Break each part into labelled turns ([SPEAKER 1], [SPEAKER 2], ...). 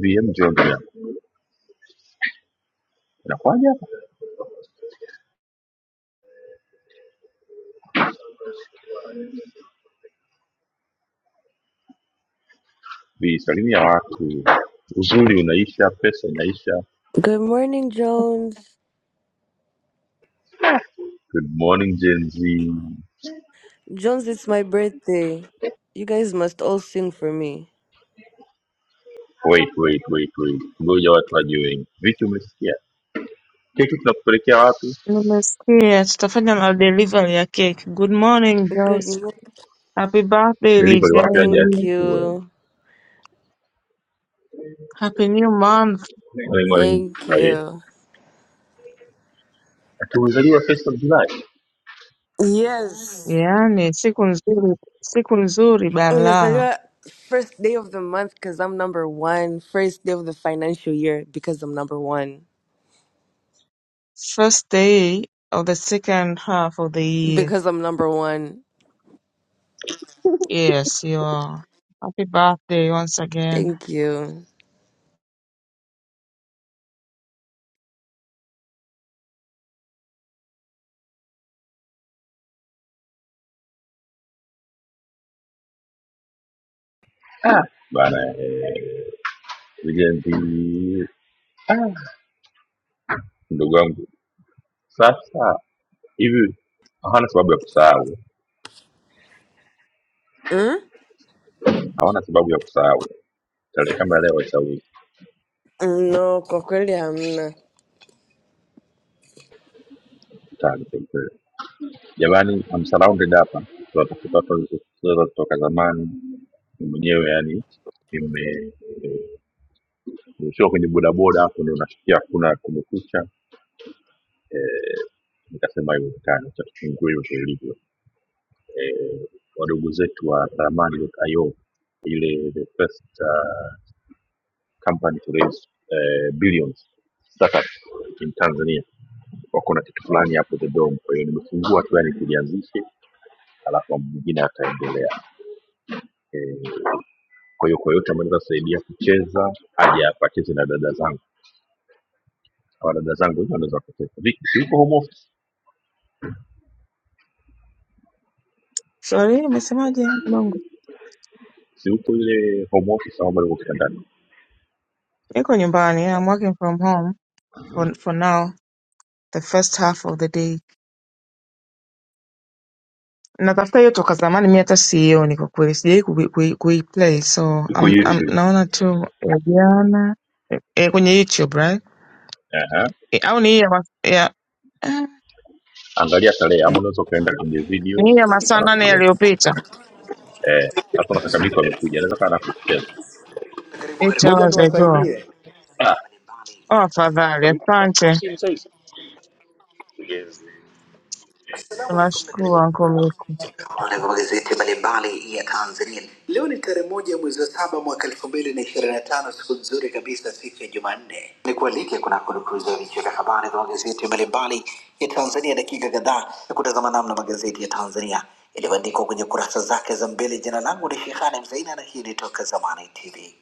[SPEAKER 1] VM njoo ndugu yangu, inakuwaje hapa? Visalimia watu, uzuri unaisha, pesa inaisha.
[SPEAKER 2] Good morning, Jones.
[SPEAKER 1] Good morning Gen Z.
[SPEAKER 2] Jones, it's my birthday. You guys must all sing for me.
[SPEAKER 1] Wait, wait, wait, wait, ngoja watu waje wengi. Vipi, umesikia keki tunakupelekea wapi?
[SPEAKER 3] Nimesikia tutafanya madelivery ya cake. Good morning
[SPEAKER 2] Good
[SPEAKER 3] girls.
[SPEAKER 2] morning.
[SPEAKER 3] Happy birthday
[SPEAKER 1] Delivery wapi aje
[SPEAKER 2] Thank
[SPEAKER 3] Lijendi.
[SPEAKER 1] achukue?
[SPEAKER 2] you.
[SPEAKER 3] Happy new month.
[SPEAKER 1] Morning, morning.
[SPEAKER 2] Thank
[SPEAKER 1] Aye,
[SPEAKER 2] you.
[SPEAKER 1] tulizaliwa first of July.
[SPEAKER 2] Yes.
[SPEAKER 3] Yaani siku nzuri, siku nzuri
[SPEAKER 2] Miss
[SPEAKER 3] bala.
[SPEAKER 2] Aliwa, first day of the month because I'm number one. First day of the financial year because I'm number one.
[SPEAKER 3] First day of the second half of the year.
[SPEAKER 2] Because I'm number one.
[SPEAKER 3] Yes, you are. Happy birthday once again.
[SPEAKER 2] Thank you.
[SPEAKER 1] Ah, bana, eh, Gen Z. Ah, ndugu wangu, sasa hivi hawana sababu ya kusahau,
[SPEAKER 2] Hmm?
[SPEAKER 1] hawana sababu ya kusahau tarehe kama leo ya leo
[SPEAKER 2] No, kwa kweli hamna.
[SPEAKER 1] waisahau. Jamani, I'm surrounded hapa, tunatafuta watu walizotoka toka zamani. Ni mwenyewe yani nime- nimeshuka kwenye bodaboda hapo, ndio nasikia hakuna kumekucha, Eh, nikasema haiwezekani, acha tufungue hivyo ilivyo. Eh, Wadogo zetu wa ramani.io ile the first uh, company to raise eh, billions startup in Tanzania wako na kitu fulani hapo the dome. Kwa hiyo nimefungua tu yani kilianzishe, alafu mwingine ataendelea. Eh, Kwa hiyo kwa yote ambayo naweza kusaidia kucheza aje apacheze na dada zangu au dada zangu wenyewe wanaweza wakacheza. Vipi, si uko home office?
[SPEAKER 3] Sorry, umesemaje Bongo?
[SPEAKER 1] Si uko ile home office au bado uko kitandani?
[SPEAKER 3] Niko nyumbani. I'm working from home for, for now, the first half of the day. natafuta hiyo toka zamani mi hata siioni kwa kweli sijawai kui- kui- kuiplay so
[SPEAKER 1] Uko
[SPEAKER 3] am- am-
[SPEAKER 1] YouTube.
[SPEAKER 3] naona tu ya jana e, kwenye youtube right
[SPEAKER 1] Aha.
[SPEAKER 3] Eh, au ni hii ya, mas- ya, eh,
[SPEAKER 1] Angalia tarehe ama unaweza ukaenda kwenye
[SPEAKER 3] ni hii ya
[SPEAKER 1] videos
[SPEAKER 3] masaa
[SPEAKER 1] alafu
[SPEAKER 3] nane
[SPEAKER 1] uone.
[SPEAKER 3] yaliyopita
[SPEAKER 1] Eh, hapo na kaka Miko amekuja, anaweza kaa na kucheza.
[SPEAKER 4] Karibu
[SPEAKER 3] eight
[SPEAKER 4] karibu. Ngoja
[SPEAKER 3] hours ago
[SPEAKER 4] niwasaidie.
[SPEAKER 3] oh afadhali asante
[SPEAKER 4] Assalamu alaikum na
[SPEAKER 3] tunashukuru
[SPEAKER 4] karibu
[SPEAKER 3] anko miku
[SPEAKER 4] Wale wa magazeti mbalimbali ya Tanzania. Leo ni tarehe moja mwezi wa saba mwaka elfu mbili na ishirini na tano siku nzuri kabisa, siku ya Jumanne. Ni kualike kunako dukuza vichwa vya habari vya magazeti mbalimbali ya Tanzania, dakika kadhaa ya kutazama namna magazeti ya Tanzania yalivyoandikwa kwenye kurasa zake za mbele. Jina langu ni Shehani Mzaina na hii ni Toka Zamani TV.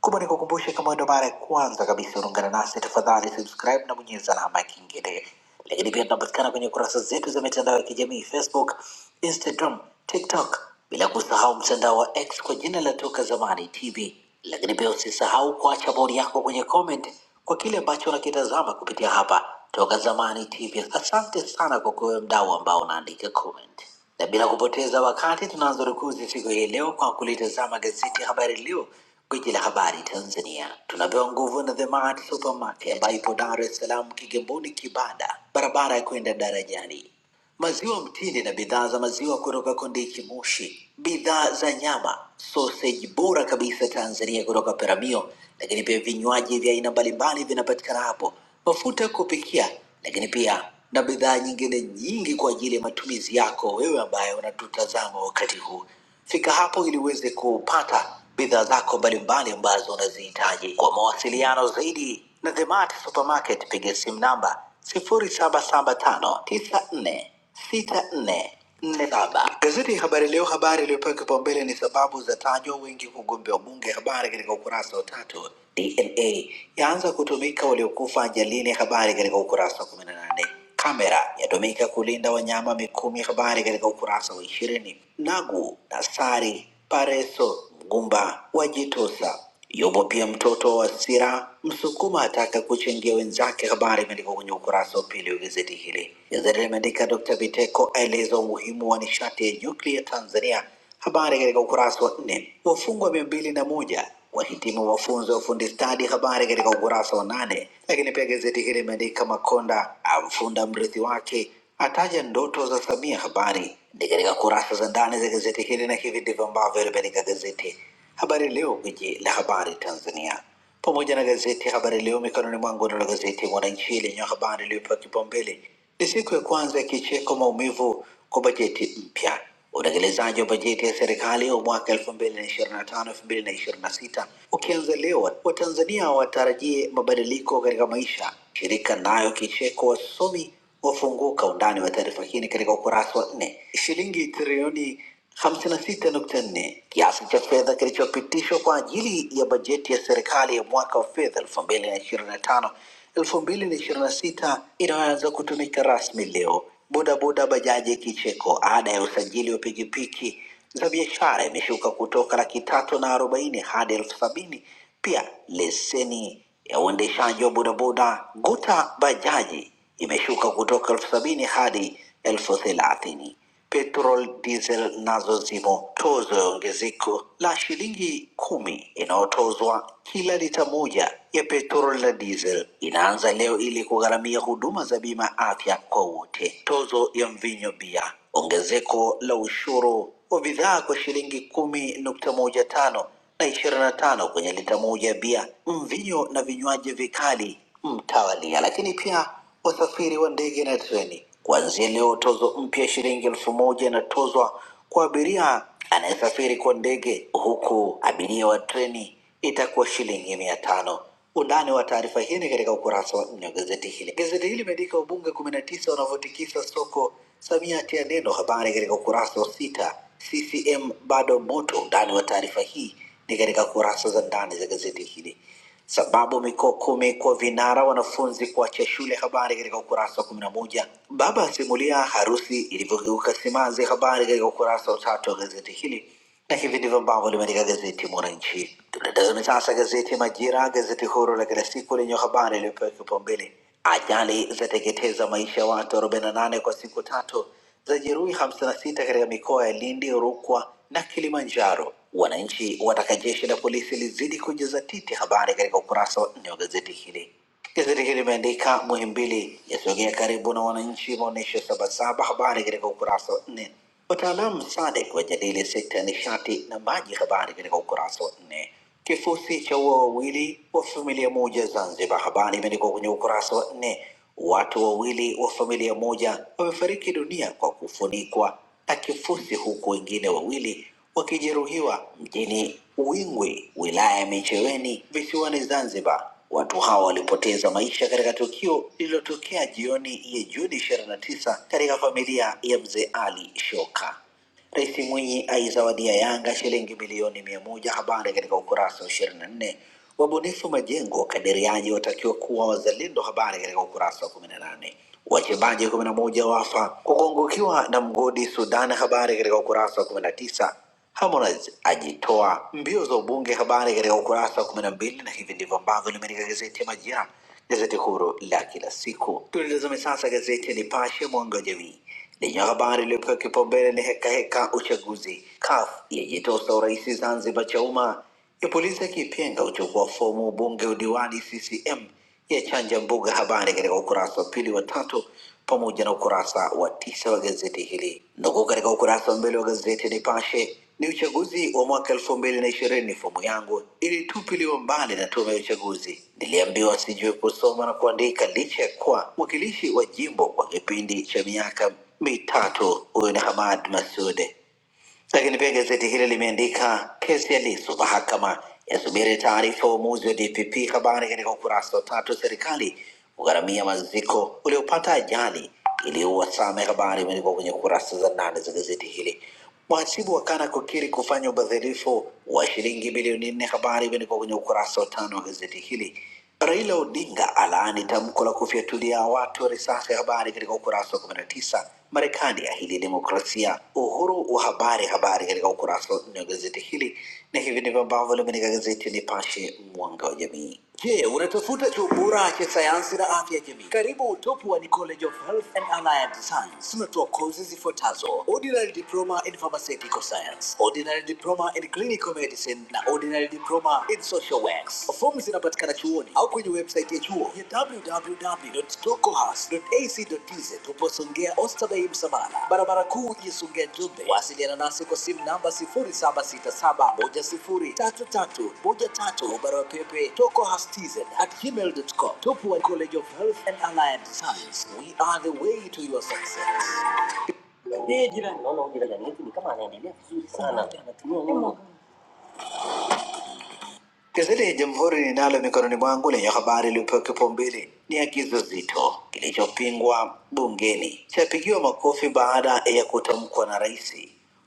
[SPEAKER 4] Kumbe nikukumbushe, kama ndo mara ya kwanza kabisa unaungana nasi, tafadhali subscribe na bonyeza alama ya kengele. Lakini pia tunapatikana kwenye kurasa zetu za mitandao ya kijamii Facebook, Instagram, TikTok, bila kusahau mtandao wa X kwa jina la Toka Zamani TV. Lakini pia usisahau kuacha bodi yako kwenye comment kwa kile ambacho unakitazama kupitia hapa Toka Zamani TV. Asante sana kwa kuwe mdau ambao unaandika comment. Na bila kupoteza wakati, tunaanza rukuzi siku hii leo kwa kulitazama gazeti ya Habari Leo Gwiji la habari Tanzania tunapewa nguvu na The Mart Supermarket ambayo ipo Dar es Salaam, Kigamboni, Kibada, barabara ya kwenda darajani. Maziwa mtindi na bidhaa za maziwa kutoka Kondiki Moshi, bidhaa za nyama, sausage bora kabisa Tanzania kutoka Peramio, lakini pia vinywaji vya aina mbalimbali vinapatikana hapo, mafuta ya kupikia, lakini pia na bidhaa nyingine nyingi kwa ajili ya matumizi yako wewe ambaye unatutazama wakati huu. Fika hapo ili uweze kupata bidhaa zako mbalimbali ambazo unazihitaji. Kwa mawasiliano zaidi na The Mart Supermarket, piga simu namba 0775946447. Gazeti ya Habari Leo, habari iliyopewa kipaumbele ni sababu za tajwa wengi kugombea ubunge, habari katika ukurasa wa tatu. DNA yaanza kutumika waliokufa ajalini, habari katika ukurasa wa 18. Kamera yatumika kulinda wanyama Mikumi. Habari katika ukurasa wa ishirini. Nagu Nasari Pareso Mgumba wajitosa. Yupo pia mtoto wa Sira Msukuma ataka kuchangia wenzake. Habari imeandikwa kwenye ukurasa wa pili wa gazeti hili. Gazeti limeandika Dr. Biteko aeleza umuhimu wa nishati ya nyuklia Tanzania Habari katika ukurasa wa nne. Wafungwa mia mbili na moja wahitimu mafunzo ya ufundi stadi. Habari katika ukurasa wa nane. Lakini pia gazeti hili limeandika Makonda amfunda mrithi wake ataja ndoto za Samia. Habari ni katika kurasa za ndani za gazeti hili, na hivi ndivyo ambavyo limeandika gazeti Habari Leo, gwiji la habari Tanzania pamoja na gazeti ya Habari Leo mikononi mwangu. Nalo gazeti Mwananchi lenye habari iliyopewa kipaumbele ni siku ya kwanza ya kicheko maumivu kwa bajeti mpya. Utekelezaji wa bajeti ya serikali wa mwaka 2025 2026 ukianza leo, Watanzania watarajie mabadiliko katika maisha. Shirika nayo kicheko wasomi wafunguka. Undani wa taarifa hii ni katika ukurasa wa nne. Shilingi trilioni 56.4 kiasi cha fedha kilichopitishwa kwa ajili ya bajeti ya serikali ya mwaka wa fedha 2025 2026 inayoanza kutumika rasmi leo. Bodaboda, bajaji, kicheko. Ada ya usajili wa pikipiki za biashara imeshuka kutoka laki tatu na arobaini hadi elfu sabini. Pia leseni ya uendeshaji wa bodaboda, guta, bajaji imeshuka kutoka elfu sabini hadi elfu thelathini. Petrol diesel nazo zimo tozo ya ongezeko la shilingi kumi inayotozwa kila lita moja ya petrol na diesel inaanza leo ili kugharamia huduma za bima ya afya kwa wote. Tozo ya mvinyo bia, ongezeko la ushuru wa bidhaa kwa shilingi kumi nukta moja tano na ishirini na tano kwenye lita moja ya bia, mvinyo na vinywaji vikali mtawalia, lakini pia usafiri wa ndege na treni. Kuanzia leo tozo mpya shilingi elfu moja inatozwa kwa abiria anayesafiri kwa ndege, huku abiria wa treni itakuwa shilingi mia tano. Undani wa taarifa hii ni katika ukurasa wa nne wa gazeti hili. Gazeti hili limeandika wabunge kumi na tisa wanavyotikisa soko, Samia atia neno, habari katika ukurasa wa sita. CCM bado moto. Undani wa taarifa hii ni katika kurasa za ndani za gazeti hili. Sababu mikoa kumi kuwa vinara wanafunzi kuacha shule, habari katika ukurasa wa kumi na moja. Baba asimulia harusi ilivyogeuka simanzi, habari katika ukurasa wa tatu wa gazeti hili na hivi ndivyo ambavyo limeandika gazeti Mwananchi. Tunatazame sasa gazeti Majira, gazeti huru la kila siku lenye habari iliyopewa kipaumbele, ajali zateketeza maisha ya watu 48 kwa siku tatu za jeruhi 56 katika mikoa ya Lindi, Rukwa na Kilimanjaro. Wananchi wataka jeshi la polisi lizidi kujizatiti. Habari katika ukurasa wa nne wa gazeti hili. Gazeti hili limeandika Muhimbili yasogea karibu na wananchi, maonyesho Sabasaba. Habari katika ukurasa wa nne. Wataalamu SADC wajadili sekta ya nishati na maji. Habari katika ukurasa wa nne. Kifusi cha ua wawili wa familia moja Zanzibar. Habari imeandikwa kwenye ukurasa wa nne. Watu wawili wa familia moja wamefariki dunia kwa kufunikwa na kifusi huku wengine wawili wakijeruhiwa mjini Wingwi, wilaya ya Micheweni, visiwani Zanzibar. Watu hao walipoteza maisha katika tukio lililotokea jioni ya Juni 29 katika familia ya mzee Ali Shoka. Rais Mwinyi aizawadia Yanga shilingi milioni mia moja. Habari katika ukurasa wa ishirini na nne. Wabunifu majengo kadiriaji watakiwa kuwa wazalendo. Habari katika ukurasa wa kumi na nane. Wachimbaji kumi na moja wafa kukungukiwa na mgodi Sudan. Habari katika ukurasa wa kumi na tisa. Harmonize ajitoa mbio za ubunge. Habari katika ukurasa wa kumi na mbili, na hivi ndivyo ambavyo limeandika gazeti ya Majira, gazeti huru la kila siku. Tulitazame sasa gazeti ya Nipashe mwanga wa jamii lenye habari iliyopewa kipaumbele ni heka heka uchaguzi. CUF yajitosa urais Zanzibar Chauma, Ipuliza Kipyenga uchukua fomu ubunge udiwani CCM, yachanja mbuga habari katika ukurasa wa pili wa tatu pamoja na ukurasa wa tisa wa gazeti hili. Nukuu katika ukurasa wa mbele wa gazeti Nipashe ni uchaguzi wa mwaka elfu mbili na ishirini. Fomu yangu ilitupiliwa mbali na tume ya uchaguzi. Niliambiwa sijui kusoma na kuandika, licha ya kuwa mwakilishi wa jimbo kwa kipindi cha miaka mitatu. Huyu ni Hamad Masud. Lakini pia gazeti hili limeandika kesi ya Lissu mahakama yasubiri taarifa ya uamuzi wa DPP. Habari katika ukurasa wa tatu, serikali kugharamia maziko uliopata ajali iliyoua Same. Habari imeandikwa kwenye kurasa za ndani za gazeti hili. Mhasibu wakana kukiri kufanya ubadhirifu wa shilingi bilioni nne. Habari imeandikwa kwenye ukurasa wa tano wa gazeti hili. Raila Odinga alaani tamko la kufyatulia watu risasi ya habari katika ukurasa wa 19. Marekani yahili demokrasia. Uhuru wa habari, habari katika ukurasa wa nne wa gazeti hili, na hivi ndivyo ambavyo limeandika gazeti Nipashe, mwanga wa jamii. Je, unatafuta chuo bora cha sayansi na afya ya jamii? Karibu utopu wa the College of Health and Allied Science. Tunatoa kozi zifuatazo: ordinary diploma in pharmaceutical science, ordinary diploma in clinical medicine na ordinary diploma in social works. Fomu zinapatikana chuoni au kwenye website ya chuo ya www.tokohas.ac.tz. Tupo Songea Oysterbay Msamala, barabara kuu ya Songea Njombe. Wasiliana nasi kwa simu namba 0767103313, barua pepe tokohas@gmail.com. Tupo at gmail dot com. Topo College of Health and Allied Science. We are the way to your success. Sana. Gazeti ya Jamhuri ninalo mikononi mwangu lenye habari iliyopewa kipaumbele ni ya kizozito kilichopingwa bungeni chapigiwa makofi baada ya kutamkwa na rais.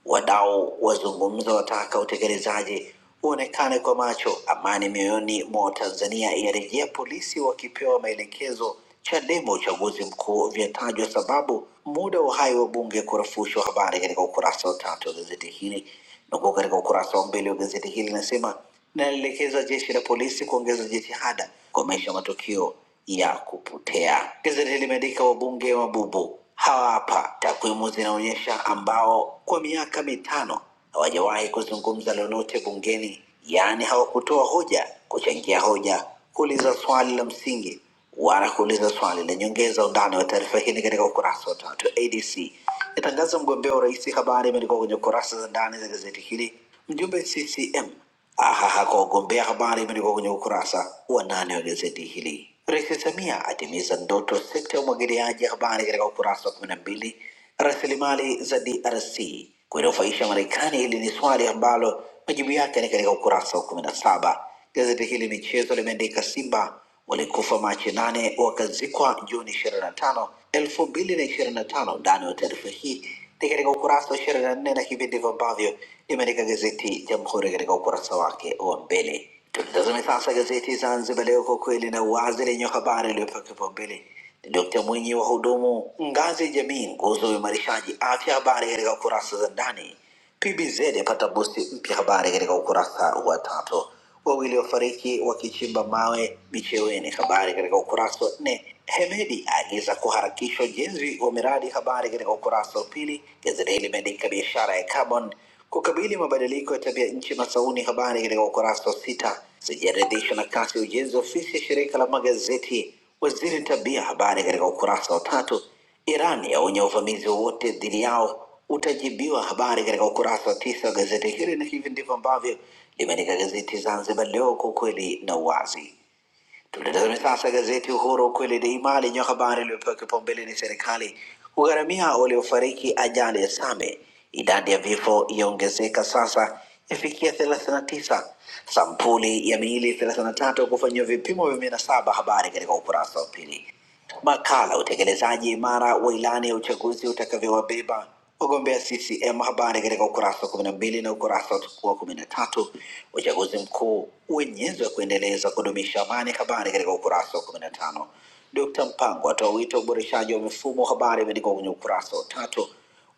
[SPEAKER 4] Wadau wazungumza, wataka utekelezaji uonekane kwa macho. Amani mioyoni mwa Tanzania yarejea, polisi wakipewa maelekezo. Chadema uchaguzi mkuu vyatajwa sababu, muda wa uhai wa bunge kurefushwa. Habari katika ukurasa wa tatu wa gazeti hili Nukuu katika ukurasa wa mbele wa gazeti hili inasema, linaelekeza jeshi la polisi kuongeza jitihada kukomesha matukio ya kupotea. Gazeti hili limeandika wabunge wa bubu hawa hapa, takwimu zinaonyesha ambao kwa miaka mitano hawajawahi kuzungumza lolote bungeni, yaani hawakutoa hoja, kuchangia hoja, kuuliza swali la msingi wala kuuliza swali la nyongeza. Undani wa taarifa hii ni katika ukurasa wa tatu. ADC yatangaza mgombea urais, habari imeandikwa kwenye kurasa za ndani za gazeti hili. Mjumbe CCM ahaha kwa ugombea, habari imeandikwa kwenye ukurasa wa nane wa gazeti hili. Rais Samia atimiza ndoto sekta ya umwagiliaji, habari katika ukurasa wa kumi na mbili. Rasilimali za DRC kuinufaisha Marekani, hili ni swali ambalo majibu yake ni katika ukurasa wa kumi na saba. Gazeti hili michezo limeandika Simba walikufa Machi 8 wakazikwa Juni 25, 2025. Undani wa taarifa hii ni katika ukurasa wa 24 na nne na hivi ndivyo ambavyo limeandika gazeti Jamhuri katika ukurasa wake wa mbele. Tutazame sasa gazeti Zanzibar Leo, kwa kweli na uwazi, lenye habari iliyopewa kipaumbele ni Dkt. Mwinyi, wahudumu ngazi ya jamii, nguzo ya uimarishaji afya, habari katika kurasa za ndani. PBZ yapata busti mpya, habari katika ukurasa wa tatu. Wawili wafariki wakichimba mawe Micheweni, habari katika ukurasa wa nne. Hemedi aagiza kuharakisha ujenzi wa miradi, habari katika ukurasa wa pili. Gazeti hili limeandika biashara ya carbon kukabili mabadiliko ya tabia nchi Masauni, habari katika ukurasa wa sita. Sijaridhishwa na kasi ya ujenzi wa ofisi ya shirika la magazeti waziri tabia, habari katika ukurasa wa tatu. Iran yaonya uvamizi wowote dhidi yao utajibiwa habari katika ukurasa wa tisa wa gazeti hili, na hivi ndivyo ambavyo limeandika gazeti Zanzibar Leo kwa ukweli na uwazi. Tulitazame sasa gazeti Uhuru ukweli daima lenye habari iliyopewa kipaumbele ni serikali kugharamia waliofariki ajali ya Same. Idadi ya vifo yaongezeka sasa ifikia 39, sampuli ya miili 33 kufanyiwa vipimo vya minasaba. Habari katika ukurasa wa pili. Makala utekelezaji imara wa ilani ya uchaguzi utakavyowabeba wagombea CCM, habari katika ukurasa wa kumi na mbili na ukurasa wa kumi na tatu. Uchaguzi mkuu uenyezo wa kuendeleza kudumisha amani, habari katika ukurasa wa kumi na tano. Dkt. Mpango atoa wito wa uboreshaji wa mifumo, habari imeandikwa kwenye ukurasa wa tatu.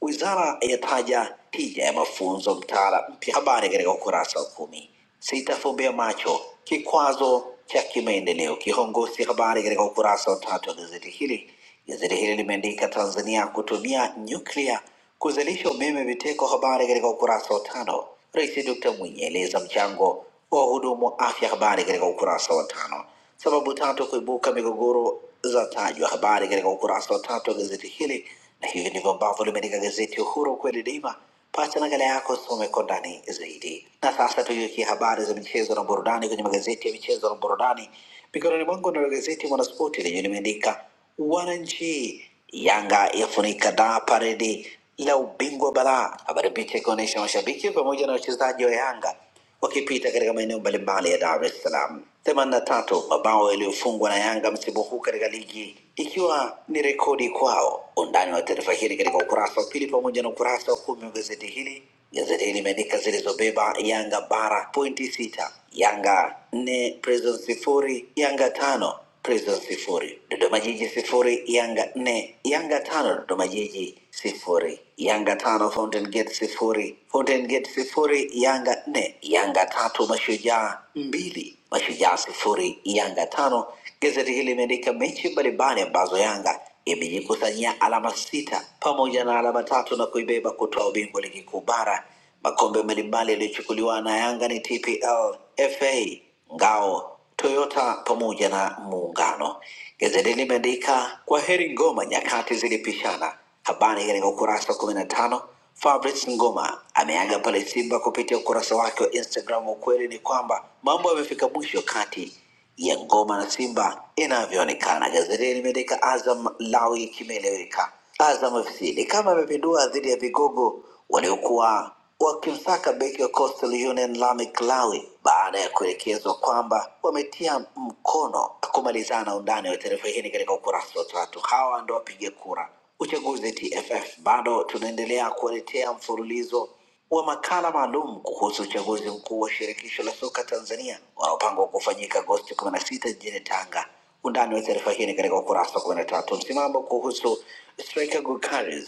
[SPEAKER 4] Wizara yataja tija ya mafunzo mtaala mpya, habari katika ukurasa wa kumi. Sitafumbia macho kikwazo cha kimaendeleo kihongosi, habari katika ukurasa wa tatu wa gazeti hili. Gazeti hili limeandika Tanzania kutumia nyuklia kuzalisha umeme viteko, habari katika ukurasa wa tano. Rais Dr. Mwinyi aeleza mchango wa wahudumu wa afya, habari katika ukurasa wa tano. Sababu tatu kuibuka migogoro za tajwa, habari katika ukurasa wa tatu wa gazeti hili, na hivi ndivyo ambavyo limeandika gazeti Uhuru kweli daima. Pata nakala yako usome kwa ndani zaidi. Na sasa tugeukia habari za michezo na burudani kwenye magazeti ya michezo na burudani. Mikononi mwangu nalo gazeti Mwanaspoti lenye limeandika wananchi Yanga yafunika da paredi la ubingwa bara, habari picha ikionyesha mashabiki pamoja na wachezaji wa Yanga wakipita katika maeneo mbalimbali ya Dar es Salaam. 83 mabao yaliyofungwa na Yanga msimu huu katika ligi ikiwa ni rekodi kwao. Undani wa taarifa hili katika ukurasa wa pili pamoja na ukurasa wa kumi wa gazeti hili. Gazeti hili limeandika zilizobeba Yanga bara pointi sita, Yanga nne, Prisons sifuri, Yanga tano Prison sifuri, Dodoma Jiji sifuri, Yanga nne, Yanga tano, Dodoma Jiji sifuri, Yanga tano, Fountain Gate sifuri, Fountain Gate sifuri, Yanga nne, Yanga tatu, Mashujaa mbili, Mashujaa sifuri, Yanga tano. Gazeti hili limeandika mechi mbalimbali ambazo Yanga imejikusanyia alama sita pamoja na alama tatu na kuibeba kutoa ubingwa ligi kuu bara. Makombe mbalimbali yaliyochukuliwa na Yanga ni TPL, FA, Ngao Toyota pamoja na muungano. Gazeti limeandika kwa heri Ngoma, nyakati zilipishana. Habari katika ukurasa wa kumi na tano. Fabrice Ngoma ameaga pale Simba kupitia ukurasa wake wa Instagram. Ukweli ni kwamba mambo yamefika mwisho kati ya ngoma na Simba inavyoonekana. Gazeti limeandika Azam Lawi kimeeleweka, Azam FC ni kama imepindua dhidi ya vigogo waliokuwa wakimsaka beki wa Coastal Union Lamek Lawi baada ya kuelekezwa kwamba wametia mkono. Kumalizana na undani wa taarifa hii ni katika ukurasa wa tatu. Hawa ndo wapiga kura uchaguzi TFF. Bado tunaendelea kuwaletea mfululizo wa makala maalum kuhusu uchaguzi mkuu wa shirikisho la soka Tanzania unaopangwa kufanyika Agosti 16 jijini Tanga. Undani wa taarifa hii ni katika ukurasa wa 13. Msimamo kuhusu striker Gukaris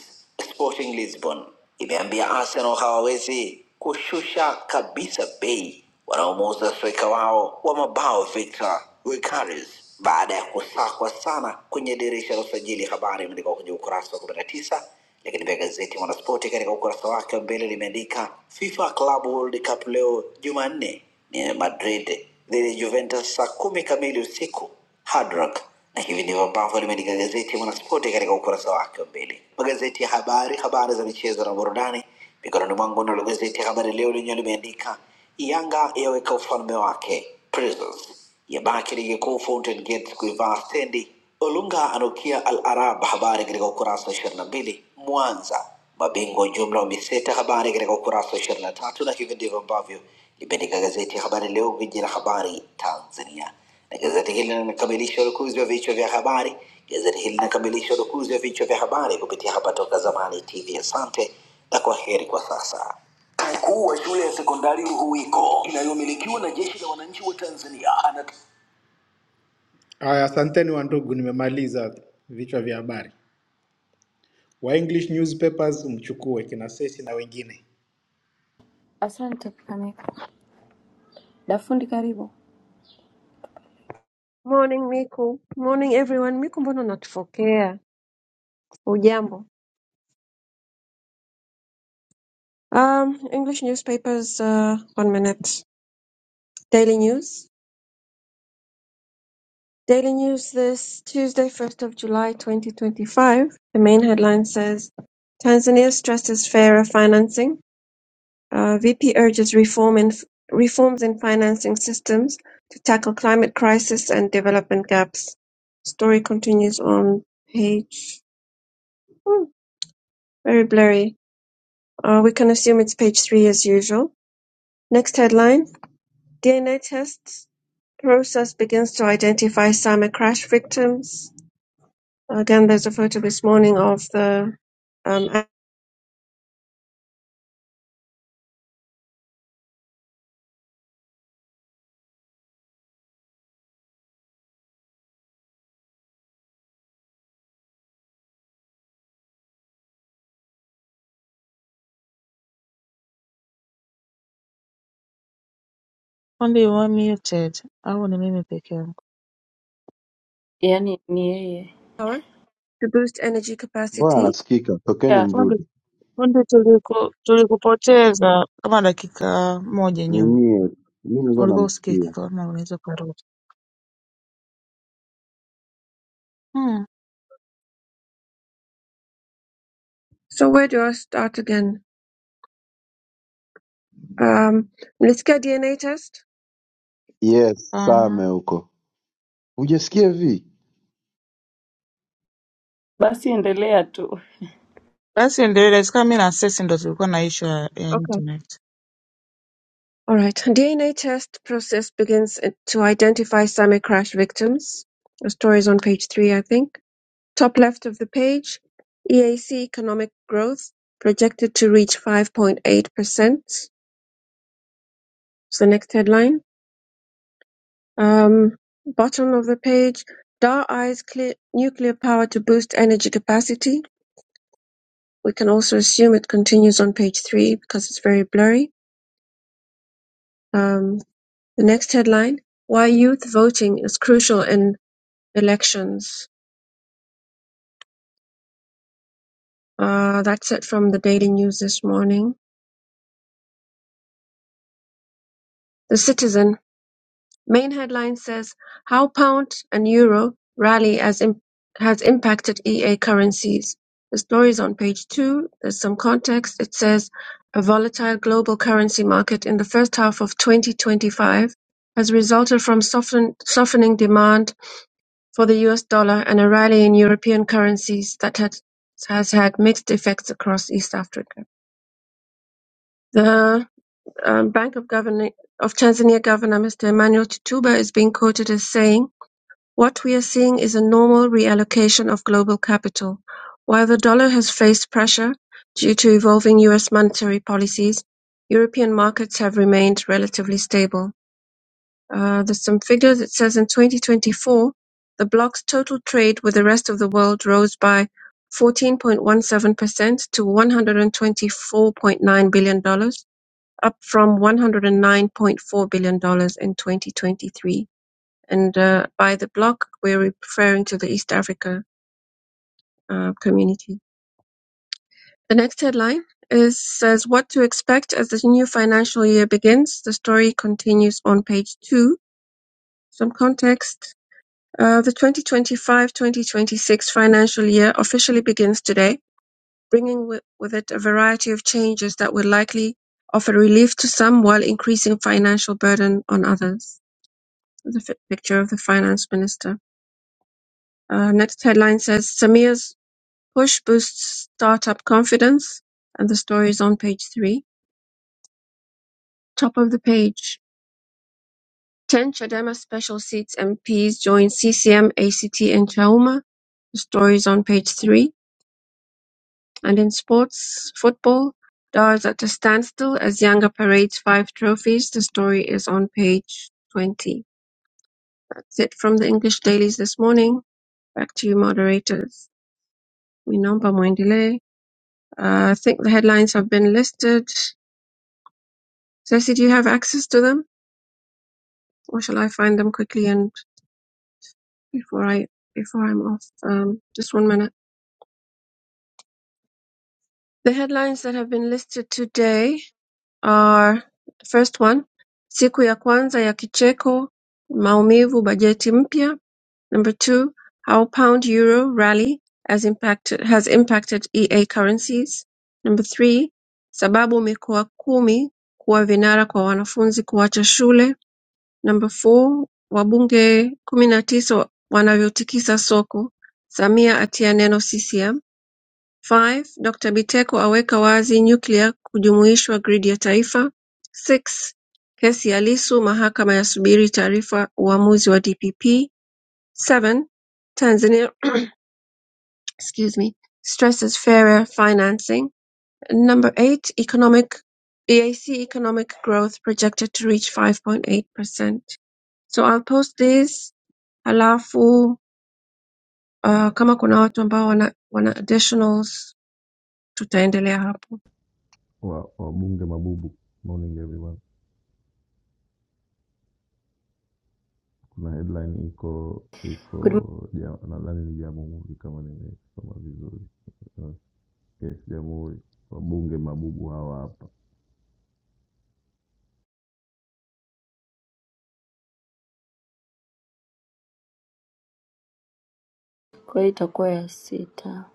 [SPEAKER 4] Sporting Lisbon imeambia Arsenal hawawezi kushusha kabisa bei wanaomuuza striker wao wa mabao Victor Gukaris baada ya kusakwa sana kwenye dirisha la usajili. Habari imeandikwa kwenye ukurasa wa 19 lakini pia gazeti Mwanaspoti katika ukurasa wake wa mbele limeandika FIFA Club World Cup leo Jumanne ni Madrid dhidi ya Juventus saa kumi kamili usiku Hard Rock. Na hivi ndivyo ambavyo limeandika gazeti Mwanaspoti katika ukurasa wake wa mbele. Magazeti ya habari, habari za michezo na burudani mikononi mwangu. Nalo gazeti ya Habari Leo lenyewe limeandika Yanga yaweka ufalme wake Prisons Yabaki ligi kuu Fountain Gate kuivaa stendi. Olunga anukia Al Arab, habari katika ukurasa wa ishirini na mbili. Mwanza mabingwa jumla wameseta, habari katika ukurasa wa ishirini na tatu. Na hivi ndivyo ambavyo limeandika gazeti ya Habari Leo, gwiji la habari Tanzania, na gazeti hili linakamilisha urukuzi wa vichwa vya habari. Gazeti hili linakamilisha urukuzi wa vichwa vya habari kupitia hapa Toka Zamani TV. Asante na kwa heri kwa sasa. Mkuu wa shule ya sekondari Ruhuwiko inayomilikiwa na jeshi la wananchi wa Tanzania anat... Aya, asanteni wandugu, nimemaliza vichwa vya habari. Wa English newspapers mchukue kina Sesi na wengine.
[SPEAKER 5] Asante kaka. Dafundi karibu.
[SPEAKER 6] Morning, Miku. Morning, everyone. Miku, mbona unatufokea? Ujambo? Um, English newspapers, uh, one minute. Daily news. Daily news this Tuesday, 1st of July, 2025. The main headline says, Tanzania stresses fairer financing. Uh, VP urges reform in, reforms in financing systems to tackle climate crisis and development gaps. Story continues on page, hmm, very blurry. Uh, we can assume it's page three as usual. Next headline DNA tests process begins to identify summer crash victims. Again, there's a photo this morning of the um,
[SPEAKER 3] fundi you are muted au ni mimi peke yangu
[SPEAKER 5] Yaani ni yeye.
[SPEAKER 6] power to boost energy
[SPEAKER 7] Mbona
[SPEAKER 6] capacity.
[SPEAKER 7] anasikika? Tokeni
[SPEAKER 5] Ya,
[SPEAKER 3] fundi
[SPEAKER 7] mrudi.
[SPEAKER 3] fundi tuliku- tulikupoteza kama dakika moja
[SPEAKER 7] Ni
[SPEAKER 3] nyuma
[SPEAKER 7] nyie, mi nilikuwa
[SPEAKER 3] ulikuwa usikiki
[SPEAKER 7] namsikia.
[SPEAKER 3] kama unaweza ukarudi hmm,
[SPEAKER 6] So, where do I start again? Um, let's get DNA test.
[SPEAKER 7] Yes,
[SPEAKER 3] hapana
[SPEAKER 7] Same huko. Hujasikia vi?
[SPEAKER 5] basi endelea tu.
[SPEAKER 3] Basi ndio ile si kama mimi na Sesi ndo tulikuwa na issue ya ya
[SPEAKER 6] Okay.
[SPEAKER 3] internet.
[SPEAKER 6] All right. DNA test process begins to identify summer crash victims. The story is on page three, I think. Top left of the page, EAC economic growth projected to reach 5.8%. It's the next headline. Um, Bottom of the page, DAR eyes clear- nuclear power to boost energy capacity. We can also assume it continues on page three because it's very blurry. Um, The next headline, why youth voting is crucial in elections. Uh, That's it from the Daily News this morning. The Citizen Main headline says "How Pound and Euro Rally as Im- Has Impacted EA Currencies". The story is on page two. There's some context. It says a volatile global currency market in the first half of 2025 has resulted from soften- softening demand for the US dollar and a rally in European currencies that had, has had mixed effects across East Africa. The um, Bank of Governor of Tanzania Governor Mr. Emmanuel Tutuba is being quoted as saying what we are seeing is a normal reallocation of global capital. While the dollar has faced pressure due to evolving U.S. monetary policies, European markets have remained relatively stable. Uh, There's some figures. It says in 2024, the bloc's total trade with the rest of the world rose by 14.17% to $124.9 billion, dollars, up from $109.4 billion dollars in 2023. And uh, by the bloc, we're referring to the East Africa uh, community. The next headline is says what to expect as the new financial year begins. The story continues on page two. Some context. Uh, the 2025-2026 financial year officially begins today, bringing wi- with it a variety of changes that will likely offer relief to some while increasing financial burden on others. The fi picture of the finance minister. Uh, next headline says Samir's Push boosts startup confidence, and the story is on page three. Top of the page. 10 Chadema special seats MPs join CCM, ACT, and Chauma. The story is on page three. And in sports, football, Dar is at a standstill as Yanga parades five trophies. The story is on page 20. That's it from the English dailies this morning. Back to you, moderators. Minomba Mwendile. Uh, I think the headlines have been listed. Ceci, do you have access to them? or shall I find them quickly and before I before I'm off? Um, just one minute. The headlines that have been listed today are first one, siku ya kwanza ya kicheko, maumivu, bajeti mpya. Number two, how pound euro rally has impacted has impacted EA currencies. Number three, sababu mikoa kumi kuwa vinara kwa wanafunzi kuacha shule. Number four wabunge kumi na tisa wanavyotikisa soko, Samia atia neno CCM. Five, Dr. Biteko aweka wazi nyuklia kujumuishwa gridi ya taifa. Six, kesi ya Lissu mahakama yasubiri taarifa uamuzi wa DPP. Seven, Tanzania excuse me, stresses fairer financing. Number eight, economic EAC economic growth projected to reach 5.8%. So I'll post this Halafu uh, kama kuna watu ambao wana, wana additionals tutaendelea hapo.
[SPEAKER 8] wa wabunge mabubu. Morning everyone. Kuna headline iko
[SPEAKER 5] Good morning.
[SPEAKER 8] iko ja- nadhani ni Jamhuri kama nimesoma vizuri. Yes, Jamhuri. Wabunge mabubu hawa hapa.
[SPEAKER 5] Kwa hiyo itakuwa ya sita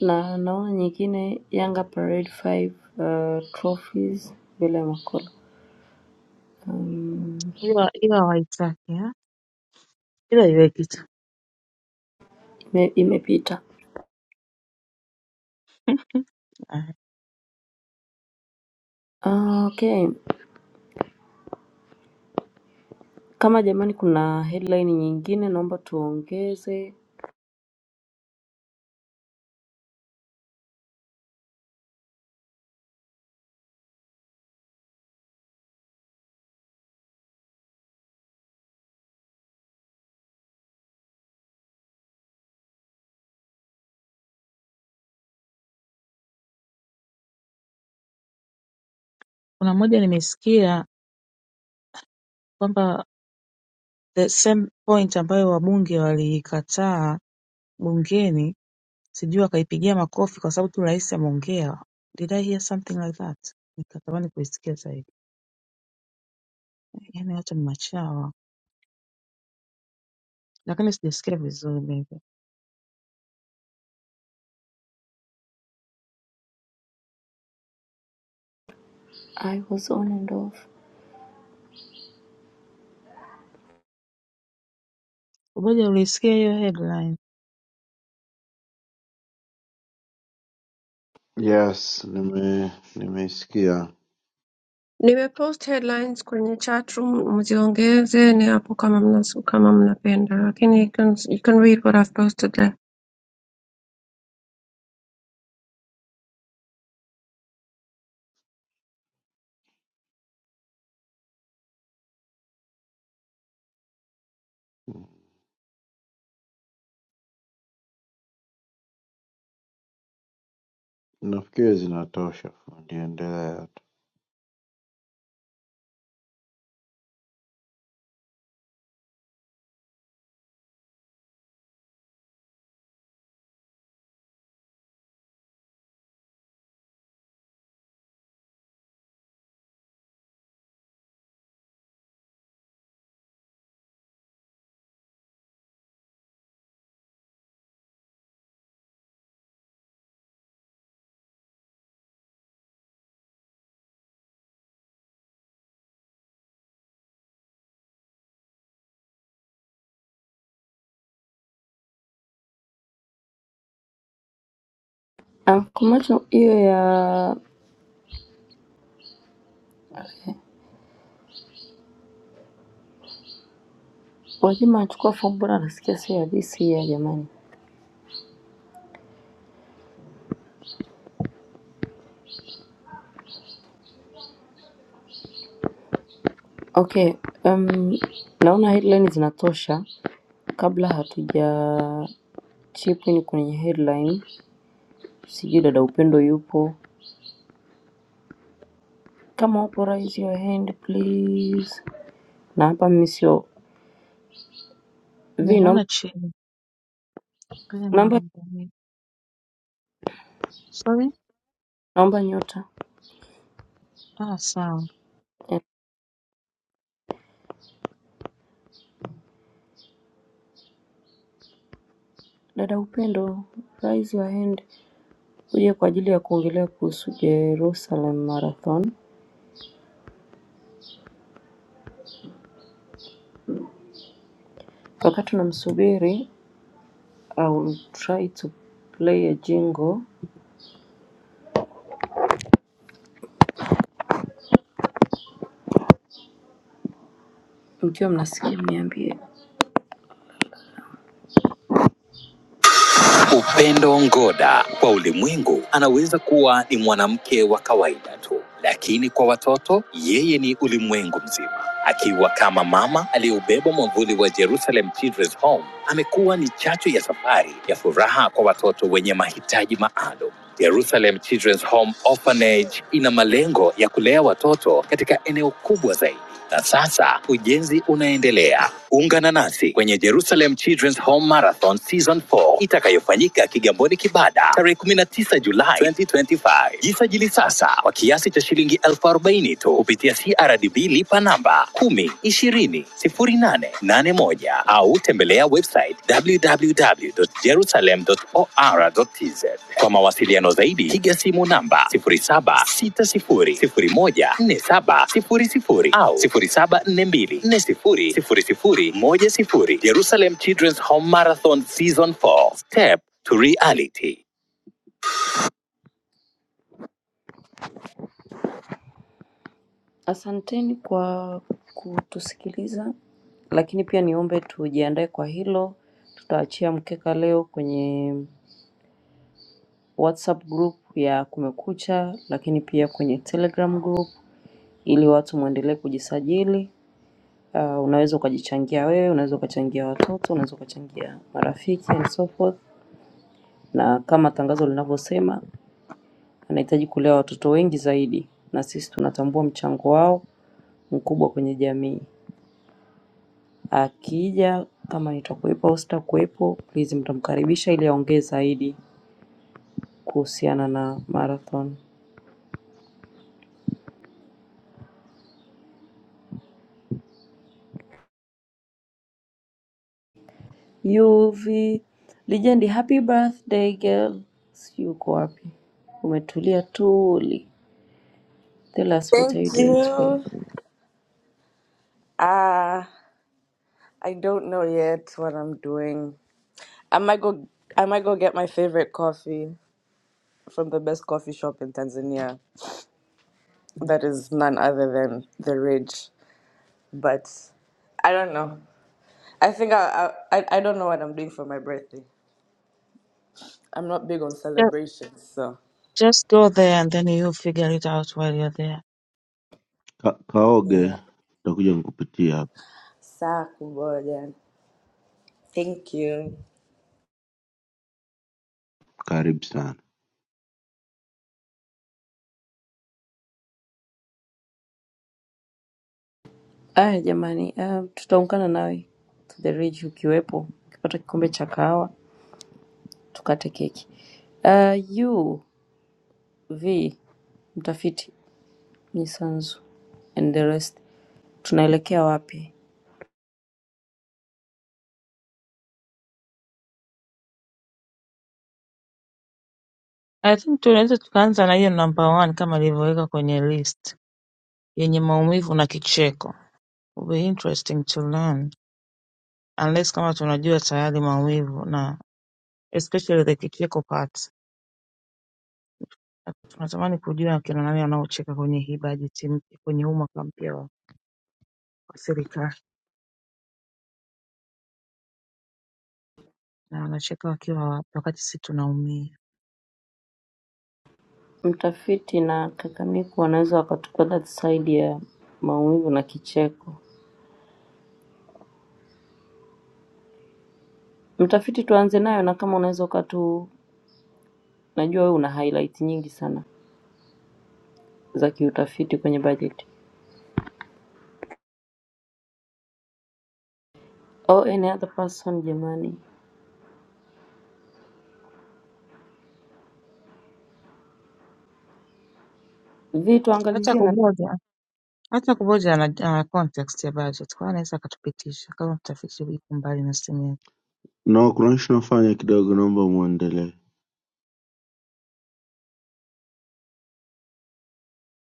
[SPEAKER 5] na naona nyingine Yanga Parade 5 uh, trophies bila makolo um,
[SPEAKER 3] hiyo hiyo hawaitaki ha? hiyo haiweki tu.
[SPEAKER 5] ime, imepita.
[SPEAKER 3] Ah,
[SPEAKER 5] Ah, okay, kama jamani, kuna headline nyingine naomba tuongeze.
[SPEAKER 3] Kuna moja nimesikia kwamba the same point ambayo wabunge waliikataa bungeni, sijui wakaipigia makofi kwa sababu tu rais ameongea. Did I hear something like that? Nikatamani kuisikia zaidi. Yaani watu ni machawa, lakini sijasikia vizuri maybe.
[SPEAKER 5] I was on and off
[SPEAKER 3] Umoja ulisikia hiyo headline?
[SPEAKER 7] Yes, nime nimeisikia.
[SPEAKER 6] Nimepost headlines kwenye chat room, mziongeze ni hapo kama mna, kama mnapenda, lakini you can, you can read what I've posted there.
[SPEAKER 7] Nafikiri zinatosha. fundi, Endelea tu.
[SPEAKER 5] Ah, kumacho hiyo ya Gwajima achukua fomu, bora nasikia sio ya this year jamani. Okay, um, naona headline zinatosha. Kabla hatuja chip in kwenye headline, sijui dada Upendo yupo. Kama upo raise your hand please. Na hapa mimi sio vi, naomba
[SPEAKER 3] Nimemwona chini. Ngoja
[SPEAKER 5] naomba
[SPEAKER 3] niangalie. Sorry?
[SPEAKER 5] naomba nyota.
[SPEAKER 3] Ah, sawa.
[SPEAKER 5] Eh, Dada Upendo, raise your hand uje kwa ajili ya kuongelea kuhusu Jerusalem Marathon. Wakati tunamsubiri, I will try to play a jingle. Mkiwa mnasikia mniambie. Upendo Ngoda kwa ulimwengu anaweza kuwa ni mwanamke wa kawaida tu, lakini kwa watoto yeye ni ulimwengu mzima. Akiwa kama mama aliyeubeba mwavuli wa Jerusalem Children's Home, amekuwa ni chachu ya safari ya furaha kwa watoto wenye mahitaji maalum. Jerusalem Children's Home Orphanage ina malengo ya kulea watoto katika eneo kubwa zaidi na sasa ujenzi unaendelea. Ungana nasi kwenye Jerusalem Children's Home Marathon Season 4 itakayofanyika Kigamboni, Kibada tarehe 19 Julai 2025. Jisajili sasa kwa kiasi cha shilingi elfu arobaini tu kupitia CRDB lipa namba 10 20 08 81 au tembelea tembelea website www.jerusalem.or.tz. Kwa mawasiliano zaidi, piga simu namba 0760014700 au 0742400010. Jerusalem Children's Home Marathon Season 4, Step to Reality. Asanteni kwa kutusikiliza, lakini pia niombe tujiandae kwa hilo. Tutaachia mkeka leo kwenye WhatsApp group ya Kumekucha, lakini pia kwenye Telegram group ili watu muendelee kujisajili. Uh, unaweza ukajichangia wewe, unaweza ukachangia watoto, unaweza ukachangia marafiki and so forth. Na kama tangazo linavyosema, anahitaji kulea watoto wengi zaidi, na sisi tunatambua mchango wao mkubwa kwenye jamii. Akija kama nitakuwepo au sitakuwepo, please mtamkaribisha ili aongee zaidi kuhusiana na marathon. Yuvi Lijendi, happy birthday girl. Si uko wapi? Umetulia tuli. Tell us what are
[SPEAKER 2] Thank
[SPEAKER 5] you doing today?
[SPEAKER 2] you. Ah, I don't know yet what I'm doing. I might go. I might go get my favorite coffee from the best coffee shop in Tanzania. That is none other than the Ridge. But I don't know. I think I I I I don't know what I'm doing for my birthday. I'm not big on celebrations, so
[SPEAKER 3] Just go there and then you figure it out while you're there.
[SPEAKER 7] Ka, kaoge,
[SPEAKER 2] yeah.
[SPEAKER 7] takuja nikupitia hapa.
[SPEAKER 2] Saa kuboja. Thank you.
[SPEAKER 7] Karibu sana.
[SPEAKER 5] Aya jamani, ah, tutaungana nawe to the ridge ukiwepo, ukipata kikombe cha kahawa tukate keki. Uh, UV mtafiti Mnyisanzu and the rest, tunaelekea wapi?
[SPEAKER 3] I think tunaweza tukaanza na hiyo number one kama ilivyowekwa kwenye list yenye maumivu na kicheko. Will be interesting to learn unless kama tunajua tayari maumivu na especially the kicheko part. Tunatamani kujua akina nani wanaocheka kwenye hii bajeti mpya kwenye huu mwaka mpya wa wa serikali na wanacheka wakiwa wapi wakati sisi tunaumia.
[SPEAKER 5] Mtafiti na Kakamiku wanaweza wakatupa that side ya maumivu na kicheko. Utafiti tuanze nayo, na kama unaweza ukatu, najua wewe una highlight nyingi sana za kiutafiti kwenye budget. Oh, any other person jamani, vitu
[SPEAKER 3] Hata
[SPEAKER 5] angalizie na
[SPEAKER 3] kumoja hata kuboja ana, ana context ya budget kwa hiyo anaweza akatupitisha kama mtafiti yuko mbali na simu yake.
[SPEAKER 7] No, kuna ishu nafanya kidogo, naomba muendelee.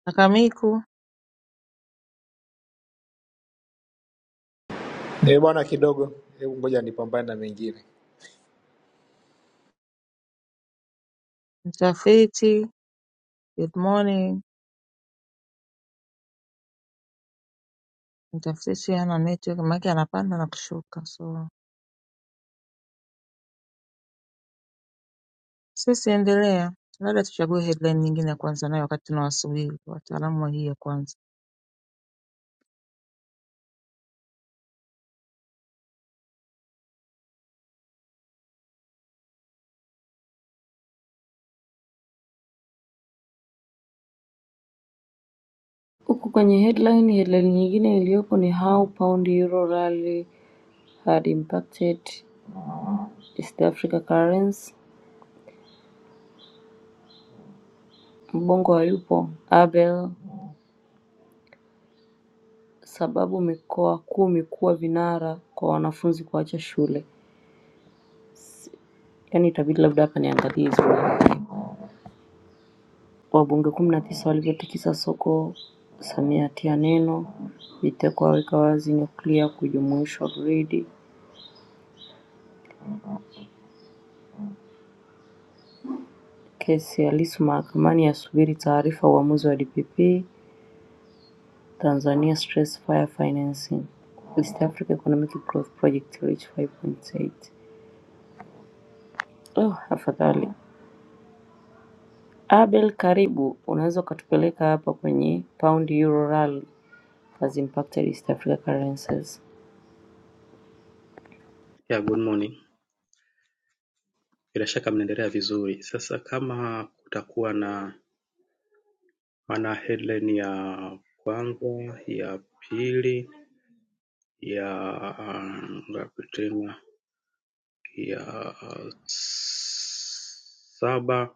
[SPEAKER 3] Akamiku
[SPEAKER 4] Eh bwana, kidogo, hebu ngoja nipambane na mengine.
[SPEAKER 3] mtafiti, good morning. Mtafiti hana network, maana anapanda na kushuka, so sisi endelea, labda tuchague headline nyingine ya kwanza nayo wakati tunawasubiri wataalamu wa hii ya kwanza.
[SPEAKER 5] huku kwenye headline. Headline nyingine iliyopo ni how pound euro rally had impacted East Africa currency. Mbongo hayupo Abel, sababu mikoa kumi kuwa vinara kwa wanafunzi kuacha shule. Yaani itabidi labda hapa niangalie hizo. Wabunge kumi na tisa walivyotikisa soko, Samia atia neno, Biteko aweka wazi nyuklia kujumuishwa gridi, kesi ya Lissu mahakamani yasubiri taarifa uamuzi wa DPP, Tanzania Stress Fire Financing, East Africa Economic Growth Project Reach 5.8. Oh, afadhali. Abel karibu, unaweza ukatupeleka hapa kwenye pound euro rally has impacted East Africa currencies.
[SPEAKER 9] ya good morning bila shaka mnaendelea vizuri sasa kama kutakuwa na maana headline ya kwanza ya pili ya um, ngapi tena ya uh, saba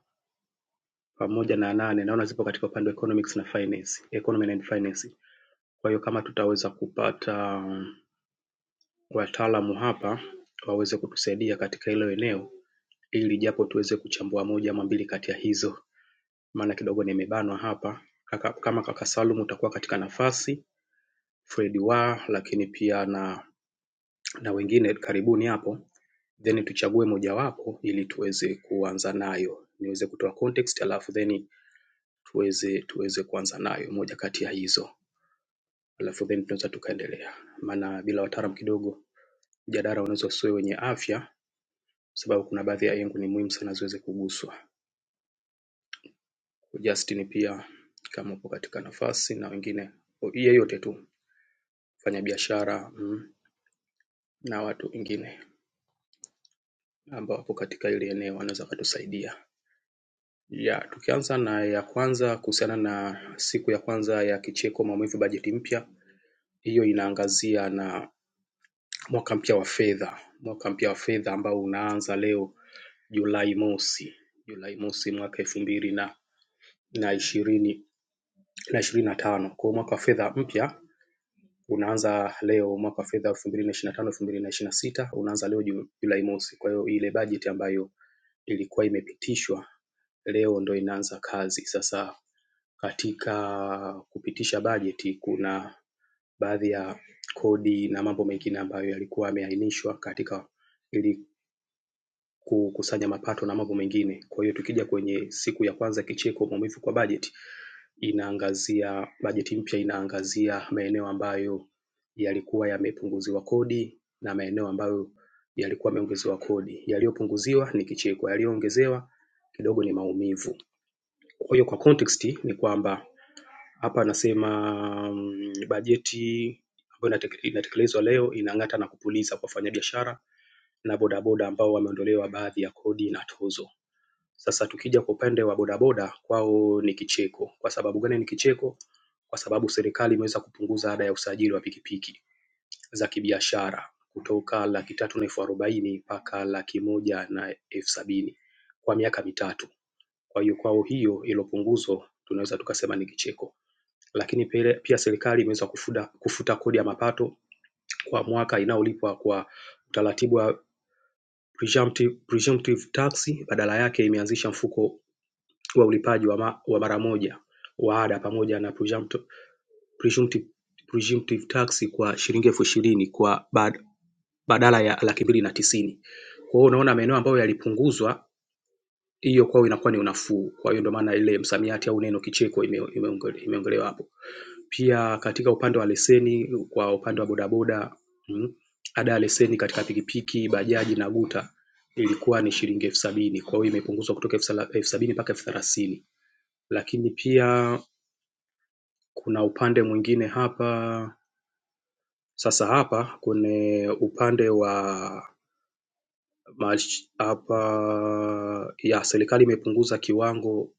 [SPEAKER 9] pamoja na nane naona zipo katika upande wa economics na finance economy and finance kwa hiyo kama tutaweza kupata um, wataalamu hapa waweze kutusaidia katika hilo eneo ili japo tuweze kuchambua moja ama mbili kati ya hizo maana kidogo nimebanwa hapa Kaka, kama kaka Salum utakuwa katika nafasi Fred wa lakini pia na, na wengine karibuni hapo then tuchague mojawapo ili tuweze kuanza nayo niweze kutoa context alafu then tuweze tuweze kuanza nayo moja kati ya hizo alafu then tunaweza tukaendelea maana bila wataalam kidogo mjadala unaweza usiwe wenye afya sababu kuna baadhi ya yengo ni muhimu sana ziweze kuguswa Justin pia kama upo katika nafasi na wengine yeyote tu wafanyabiashara mm, na watu wengine ambao wako katika ile eneo wanaweza wakatusaidia. Ya, tukianza na ya kwanza kuhusiana na siku ya kwanza ya kicheko maumivu bajeti mpya, hiyo inaangazia na mwaka mpya wa fedha, mwaka mpya wa fedha ambao unaanza leo Julai mosi, Julai mosi mwaka elfu mbili na na ishirini na ishirini na tano. Kwa hiyo mwaka wa fedha mpya unaanza leo mwaka wa fedha elfu mbili na ishirini na tano elfu mbili na ishirini na sita unaanza leo Julai mosi. Kwa hiyo ile bajeti ambayo ilikuwa imepitishwa leo ndo inaanza kazi. Sasa katika kupitisha bajeti kuna baadhi ya kodi na mambo mengine ambayo yalikuwa yameainishwa katika ili kukusanya mapato na mambo mengine. Kwa hiyo tukija kwenye siku ya kwanza kicheko maumivu kwa bajeti inaangazia bajeti mpya inaangazia maeneo ambayo yalikuwa yamepunguziwa kodi na maeneo ambayo yalikuwa yameongezewa kodi. Yaliyopunguziwa ni kicheko, yaliyoongezewa kidogo ni maumivu. Kwa hiyo kwa context ni kwamba hapa anasema um, bajeti ambayo inatekelezwa leo inang'ata na kupuliza kwa wafanyabiashara na bodaboda ambao wameondolewa baadhi ya kodi na tozo. Sasa tukija kwa upande wa bodaboda kwao ni kicheko. Kwa sababu gani ni kicheko? Kwa sababu serikali imeweza kupunguza ada ya usajili wa pikipiki za kibiashara kutoka laki tatu na elfu arobaini mpaka laki moja na elfu sabini kwa miaka mitatu. Kwa hiyo kwao hiyo hilo punguzo tunaweza tukasema ni kicheko. Lakini pele- pia serikali imeweza kufuda, kufuta kodi ya mapato kwa mwaka inayolipwa kwa utaratibu wa presumptive, presumptive tax. Badala yake imeanzisha mfuko wa ulipaji wa, ma, wa mara moja wa ada pamoja na presumptive, presumptive, presumptive tax kwa shilingi elfu ishirini kwa bad, badala ya laki mbili na tisini. Kwa hiyo unaona maeneo ambayo yalipunguzwa hiyo kwao inakuwa ni unafuu. Kwa hiyo ndio maana ile msamiati au neno kicheko ime- imeonge- imeongelewa ime hapo. Pia katika upande wa leseni, kwa upande wa bodaboda mm, ada ya leseni katika pikipiki, bajaji na guta ilikuwa ni shilingi elfu sabini. Kwa hiyo imepunguzwa kutoka elfu sala- elfu sabini mpaka elfu thelathini. Lakini pia kuna upande mwingine hapa, sasa hapa kwenye upande wa Hapa ya serikali imepunguza kiwango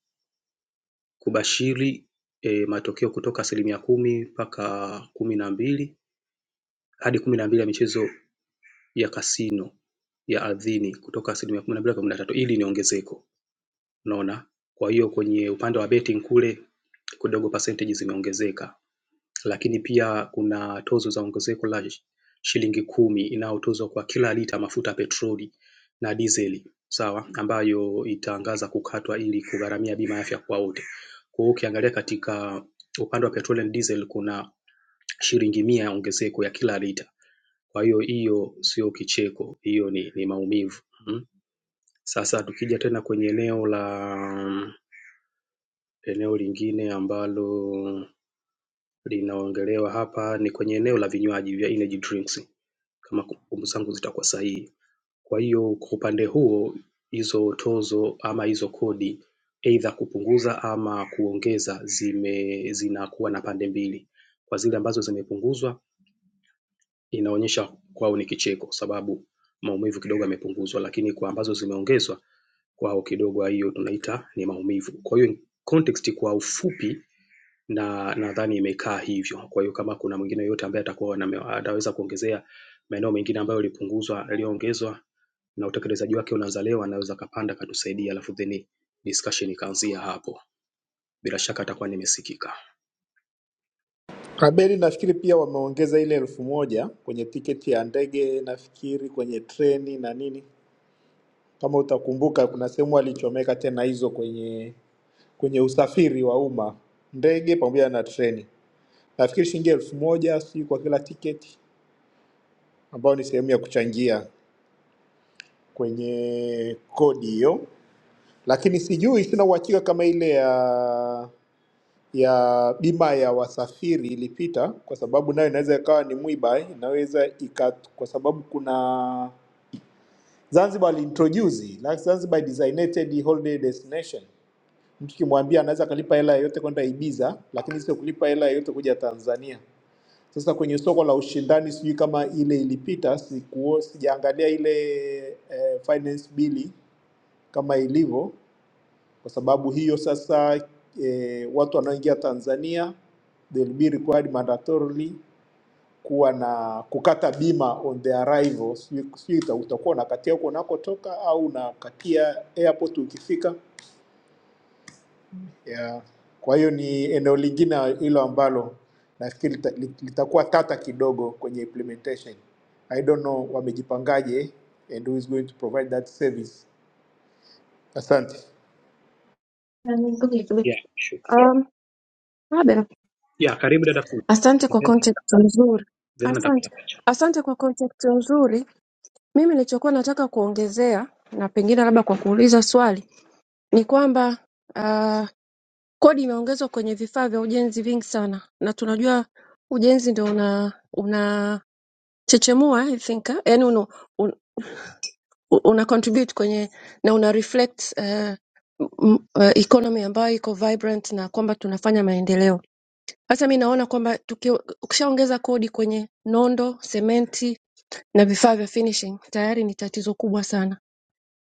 [SPEAKER 9] kubashiri e, matokeo kutoka asilimia kumi mpaka kumi na mbili hadi kumi na mbili ya michezo ya kasino ya ardhini kutoka asilimia kumi na mbili hadi kumi na tatu. Hili ni ongezeko unaona, kwa hiyo kwenye upande wa betting kule kidogo percentage zimeongezeka. Lakini pia kuna tozo za ongezeko la shilingi kumi inayotozwa kwa kila lita mafuta ya petroli na dizeli sawa ambayo itaangaza kukatwa ili kugharamia bima ya afya kwa wote. Kwa hiyo ukiangalia katika upande wa petroli and diesel kuna shilingi mia ongezeko ya kila lita. Kwa hiyo hiyo sio kicheko hiyo ni ni maumivu. Mm. Sasa tukija tena kwenye eneo la eneo lingine ambalo linaongelewa hapa ni kwenye eneo la vinywaji vya energy drinks kama kumbukumbu zangu zitakuwa sahihi. Kwa hiyo kwa upande huo hizo tozo ama hizo kodi either kupunguza ama kuongeza zime zinakuwa na pande mbili. Kwa zile ambazo zimepunguzwa inaonyesha kwao ni kicheko kwa sababu maumivu kidogo yamepunguzwa lakini kwa ambazo zimeongezwa kwao kidogo hiyo tunaita ni maumivu. Kwa hiyo context kwa ufupi na nadhani imekaa hivyo. Kwa hiyo kama kuna mwingine yoyote ambaye atakuwa na- ataweza kuongezea maeneo mengine ambayo yalipunguzwa yaliyoongezwa na utekelezaji wake unaanza leo anaweza akapanda akatusaidia alafu then discussion ikaanzia hapo. Bila shaka atakuwa nimesikika
[SPEAKER 4] Abeli, nafikiri pia wameongeza ile elfu moja kwenye tiketi ya ndege, nafikiri kwenye treni na nini. Kama utakumbuka, kuna sehemu alichomeka tena hizo kwenye kwenye usafiri wa umma, ndege pamoja na treni. nafikiri shilingi elfu moja si kwa kila tiketi, ambayo ni sehemu ya kuchangia kwenye kodi hiyo, lakini sijui, sina uhakika kama ile ya ya bima ya wasafiri ilipita, kwa sababu nayo inaweza ikawa ni mwiba, inaweza ika, kwa sababu kuna Zanzibar aliintroduce like Zanzibar designated holiday destination. Mtu kimwambia anaweza akalipa hela yoyote kwenda Ibiza, lakini sio kulipa hela yoyote kuja Tanzania. Sasa kwenye soko la ushindani, sijui kama ile ilipita, sikuo, sijaangalia ile eh, finance bili kama ilivyo, kwa sababu hiyo sasa eh, watu wanaoingia Tanzania they will be required mandatorily kuwa na kukata bima on their arrival. Sijui sijui uta- utakuwa unakatia huko unakotoka au unakatia airport ukifika yeah. Kwa hiyo ni eneo lingine hilo ambalo nafikiri lita- lit- litakuwa tata kidogo kwenye implementation. I don't know wamejipangaje and who is going to provide that service. Asante.
[SPEAKER 9] yeah, sure.
[SPEAKER 6] Um, Abel,
[SPEAKER 9] yeah, karibu dada fundi
[SPEAKER 6] asante kwa
[SPEAKER 9] then,
[SPEAKER 6] context nzuri.
[SPEAKER 9] then atapata
[SPEAKER 6] Asante.
[SPEAKER 9] pacha
[SPEAKER 6] Asante kwa context nzuri. Mimi nilichokuwa nataka kuongezea na pengine labda kwa kuuliza swali ni kwamba uh, Kodi imeongezwa kwenye vifaa vya ujenzi vingi sana na tunajua ujenzi ndio una unachechemua I think eh? yani una, un, una contribute kwenye na una reflect eh, m- eh, economy ambayo iko vibrant na kwamba tunafanya maendeleo. Sasa mi naona kwamba tuki- ukishaongeza kodi kwenye nondo, sementi na vifaa vya finishing tayari ni tatizo kubwa sana.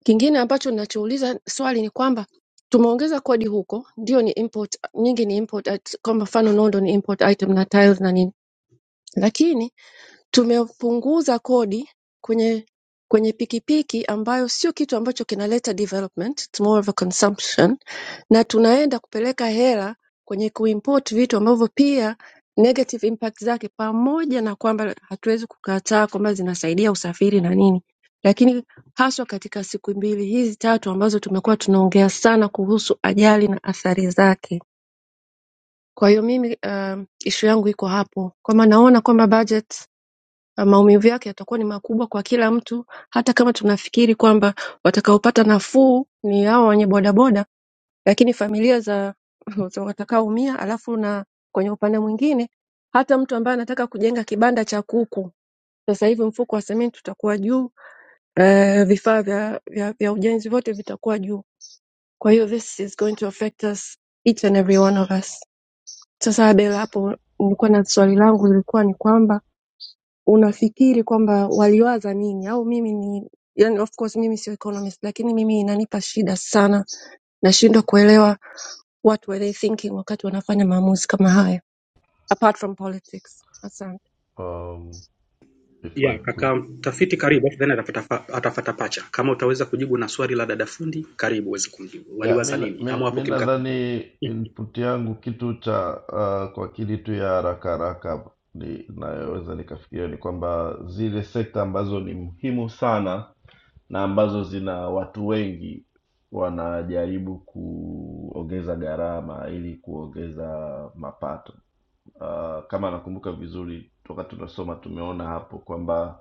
[SPEAKER 6] Kingine ambacho ninachouliza swali ni kwamba tumeongeza kodi huko, ndio ni import, nyingi ni import, at- kwa mfano nondo ni import item na tiles na nini, lakini tumepunguza kodi kwenye kwenye pikipiki ambayo sio kitu ambacho kinaleta development, it's more of a consumption na tunaenda kupeleka hela kwenye kuimport vitu ambavyo pia negative impact zake, pamoja na kwamba hatuwezi kukataa kwamba zinasaidia usafiri na nini, lakini haswa katika siku mbili hizi tatu ambazo tumekuwa tunaongea sana kuhusu ajali na athari zake. Kwa hiyo mimi um, ishu yangu iko hapo kwamba naona kwamba budget maumivu yake yatakuwa ni makubwa kwa kila mtu hata kama tunafikiri kwamba watakaopata nafuu ni hao wenye bodaboda lakini familia za za watakaoumia alafu na kwenye upande mwingine hata mtu ambaye anataka kujenga kibanda cha kuku sasa hivi mfuko wa sementi utakuwa juu eh, vifaa vya, vya, vya ujenzi vyote vitakuwa juu kwa hiyo this is going to affect us each and every one of us sasa abel hapo nilikuwa na swali langu lilikuwa ni kwamba unafikiri kwamba waliwaza nini au mimi ni yani of course mimi sio economist lakini mimi inanipa shida sana nashindwa kuelewa what were they thinking wakati wanafanya maamuzi kama haya apart from politics asante
[SPEAKER 8] Um, if I
[SPEAKER 9] yeah,
[SPEAKER 8] could
[SPEAKER 9] kaka mtafiti karibu then atapata, fa- atapata pacha kama utaweza kujibu na swali la dada fundi karibu uweze kumjibu
[SPEAKER 8] ya
[SPEAKER 9] waliwaza
[SPEAKER 8] mi
[SPEAKER 9] nini
[SPEAKER 8] mi-
[SPEAKER 9] ama wapo
[SPEAKER 8] mi
[SPEAKER 9] kimkakati
[SPEAKER 8] nadhani
[SPEAKER 9] Hmm.
[SPEAKER 8] input yangu kitu cha uh, kwa akili tu ya haraka haraka ni- inayoweza nikafikiria ni kwamba zile sekta ambazo ni muhimu sana na ambazo zina watu wengi wanajaribu kuongeza gharama ili kuongeza mapato. Uh, kama nakumbuka vizuri toka tunasoma tumeona hapo kwamba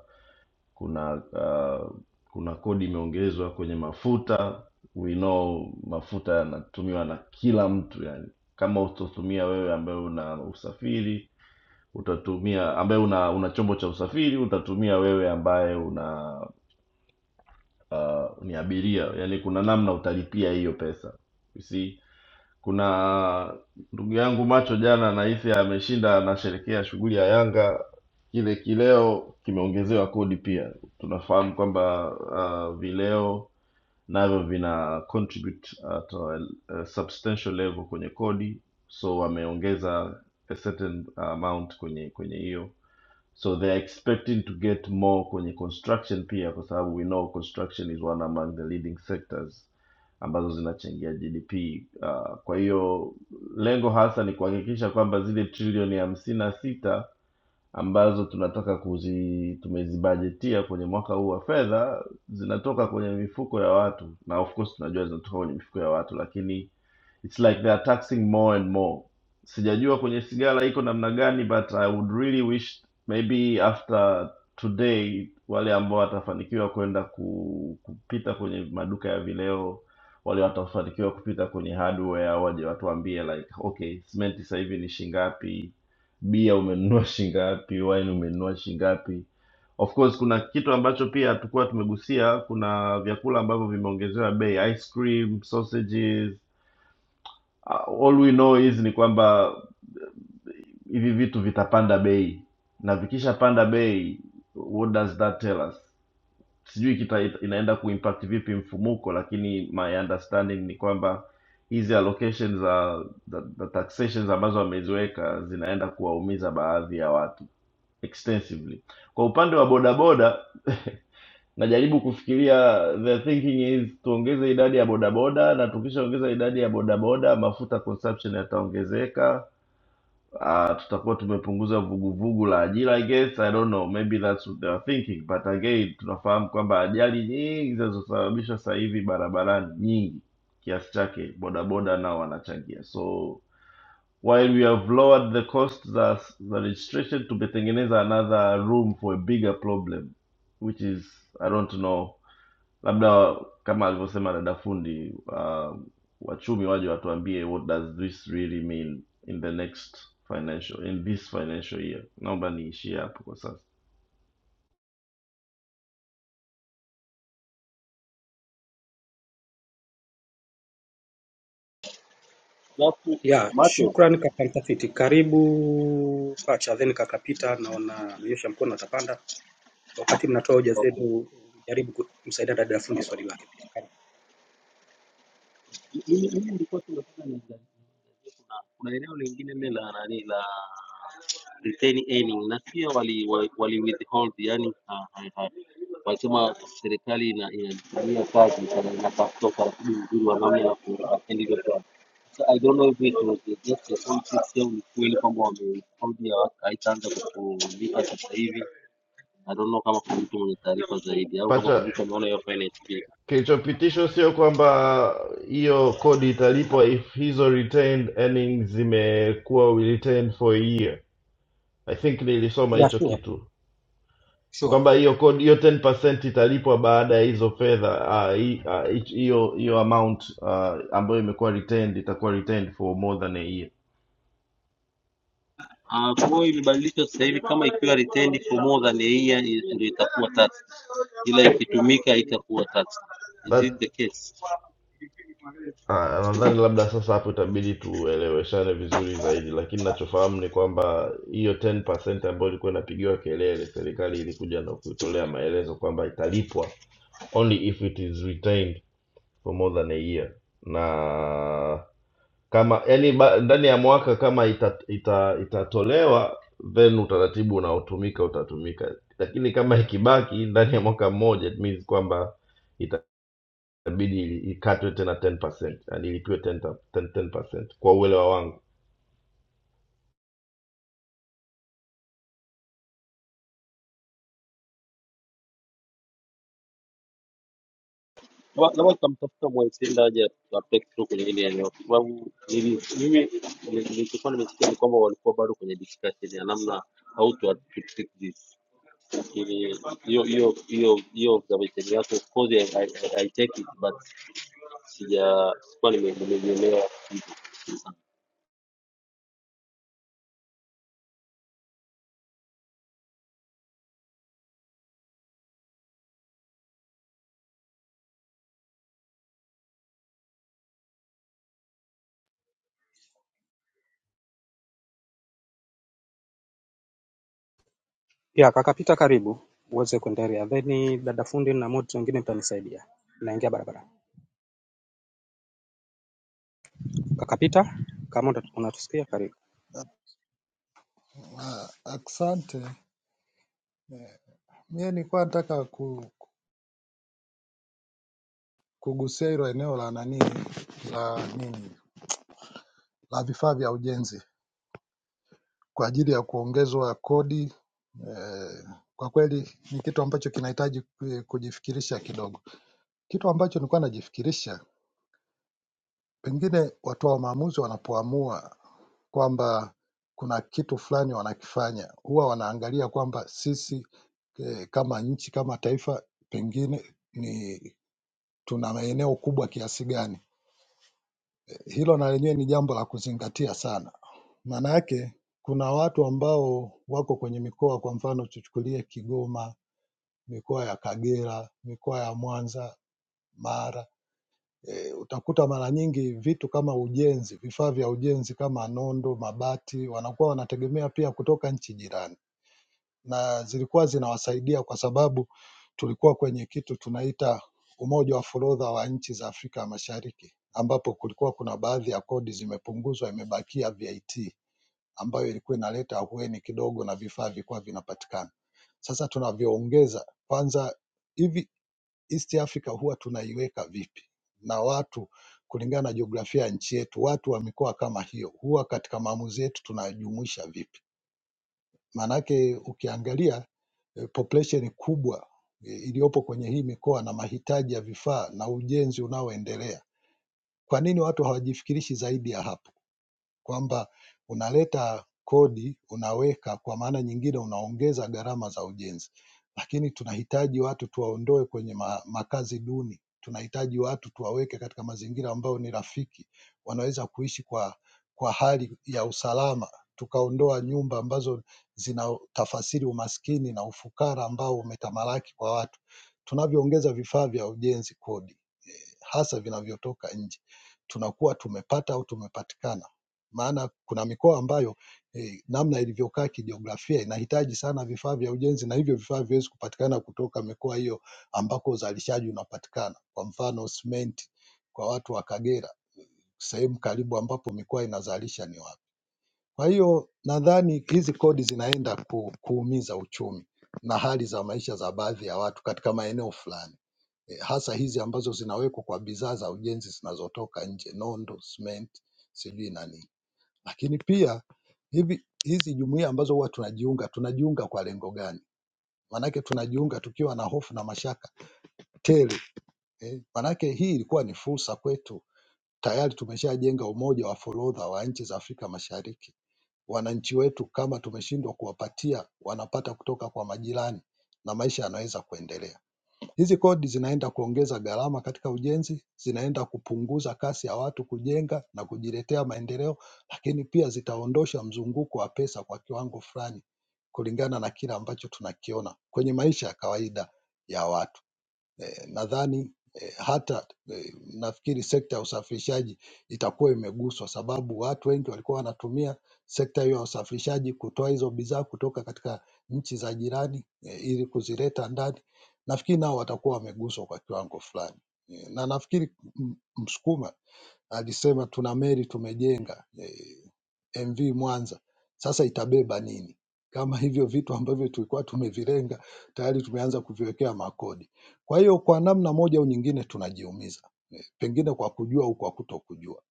[SPEAKER 8] kuna uh, kuna kodi imeongezwa kwenye mafuta we know mafuta yanatumiwa na kila mtu yani kama utatumia wewe ambaye una usafiri utatumia ambaye una, una chombo cha usafiri utatumia wewe ambaye una uh, ni abiria yani kuna namna utalipia hiyo pesa you see kuna ndugu yangu macho jana nahisi ameshinda anasherekea shughuli ya yanga kile kileo kimeongezewa kodi pia tunafahamu kwamba uh, vileo navyo vina contribute at a, a substantial level kwenye kodi so wameongeza a certain amount kwenye kwenye hiyo so they're expecting to get more kwenye construction pia kwa sababu we know construction is one among the leading sectors ambazo zinachangia gdp uh, kwa hiyo lengo hasa ni kuhakikisha kwamba zile trilioni hamsini na sita ambazo tunataka kuzi tumezibajetia kwenye mwaka huu wa fedha zinatoka kwenye mifuko ya watu na of course tunajua zinatoka kwenye mifuko ya watu lakini it's like they are taxing more and more sijajua kwenye sigara iko namna gani but i would really wish maybe after today wale ambao watafanikiwa kwenda ku, kupita kwenye maduka ya vileo wale watafanikiwa kupita kwenye hardware waje watuambie like okay simenti sasa hivi ni shingapi bia umenunua shingapi wine umenunua shingapi of course kuna kitu ambacho pia hatukuwa tumegusia kuna vyakula ambavyo vimeongezewa bei ice cream sausages Ah, all we know is ni kwamba hivi vitu vitapanda bei na vikishapanda bei what does that tell us sijui kita inaenda kuimpact vipi mfumuko lakini my understanding ni kwamba hizi allocations za za- za taxations ambazo wameziweka zinaenda kuwaumiza baadhi ya watu extensively kwa upande wa bodaboda najaribu kufikiria the thinking is tuongeze idadi ya bodaboda na tukishaongeza idadi ya bodaboda mafuta consumption yataongezeka uh, tutakuwa tumepunguza vuguvugu la ajira I guess I don't know maybe that's what they are thinking but again tunafahamu kwamba ajali nyingi zinazosababishwa sasa hivi barabarani nyingi kiasi chake bodaboda nao wanachangia so while we have lowered the cost za za registration tumetengeneza another room for a bigger problem which is I don't know labda kama alivyosema dada fundi uh, wachumi waje watuambie what does this really mean in the next financial in this financial year naomba niishie hapo kwa sasa
[SPEAKER 10] Alafu
[SPEAKER 9] yeah,
[SPEAKER 10] macho
[SPEAKER 9] shukran kaka mtafiti karibu pacha then kaka pita naona amenyosha mkono atapanda wakati mnatoa hoja
[SPEAKER 10] okay.
[SPEAKER 9] zenu jaribu kumsaidia dada fundi swali lake pia
[SPEAKER 10] Mimi mimi nilikuwa tu nataka niangalie kuna kuna eneo lingine lile la nani la retain earning na pia wali wali withhold yani Wanasema serikali ina- inajifanyia kazi sana inatafuta utaratibu mzuri wa namna ya ku- ya So I don't know if it was just a politics au ni kweli kwamba wamehold haitaanza kulipa sasa hivi. I don't know kama kuna mtu mwenye taarifa zaidi au kama kuna
[SPEAKER 8] pacha
[SPEAKER 10] mtu ameona hiyo finance bill.
[SPEAKER 8] kilichopitishwa sio kwamba hiyo kodi italipwa if hizo retained earnings zimekuwa retained for a year i think nilisoma
[SPEAKER 9] Yeah,
[SPEAKER 8] hicho
[SPEAKER 9] sure,
[SPEAKER 8] kitu ni
[SPEAKER 9] sure.
[SPEAKER 8] kwamba hiyo kodi hiyo 10% italipwa baada ya hizo fedha ah, hi- ah, hi- hiyo uh, hiyo amount ah, ambayo imekuwa retained itakuwa retained for more than a year
[SPEAKER 10] Ah, kwa hiyo imebadilishwa sasa hivi kama ikiwa retained for more than a year i- ndio itakuwa tax, ila ikitumika itakuwa tax. Is
[SPEAKER 8] that
[SPEAKER 10] it the case?
[SPEAKER 8] ah, nadhani labda sasa hapo itabidi tueleweshane vizuri zaidi lakini nachofahamu ni kwamba hiyo 10% ambayo ilikuwa inapigiwa kelele serikali ilikuja na kutolea maelezo kwamba italipwa only if it is retained for more than a year na kama yani ba, ndani ya mwaka kama ita, ita, itatolewa then utaratibu unaotumika utatumika, lakini kama ikibaki ndani ya mwaka mmoja it means kwamba itabidi ikatwe tena 10%, yani ilipiwe 10, 10%, 10% kwa uelewa wangu.
[SPEAKER 10] Laba- Labda tutamtafuta Mwaitenda aje atuupdate tu kwenye hili eneo, kwa sababu nili- mimi nili- nilichokuwa nimesikia ni kwamba walikuwa bado kwenye discussion ya namna how to to treat this. Lakini hiyo hiyo hiyo hiyo observation yako of course I, I, I I take it but sija sikuwa nime- nimeielewa
[SPEAKER 9] Yeah, kaka Pita, karibu uweze kuendelea, then dada fundi na moto wengine mtanisaidia. Naingia barabara. Kaka Pita, kama unatu- unatusikia karibu.
[SPEAKER 11] Ah, Asante. Eh, Mie nilikuwa nataka ku- kugusia hilo eneo la nani la nini la vifaa vya ujenzi kwa ajili ya kuongezwa kodi. Eh, kwa kweli ni kitu ambacho kinahitaji ku- kujifikirisha kidogo. Kitu ambacho nilikuwa najifikirisha, pengine watoa maamuzi wanapoamua kwamba kuna kitu fulani wanakifanya, huwa wanaangalia kwamba sisi eh, kama nchi kama taifa pengine ni tuna maeneo kubwa kiasi gani. Hilo na lenyewe ni jambo la kuzingatia sana, maana yake kuna watu ambao wako kwenye mikoa, kwa mfano tuchukulie Kigoma, mikoa ya Kagera, mikoa ya Mwanza, Mara e, utakuta mara nyingi vitu kama ujenzi, vifaa vya ujenzi kama nondo, mabati, wanakuwa wanategemea pia kutoka nchi jirani. na zilikuwa zinawasaidia kwa sababu tulikuwa kwenye kitu tunaita umoja wa forodha wa nchi za Afrika ya Mashariki, ambapo kulikuwa kuna baadhi ya kodi zimepunguzwa, imebakia VAT ambayo ilikuwa inaleta ahueni kidogo na vifaa vilikuwa vinapatikana. Sasa tunavyoongeza kwanza, hivi East Africa huwa tunaiweka vipi na watu kulingana na jiografia ya nchi yetu, watu wa mikoa kama hiyo huwa katika maamuzi yetu tunajumuisha vipi? Maanake ukiangalia eh, population kubwa eh, iliyopo kwenye hii mikoa na mahitaji ya vifaa na ujenzi unaoendelea. Kwa nini watu hawajifikirishi zaidi ya hapa? kwamba unaleta kodi unaweka, kwa maana nyingine unaongeza gharama za ujenzi, lakini tunahitaji watu tuwaondoe kwenye ma- makazi duni, tunahitaji watu tuwaweke katika mazingira ambayo ni rafiki, wanaweza kuishi kwa, kwa hali ya usalama, tukaondoa nyumba ambazo zinatafasiri umaskini na ufukara ambao umetamalaki kwa watu. Tunavyoongeza vifaa vya ujenzi kodi hasa vinavyotoka nje tunakuwa tumepata au tumepatikana. Maana kuna mikoa ambayo eh, namna ilivyokaa kijiografia inahitaji sana vifaa vya ujenzi na hivyo vifaa viwezi kupatikana kutoka mikoa hiyo ambako uzalishaji unapatikana. Kwa mfano simenti kwa watu wa Kagera, sehemu karibu ambapo mikoa inazalisha ni wapi? Kwa hiyo nadhani hizi kodi zinaenda ku, kuumiza uchumi na hali za maisha za baadhi ya watu katika maeneo fulani eh, hasa hizi ambazo zinawekwa kwa bidhaa za ujenzi zinazotoka nje, nondo, cement, sijui nani. Lakini pia hivi hizi jumuiya ambazo huwa tunajiunga, tunajiunga kwa lengo gani? Maanake tunajiunga tukiwa na hofu na mashaka tele eh. Maanake hii ilikuwa ni fursa kwetu, tayari tumeshajenga umoja wa forodha wa nchi za Afrika Mashariki. Wananchi wetu kama tumeshindwa kuwapatia, wanapata kutoka kwa majirani na maisha yanaweza kuendelea. Hizi kodi zinaenda kuongeza gharama katika ujenzi, zinaenda kupunguza kasi ya watu kujenga na kujiletea maendeleo, lakini pia zitaondosha mzunguko wa pesa kwa kiwango fulani kulingana na kile ambacho tunakiona kwenye maisha ya kawaida ya watu eh, nadhani eh, hata eh, nafikiri sekta ya usafirishaji itakuwa imeguswa, sababu watu wengi walikuwa wanatumia sekta hiyo ya usafirishaji kutoa hizo bidhaa kutoka katika nchi za jirani eh, ili kuzileta ndani. Nafikiri nao watakuwa wameguswa kwa kiwango fulani eh, na nafikiri m- Msukuma Alisema tuna meli tumejenga eh, MV Mwanza sasa itabeba nini? Kama hivyo vitu ambavyo tulikuwa tumevilenga tayari tumeanza kuviwekea makodi. Kwa hiyo kwa namna moja au nyingine tunajiumiza, eh, pengine kwa kujua au kwa kutokujua,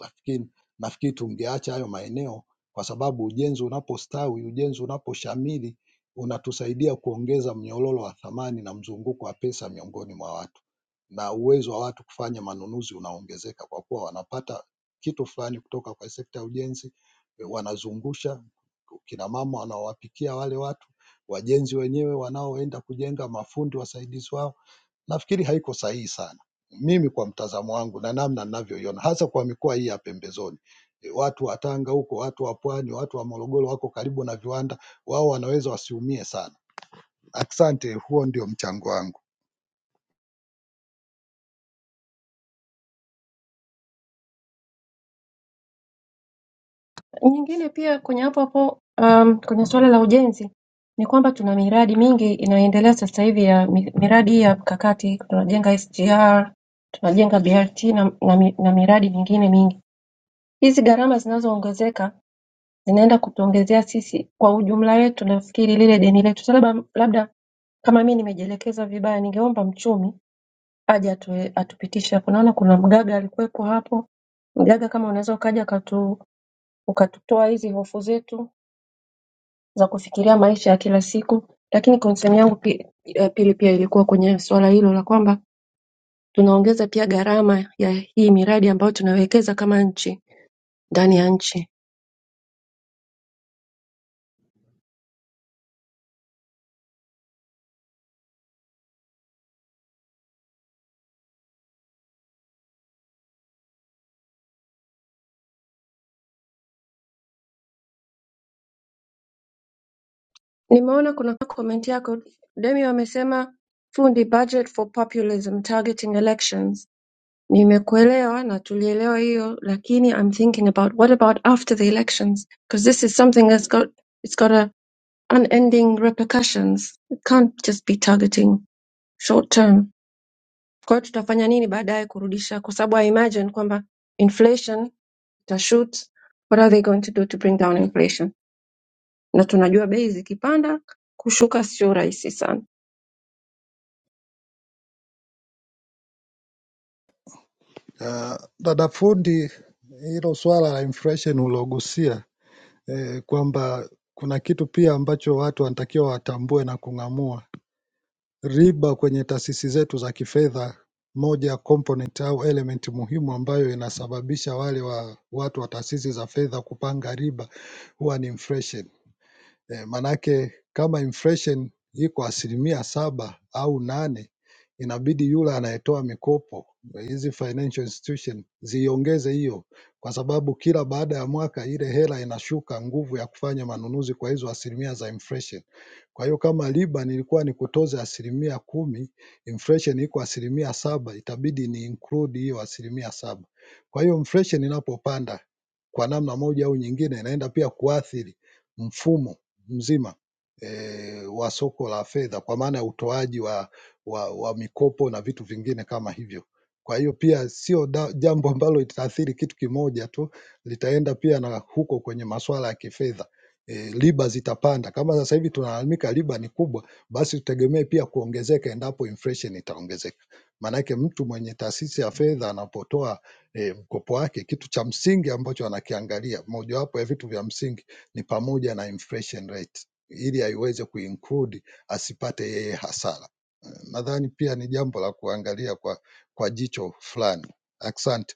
[SPEAKER 11] lakini nafikiri tungeacha hayo maeneo, kwa sababu ujenzi unapostawi, ujenzi unaposhamiri, unatusaidia kuongeza mnyororo wa thamani na mzunguko wa pesa miongoni mwa watu na uwezo wa watu kufanya manunuzi unaongezeka kwa kuwa wanapata kitu fulani kutoka kwa sekta ya ujenzi, wanazungusha kina mama wanaowapikia wale watu, wajenzi wenyewe wanaoenda kujenga, mafundi wasaidizi wao. Nafikiri haiko sahihi sana, mimi kwa mtazamo wangu na namna ninavyoiona, hasa kwa mikoa hii ya pembezoni. E, Watu wa Tanga huko, watu wa Pwani, watu wa Morogoro wako karibu na viwanda, wao wanaweza wasiumie sana. Asante, huo ndio mchango wangu.
[SPEAKER 6] nyingine pia kwenye hapo hapo um, kwenye suala la ujenzi ni kwamba tuna miradi mingi inayoendelea sasa hivi ya mi- miradi hii ya mkakati tunajenga sgr tunajenga brt na, na, mi- na miradi mingine mingi hizi gharama zinazoongezeka zinaenda kutuongezea sisi kwa ujumla wetu nafikiri lile deni letu sasa labda, labda kama mi nimejielekeza vibaya ningeomba mchumi aje atu, atupitishe hapo naona kuna mgaga alikuwepo hapo mgaga kama unaweza ukaja ukatu, ukatutoa hizi hofu zetu za kufikiria maisha ya kila siku lakini concern yangu pi- eh, pili pia ilikuwa kwenye swala hilo la kwamba tunaongeza pia gharama ya hii miradi ambayo tunawekeza kama nchi ndani ya nchi Nimeona kuna comment yako Demi wamesema fundi budget for populism targeting elections. Nimekuelewa na tulielewa hiyo lakini I'm thinking about what about after the elections because this is something that's got it's got a unending repercussions. It can't just be targeting short term. Kwa hiyo tutafanya nini baadaye kurudisha kwa sababu I imagine kwamba inflation itashoot. What are they going to do to bring down inflation? Na tunajua bei zikipanda kushuka sio rahisi sana.
[SPEAKER 11] Uh, dada fundi, hilo swala la inflation ulogusia eh, kwamba kuna kitu pia ambacho watu wanatakiwa watambue na kung'amua. Riba kwenye taasisi zetu za kifedha, moja ya component au element muhimu ambayo inasababisha wale wa watu wa taasisi za fedha kupanga riba huwa ni inflation. Maanake kama inflation iko asilimia saba au nane inabidi yule anayetoa mikopo hizi financial institution ziongeze hiyo kwa sababu kila baada ya mwaka ile hela inashuka nguvu ya kufanya manunuzi kwa hizo asilimia za inflation. Kwa hiyo kama riba nilikuwa nikutoze asilimia kumi, inflation iko asilimia saba itabidi ni include hiyo asilimia saba. Kwa hiyo inflation inapopanda kwa namna moja au nyingine inaenda pia kuathiri mfumo mzima eh, wa soko la fedha kwa maana ya utoaji wa, wa, wa mikopo na vitu vingine kama hivyo. Kwa hiyo pia sio da- jambo ambalo litaathiri kitu kimoja tu, litaenda pia na huko kwenye masuala ya kifedha. E, riba zitapanda. Kama sasa hivi tunalalamika riba ni kubwa, basi tutegemee pia kuongezeka endapo inflation itaongezeka. Maanake mtu mwenye taasisi ya fedha anapotoa e, mkopo wake, kitu cha msingi ambacho anakiangalia, mojawapo ya vitu vya msingi ni pamoja na inflation rate ili aiweze kuinclude asipate yeye hasara. Eh, Nadhani pia ni jambo la kuangalia kwa, kwa jicho fulani. Asante.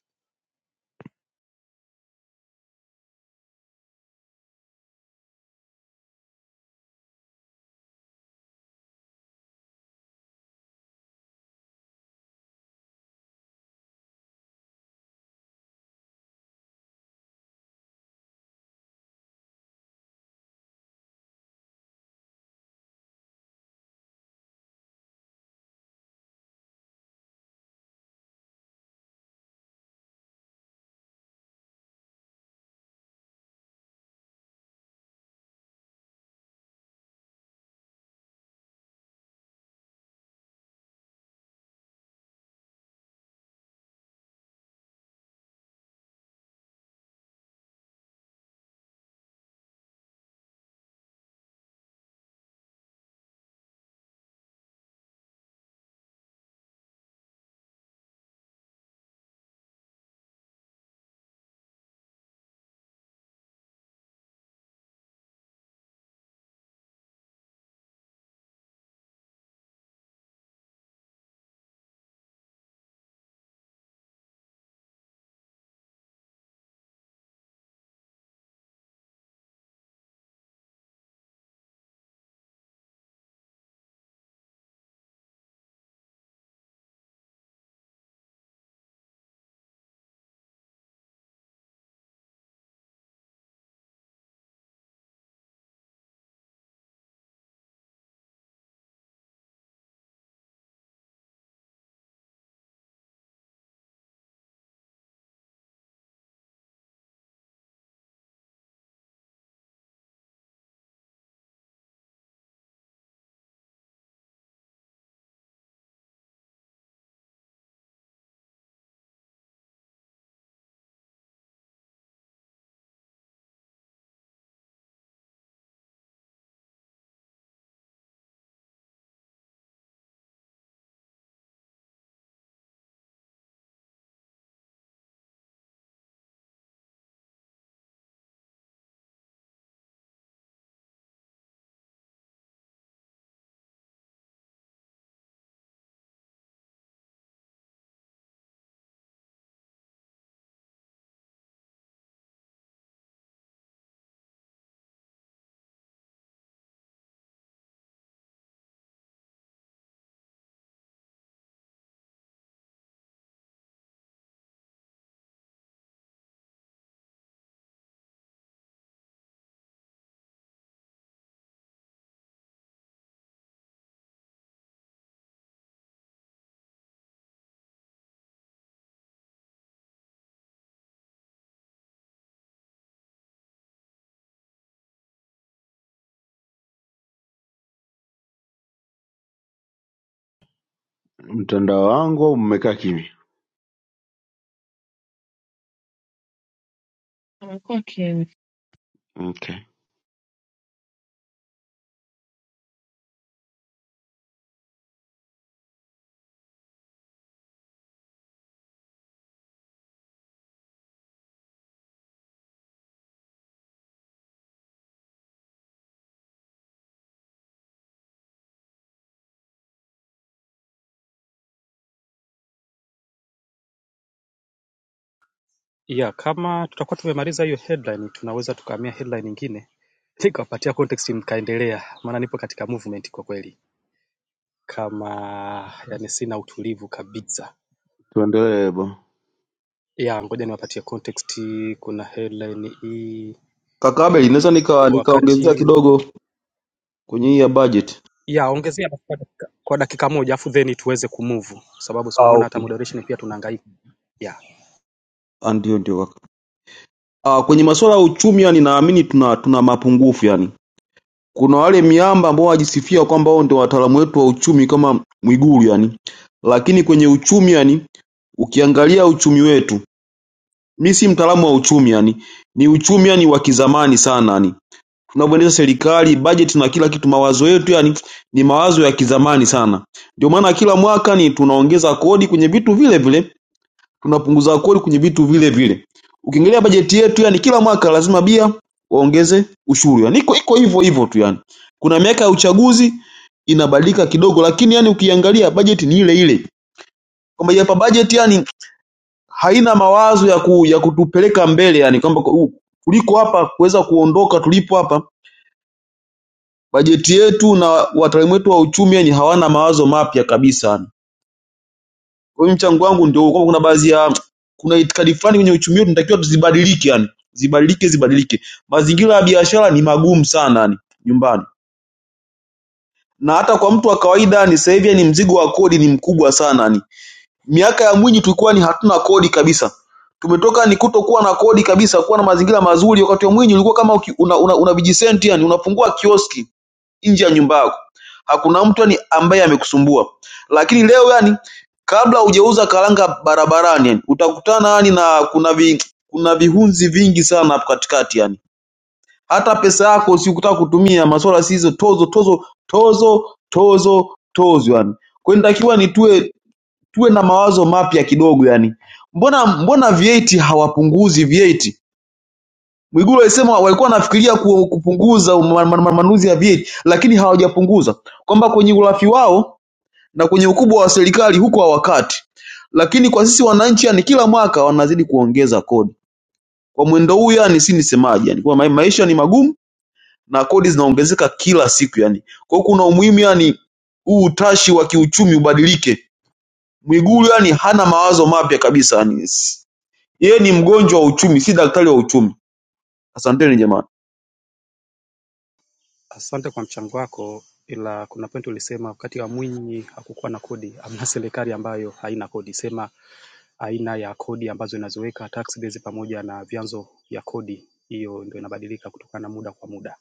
[SPEAKER 7] Mtandao wangu au mmekaa kimya? Okay,
[SPEAKER 9] Yeah, kama tutakuwa tumemaliza hiyo headline, tunaweza tukahamia headline nyingine nikawapatia context mkaendelea, maana nipo katika movement kwa kweli, kama yani sina utulivu kabisa.
[SPEAKER 7] tuendelee bo.
[SPEAKER 9] Yeah, ngoja niwapatie context. Kuna headline hii
[SPEAKER 12] Kaka Abel, naweza nika nikaongezea
[SPEAKER 9] wakati
[SPEAKER 12] kidogo kwenye hii ya budget
[SPEAKER 9] Yeah, ongezea kwa dakika kwa dakika moja afu then tuweze kumove sababu tunaona
[SPEAKER 12] au
[SPEAKER 9] hata moderation pia tunahangaika. Yeah.
[SPEAKER 12] ah, ndio ndio kaka. Ah, kwenye masuala ya uchumi yani naamini tuna tuna mapungufu yani. Kuna wale miamba ambao wajisifia kwamba wao ndio wataalamu wetu wa uchumi kama Mwigulu yani. Lakini kwenye uchumi yani ukiangalia uchumi wetu, mi si mtaalamu wa uchumi yani. Ni uchumi yani wa kizamani sana yani. Tunavyoendesha serikali, budget na kila kitu, mawazo yetu yani ni mawazo ya kizamani sana. Ndio maana kila mwaka ni tunaongeza kodi kwenye vitu vile vile tuna punguza kodi kwenye vitu vile vile. Ukiangalia bajeti yetu yani kila mwaka lazima bia waongeze ushuru. Yani iko iko hivyo hivyo tu yani. Kuna miaka ya uchaguzi inabadilika kidogo lakini yani ukiangalia bajeti ni ile ile. Kwamba hapa bajeti yani haina mawazo ya ku, ya kutupeleka mbele yani kwamba ku- u- kuliko hapa kuweza kuondoka tulipo hapa bajeti yetu na wataalamu wetu wa uchumi yani hawana mawazo mapya kabisa yani. Kwa hiyo mchango wangu ndio huo, kwamba kuna baadhi ya kuna itikadi fulani kwenye uchumi wetu tunatakiwa tuzibadilike, yani zibadilike, zibadilike. Mazingira ya biashara ni magumu sana yani nyumbani, na hata kwa mtu wa kawaida ni sasa hivi yani mzigo wa kodi ni mkubwa sana yani. Miaka ya Mwinyi tulikuwa ni hatuna kodi kabisa, tumetoka ni kutokuwa na kodi kabisa, kuwa na mazingira mazuri. Wakati wa Mwinyi ulikuwa kama uki- una, una, una vijisenti yani, unafungua kioski nje ya nyumba yako hakuna mtu yani ambaye amekusumbua lakini leo yani kabla hujauza karanga barabarani yani, utakutana yani na kuna vi, kuna vihunzi vingi sana hapo katikati yani hata pesa yako usikutaka kutumia masuala si hizo tozo tozo tozo tozo tozo yani kwa hiyo nitakiwa ni tuwe tuwe na mawazo mapya kidogo yani mbona mbona VAT hawapunguzi VAT Mwigulu alisema walikuwa wanafikiria ku- kupunguza ma- ma- ma- manunuzi ya vyeti lakini hawajapunguza, kwamba kwenye urafi wao na kwenye ukubwa wa serikali huko hawakati, lakini kwa sisi wananchi, yani kila mwaka wanazidi kuongeza kodi kwa mwendo huu, yani si nisemaje, yani kwa ma- maisha ni magumu na kodi zinaongezeka kila siku, yani kwa hiyo kuna umuhimu yani huu utashi wa kiuchumi ubadilike. Mwigulu yani hana mawazo mapya kabisa, yani si- yeye ni mgonjwa wa uchumi, si daktari wa uchumi. Asanteni jamani.
[SPEAKER 9] Asante kwa mchango wako ila kuna point ulisema wakati wa Mwinyi hakukuwa na kodi. Hamna serikali ambayo haina kodi. Sema aina ya kodi ambazo inaziweka tax base pamoja na vyanzo vya kodi hiyo ndio inabadilika kutokana na muda kwa muda.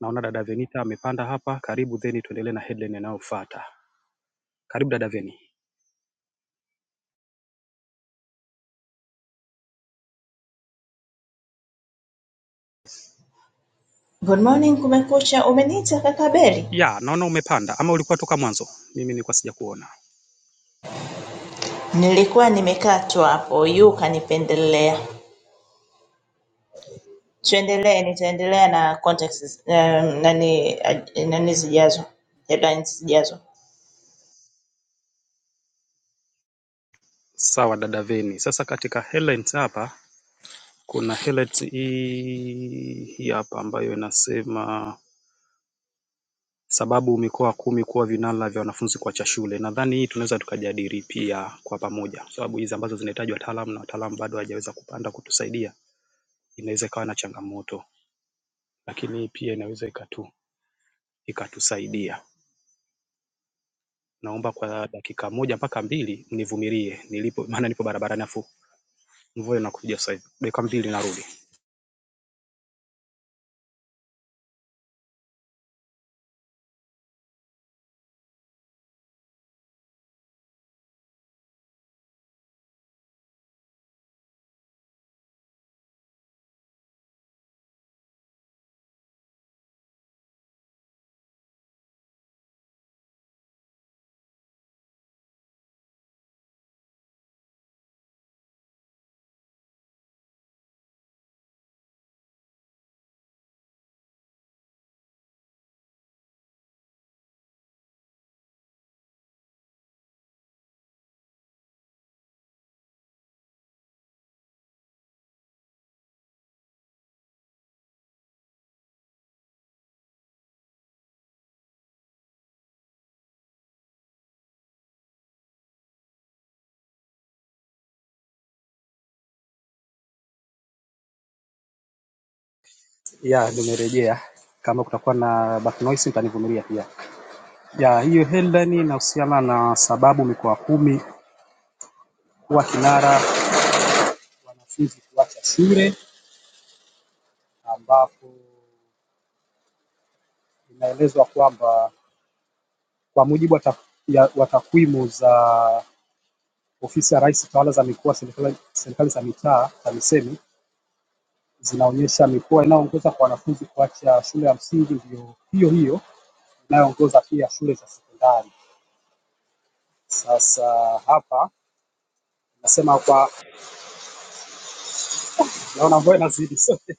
[SPEAKER 9] Naona dada Venita amepanda hapa, karibu then tuendelee na headline inayofuata. Karibu dada Veni.
[SPEAKER 13] Good morning kumekucha umeniita kaka Beri?
[SPEAKER 9] Yeah, naona umepanda ama ulikuwa toka mwanzo? Mimi nilikuwa sija kuona.
[SPEAKER 13] Nilikuwa nimekaa tu hapo yu kanipendelea. Tuendelee nitaendelea na context um, nani aj- nani zijazo. Headlines zijazo.
[SPEAKER 9] Sawa dada Venny. Sasa katika headlines hapa kuna headlines hii hapa ambayo inasema sababu mikoa kumi kuwa vinara vya wanafunzi kuacha shule. Nadhani hii tunaweza tukajadili pia kwa pamoja, sababu hizi ambazo zinahitaji wataalamu na wataalamu bado hawajaweza kupanda kutusaidia, inaweza ikawa na changamoto, lakini hii pia inaweza ikatu ikatusaidia. Naomba kwa dakika moja mpaka mbili mnivumilie nilipo, maana nipo barabarani afu mvua inakuja sasa hivi, dakika mbili narudi. ya nimerejea kama kutakuwa na back noise mtanivumilia pia ya hiyo headline inahusiana na sababu mikoa kumi kuwa kinara wanafunzi kuacha shule ambapo inaelezwa kwamba kwa mujibu wa ta- ya- wa takwimu za ofisi ya rais tawala za mikoa serikali serikali za mitaa TAMISEMI zinaonyesha mikoa inayoongoza kwa wanafunzi kuacha shule ya msingi ndio hiyo hiyo inayoongoza pia shule za sekondari. Sasa hapa nasema kwa Naona mvua inazidi sote.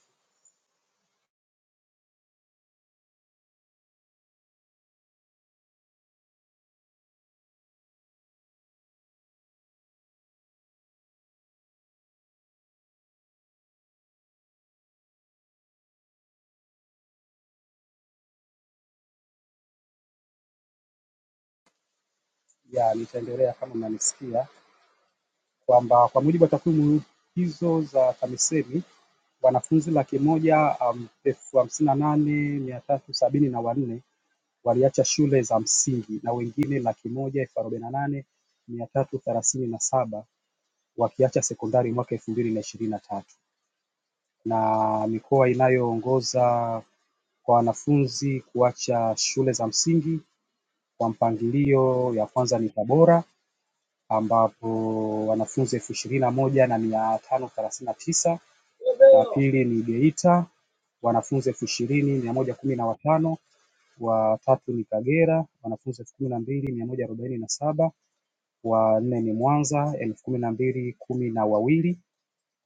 [SPEAKER 9] Ya, nitaendelea kama mnanisikia kwamba kwa mujibu wa takwimu hizo za TAMISEMI wanafunzi laki moja um, elfu hamsini na nane mia tatu sabini na wanne waliacha shule za msingi na wengine laki moja elfu arobaini na nane mia tatu thelathini na saba wakiacha sekondari mwaka elfu mbili na ishirini na tatu na mikoa inayoongoza kwa wanafunzi kuacha shule za msingi kwa mpangilio ya kwanza ni Tabora ambapo wanafunzi elfu ishirini na moja na mia tano thelathini na tisa. La pili ni Geita wanafunzi elfu ishirini mia moja kumi na watano. Wa tatu ni Kagera wanafunzi elfu kumi na mbili mia moja arobaini na saba. Wa nne ni Mwanza elfu kumi na mbili kumi na wawili.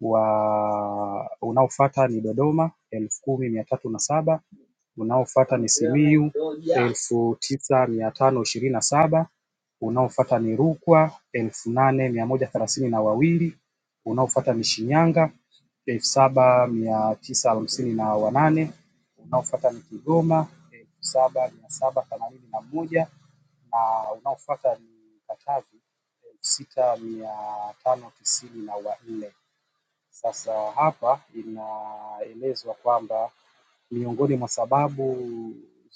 [SPEAKER 9] Wa unaofuata ni Dodoma elfu kumi mia tatu na saba unaofuata ni Simiyu elfu tisa mia tano ishirini na saba, unaofuata ni Rukwa elfu nane mia moja thelathini na wawili, unaofuata ni Shinyanga elfu saba mia tisa hamsini na wanane, unaofuata ni Kigoma elfu saba mia saba themanini na moja na unaofuata ni Katavi elfu sita mia tano tisini na wanne. Sasa hapa inaelezwa kwamba miongoni mwa sababu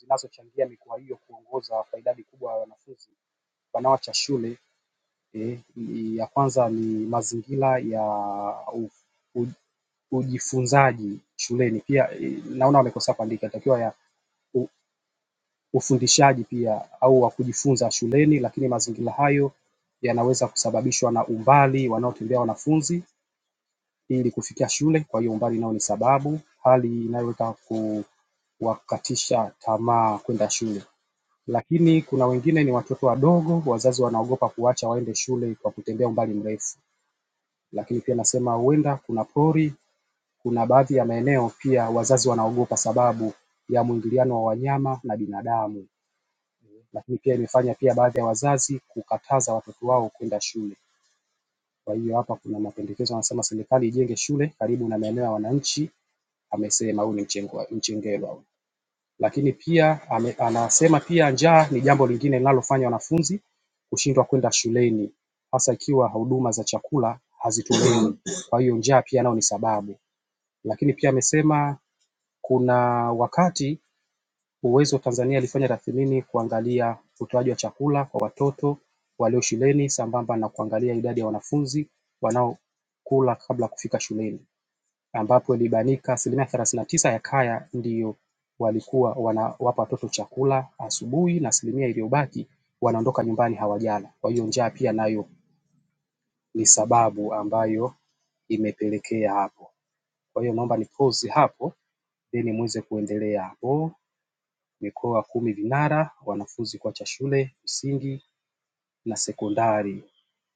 [SPEAKER 9] zinazochangia mikoa hiyo kuongoza kwa idadi kubwa ya wanafunzi wanaoacha shule E, ya kwanza ni mazingira ya u, u, ujifunzaji shuleni pia e, naona wamekosa kuandika inatakiwa ya u, ufundishaji pia au wa kujifunza shuleni lakini mazingira hayo yanaweza kusababishwa na umbali wanaotembea wanafunzi ili kufikia shule kwa hiyo umbali nao ni sababu hali inayoweza kuwakatisha tamaa kwenda shule. Lakini kuna wengine ni watoto wadogo wazazi wanaogopa kuwaacha waende shule kwa kutembea umbali mrefu. Lakini pia nasema huenda kuna pori, kuna baadhi ya maeneo pia wazazi wanaogopa sababu ya mwingiliano wa wanyama na binadamu. Lakini pia imefanya pia baadhi ya wazazi kukataza watoto wao kwenda shule. Kwa hiyo hapa kuna mapendekezo yanasema serikali ijenge shule karibu na maeneo ya wananchi amesema huyu ni Mchengerwa. Lakini pia ame, anasema pia njaa ni jambo lingine linalofanya wanafunzi kushindwa kwenda shuleni hasa ikiwa huduma za chakula hazitolewi. Kwa hiyo njaa pia nayo ni sababu. Lakini pia amesema kuna wakati Uwezo wa Tanzania ilifanya tathmini kuangalia utoaji wa chakula kwa watoto walio shuleni sambamba na kuangalia idadi ya wanafunzi wanaokula kabla kufika shuleni ambapo ilibainika asilimia thelathini na tisa ya kaya ndio walikuwa wanawapa watoto chakula asubuhi na asilimia iliyobaki wanaondoka nyumbani hawajala kwa hiyo njaa pia nayo ni sababu ambayo imepelekea hapo. Kwa hiyo naomba ni pause hapo then muweze kuendelea hapo mikoa kumi vinara wanafunzi kuacha shule msingi na sekondari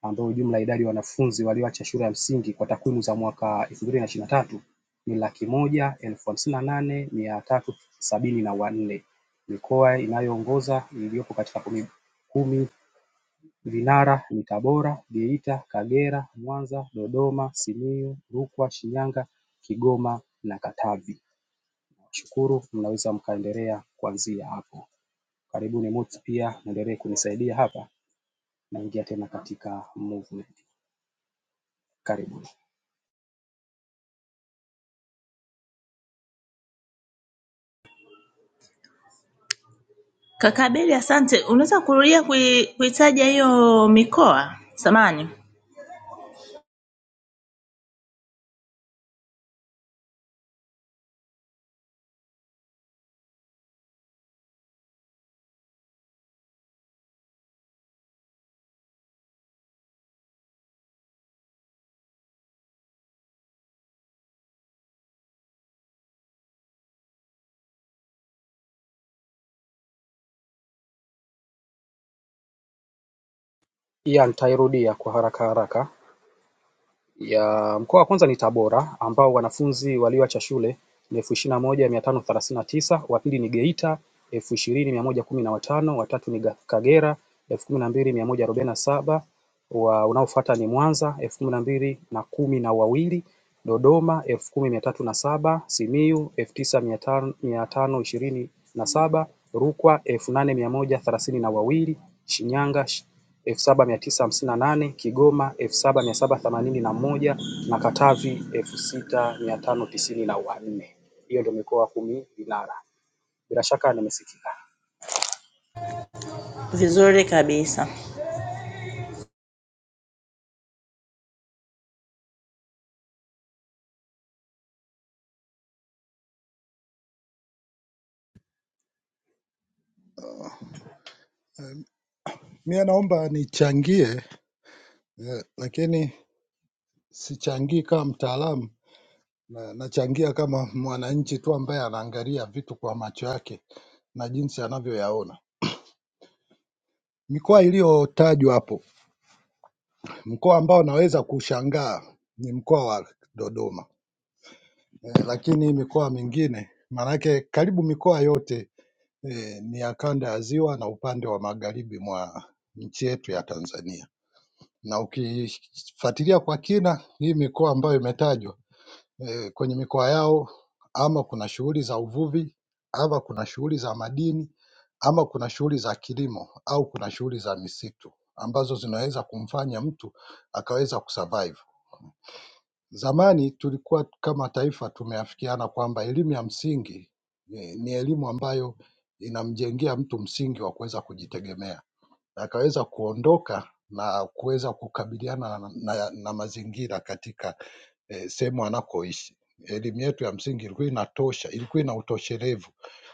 [SPEAKER 9] ambao jumla ya idadi ya wanafunzi walioacha shule ya msingi kwa takwimu za mwaka elfu mbili na ishirini na tatu ni laki moja elfu hamsini na nane mia tatu sabini na wanne. Mikoa inayoongoza iliyopo katika kumi kumi vinara ni Tabora, Geita, Kagera, Mwanza, Dodoma, Simiyu, Rukwa, Shinyanga, Kigoma na Katavi. Nashukuru mnaweza mkaendelea kuanzia hapo. Karibuni Mots pia muendelee kunisaidia hapa naingia tena katika movement karibuni.
[SPEAKER 13] Kaka Beri asante. Unaweza kurudia kui, kuitaja hiyo mikoa? Samani.
[SPEAKER 9] Pia nitairudia kwa haraka haraka. Ya mkoa wa kwanza ni Tabora ambao wanafunzi walioacha shule ni elfu ishirini na moja mia tano thelathini na tisa, wa pili ni Geita elfu ishirini mia moja kumi na watano, wa tatu ni Kagera elfu kumi na mbili mia moja arobaini na saba unaofuata ni Mwanza elfu kumi na mbili na kumi na wawili, Dodoma elfu kumi mia tatu na saba, Simiyu elfu tisa mia tano ishirini na saba, Rukwa elfu nane mia moja thelathini na wawili, Shinyanga elfu saba mia tisa hamsini na nane, Kigoma elfu saba mia saba themanini na moja na Katavi elfu sita mia tano tisini na wanne. Hiyo ndio mikoa kumi vinara. Bila shaka nimesikika.
[SPEAKER 13] Vizuri kabisa.
[SPEAKER 11] Eh, Mie naomba nichangie eh, lakini sichangii kama mtaalamu na, nachangia kama mwananchi tu ambaye anaangalia vitu kwa macho yake na jinsi anavyoyaona. Mikoa iliyotajwa hapo, mkoa ambao naweza kushangaa ni mkoa wa Dodoma. eh, lakini mikoa mingine maanake karibu mikoa yote eh, ni ya kanda ya ziwa na upande wa magharibi mwa nchi yetu ya Tanzania, na ukifuatilia kwa kina hii mikoa ambayo imetajwa eh, kwenye mikoa yao ama kuna shughuli za uvuvi ama kuna shughuli za madini ama kuna shughuli za kilimo au kuna shughuli za misitu ambazo zinaweza kumfanya mtu akaweza kusurvive. Zamani tulikuwa kama taifa tumeafikiana kwamba elimu ya msingi ni ni elimu ambayo inamjengea mtu msingi wa kuweza kujitegemea, akaweza kuondoka na kuweza kukabiliana na, na, na mazingira katika eh, sehemu anakoishi. Elimu yetu ya msingi ilikuwa inatosha, ilikuwa ina utoshelevu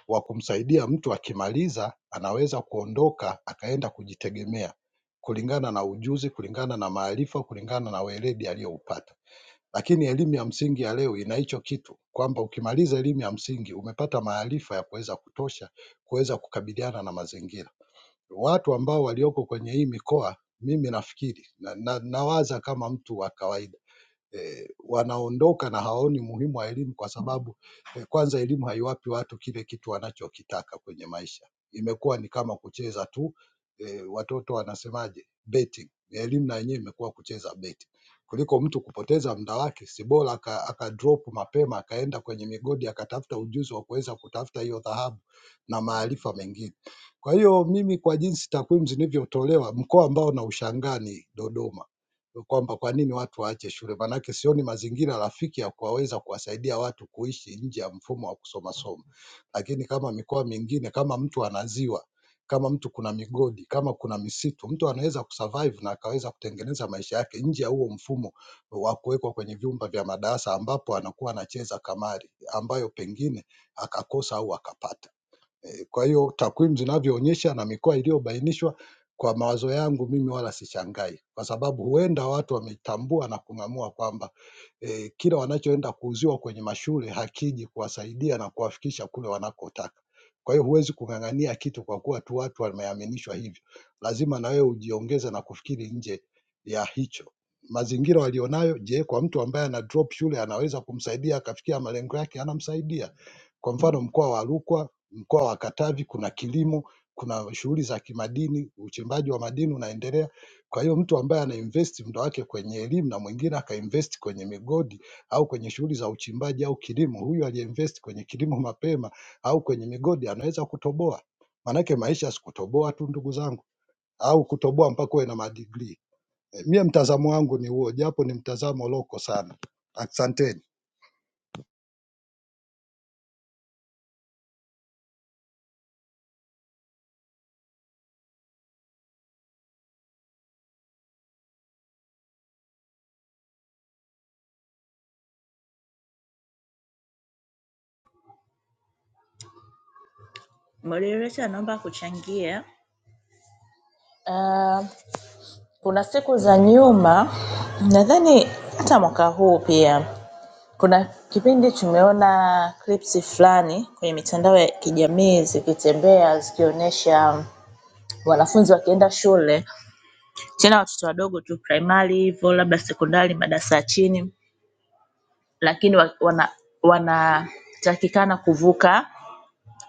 [SPEAKER 11] wa kumsaidia mtu akimaliza, anaweza kuondoka akaenda kujitegemea kulingana na ujuzi, kulingana na maarifa, kulingana na weledi aliyoupata. Lakini elimu ya msingi ya leo ina hicho kitu kwamba ukimaliza elimu ya msingi umepata maarifa ya kuweza kutosha kuweza kukabiliana na mazingira. Watu ambao walioko kwenye hii mikoa mimi nafikiri na, na, nawaza kama mtu wa kawaida eh, wanaondoka na hawaoni umuhimu wa elimu kwa sababu eh, kwanza elimu haiwapi watu kile kitu wanachokitaka kwenye maisha. Imekuwa ni kama kucheza tu eh, watoto wanasemaje, betting. Elimu na yenyewe imekuwa kucheza betting kuliko mtu kupoteza muda wake, si bora aka, aka drop mapema akaenda kwenye migodi akatafuta ujuzi wa kuweza kutafuta hiyo dhahabu na maarifa mengine. Kwa hiyo mimi, kwa jinsi takwimu zilivyotolewa, mkoa ambao naushangaa ni Dodoma kwamba kwa nini watu waache shule, maanake sioni mazingira rafiki ya kuwaweza kuwasaidia watu kuishi nje ya mfumo wa kusoma soma. Lakini kama mikoa mingine, kama mtu ana ziwa, kama mtu kuna migodi, kama kuna misitu, mtu anaweza kusurvive na akaweza kutengeneza maisha yake nje ya huo mfumo wa kuwekwa kwenye vyumba vya madarasa, ambapo anakuwa anacheza kamari ambayo pengine akakosa au akapata. Eh, Kwa hiyo takwimu zinavyoonyesha na mikoa iliyobainishwa, kwa mawazo yangu mimi wala sishangai, kwa sababu huenda watu wametambua na kung'amua kwamba eh, kila wanachoenda kuuziwa kwenye mashule hakiji kuwasaidia na kuwafikisha kule wanakotaka. Kwa hiyo huwezi kung'ang'ania kitu kwa kuwa tu watu wameaminishwa hivyo, lazima na wewe ujiongeze na kufikiri nje ya hicho. Mazingira walionayo, je, kwa mtu ambaye ana drop shule anaweza kumsaidia akafikia malengo yake? Anamsaidia. Kwa mfano mkoa wa Rukwa mkoa wa Katavi kuna kilimo kuna shughuli za kimadini uchimbaji wa madini unaendelea kwa hiyo mtu ambaye anainvest muda wake kwenye elimu na mwingine akainvest kwenye migodi au kwenye shughuli za uchimbaji au kilimo huyu aliyeinvest kwenye kilimo mapema au kwenye migodi anaweza kutoboa maanake maisha si kutoboa tu ndugu zangu au kutoboa mpaka uwe na madigrii Eh, mie mtazamo wangu ni huo japo ni mtazamo loko sana asanteni
[SPEAKER 13] Moderator naomba kuchangia. Uh, kuna siku za nyuma nadhani hata mwaka huu pia Kuna kipindi tumeona clips fulani kwenye mitandao ya kijamii zikitembea zikionyesha wanafunzi wakienda shule, tena watoto wadogo tu primary hivo labda sekondari madarasa ya chini lakini wana wanatakikana kuvuka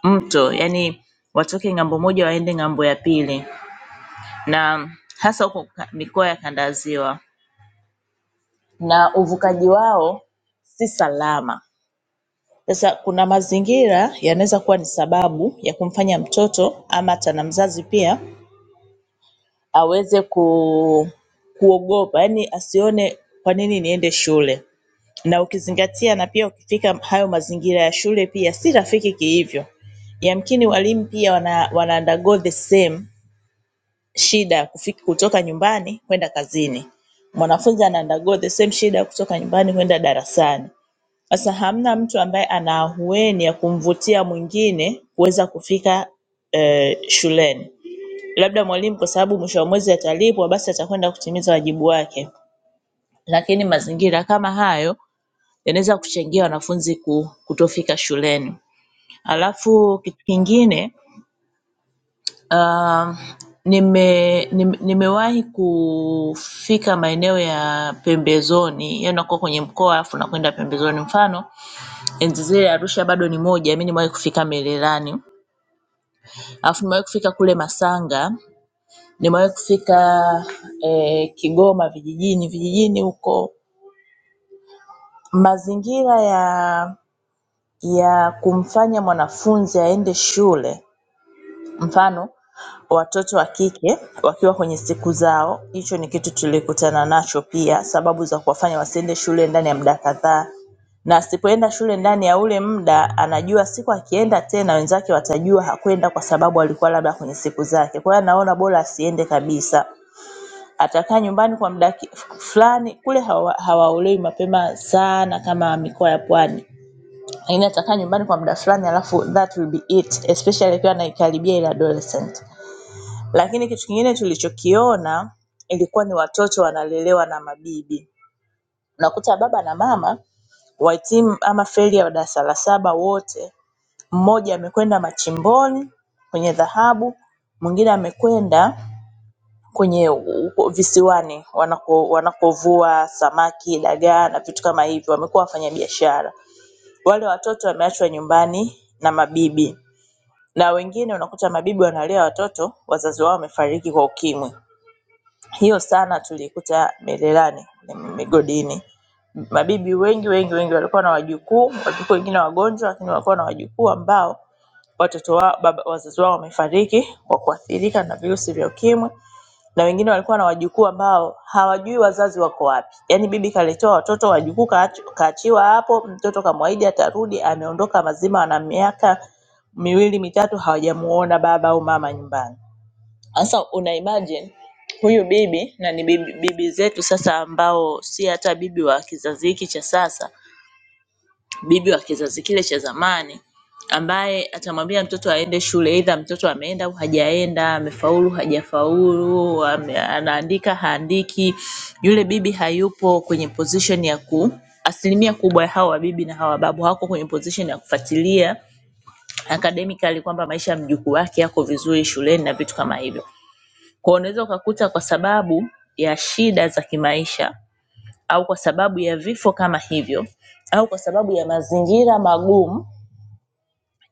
[SPEAKER 13] mto yaani watoke ng'ambo moja waende ng'ambo ya pili na hasa huko mikoa ya kanda ya ziwa na uvukaji wao si salama. Sasa kuna mazingira yanaweza kuwa ni sababu ya kumfanya mtoto ama hata na mzazi pia aweze ku, kuogopa yaani asione kwa nini niende shule na ukizingatia na pia ukifika hayo mazingira ya shule pia si rafiki kihivyo. Yamkini walimu pia wana wana undergo the same shida ya kutoka nyumbani kwenda kazini. Mwanafunzi ana undergo the same shida ya kutoka nyumbani kwenda darasani. Sasa hamna mtu ambaye ana ahueni ya kumvutia mwingine kuweza kufika eh, shuleni. Labda mwalimu kwa sababu mwisho wa mwezi atalipwa basi atakwenda kutimiza wajibu wake. Lakini mazingira kama hayo yanaweza kuchangia wanafunzi ku- kutofika shuleni. Halafu kitu kingine ah, nime, nime nimewahi kufika maeneo ya pembezoni, yaani nakuwa kwenye mkoa alafu nakwenda pembezoni mfano enzi zile Arusha bado ni moja, mi nimewahi kufika Mererani, alafu nimewahi kufika kule Masanga, nimewahi kufika eh, Kigoma vijijini vijijini huko. Mazingira ya ya kumfanya mwanafunzi aende shule Mfano, watoto wa kike wakiwa kwenye siku zao, hicho ni kitu tulikutana nacho pia, sababu za kuwafanya wasiende shule ndani ya muda kadhaa. Na asipoenda shule ndani ya ule muda, anajua siku akienda tena wenzake watajua hakwenda kwa sababu alikuwa labda kwenye siku zake. Kwa hiyo anaona bora asiende kabisa. Atakaa nyumbani kwa muda fulani, kule hawa- hawaolewi mapema sana kama mikoa ya pwani. Lakini atakaa nyumbani kwa muda fulani alafu that will be it, especially akiwa anaikaribia ile adolescent. Lakini kitu kingine tulichokiona ilikuwa ni watoto wanalelewa na mabibi. Unakuta baba na mama wahitimu ama feli ya darasa la saba wote, mmoja amekwenda machimboni kwenye dhahabu, mwingine amekwenda kwenye visiwani wanako wanakovua samaki, dagaa na vitu kama hivyo, wamekuwa wafanyabiashara. Wale watoto wameachwa nyumbani na mabibi na wengine unakuta mabibi wanalea watoto wazazi wao wamefariki kwa ukimwi. Hiyo sana tuliikuta Mererani migodini. Mabibi wengi wengi wengi walikuwa na wajukuu, wajukuu wengine wagonjwa, lakini walikuwa na wajukuu ambao watoto wao, baba, wazazi wao wamefariki kwa kuathirika na virusi vya ukimwi, na wengine walikuwa na wajukuu ambao hawajui wazazi wako wapi. Yaani bibi kaletewa watoto, wajukuu kaach- kaachiwa hapo, mtoto kamwahidi atarudi, ameondoka mazima, ana miaka miwili mitatu hawajamuona baba au mama nyumbani. Sasa una imagine huyu bibi na ni bibi, bibi zetu sasa ambao si hata bibi wa kizazi hiki cha sasa, bibi wa kizazi kile cha zamani ambaye atamwambia mtoto aende shule aidha mtoto ameenda au hajaenda, amefaulu hajafaulu, ame- anaandika haandiki. Yule bibi hayupo kwenye position ya ku asilimia kubwa ya hawa wabibi na hawa babu hawako kwenye position ya kufuatilia academically kwamba maisha ya mjukuu wake yako vizuri shuleni na vitu kama hivyo. Kwa hiyo unaweza ukakuta kwa sababu ya shida za kimaisha au kwa sababu ya vifo kama hivyo au kwa sababu ya mazingira magumu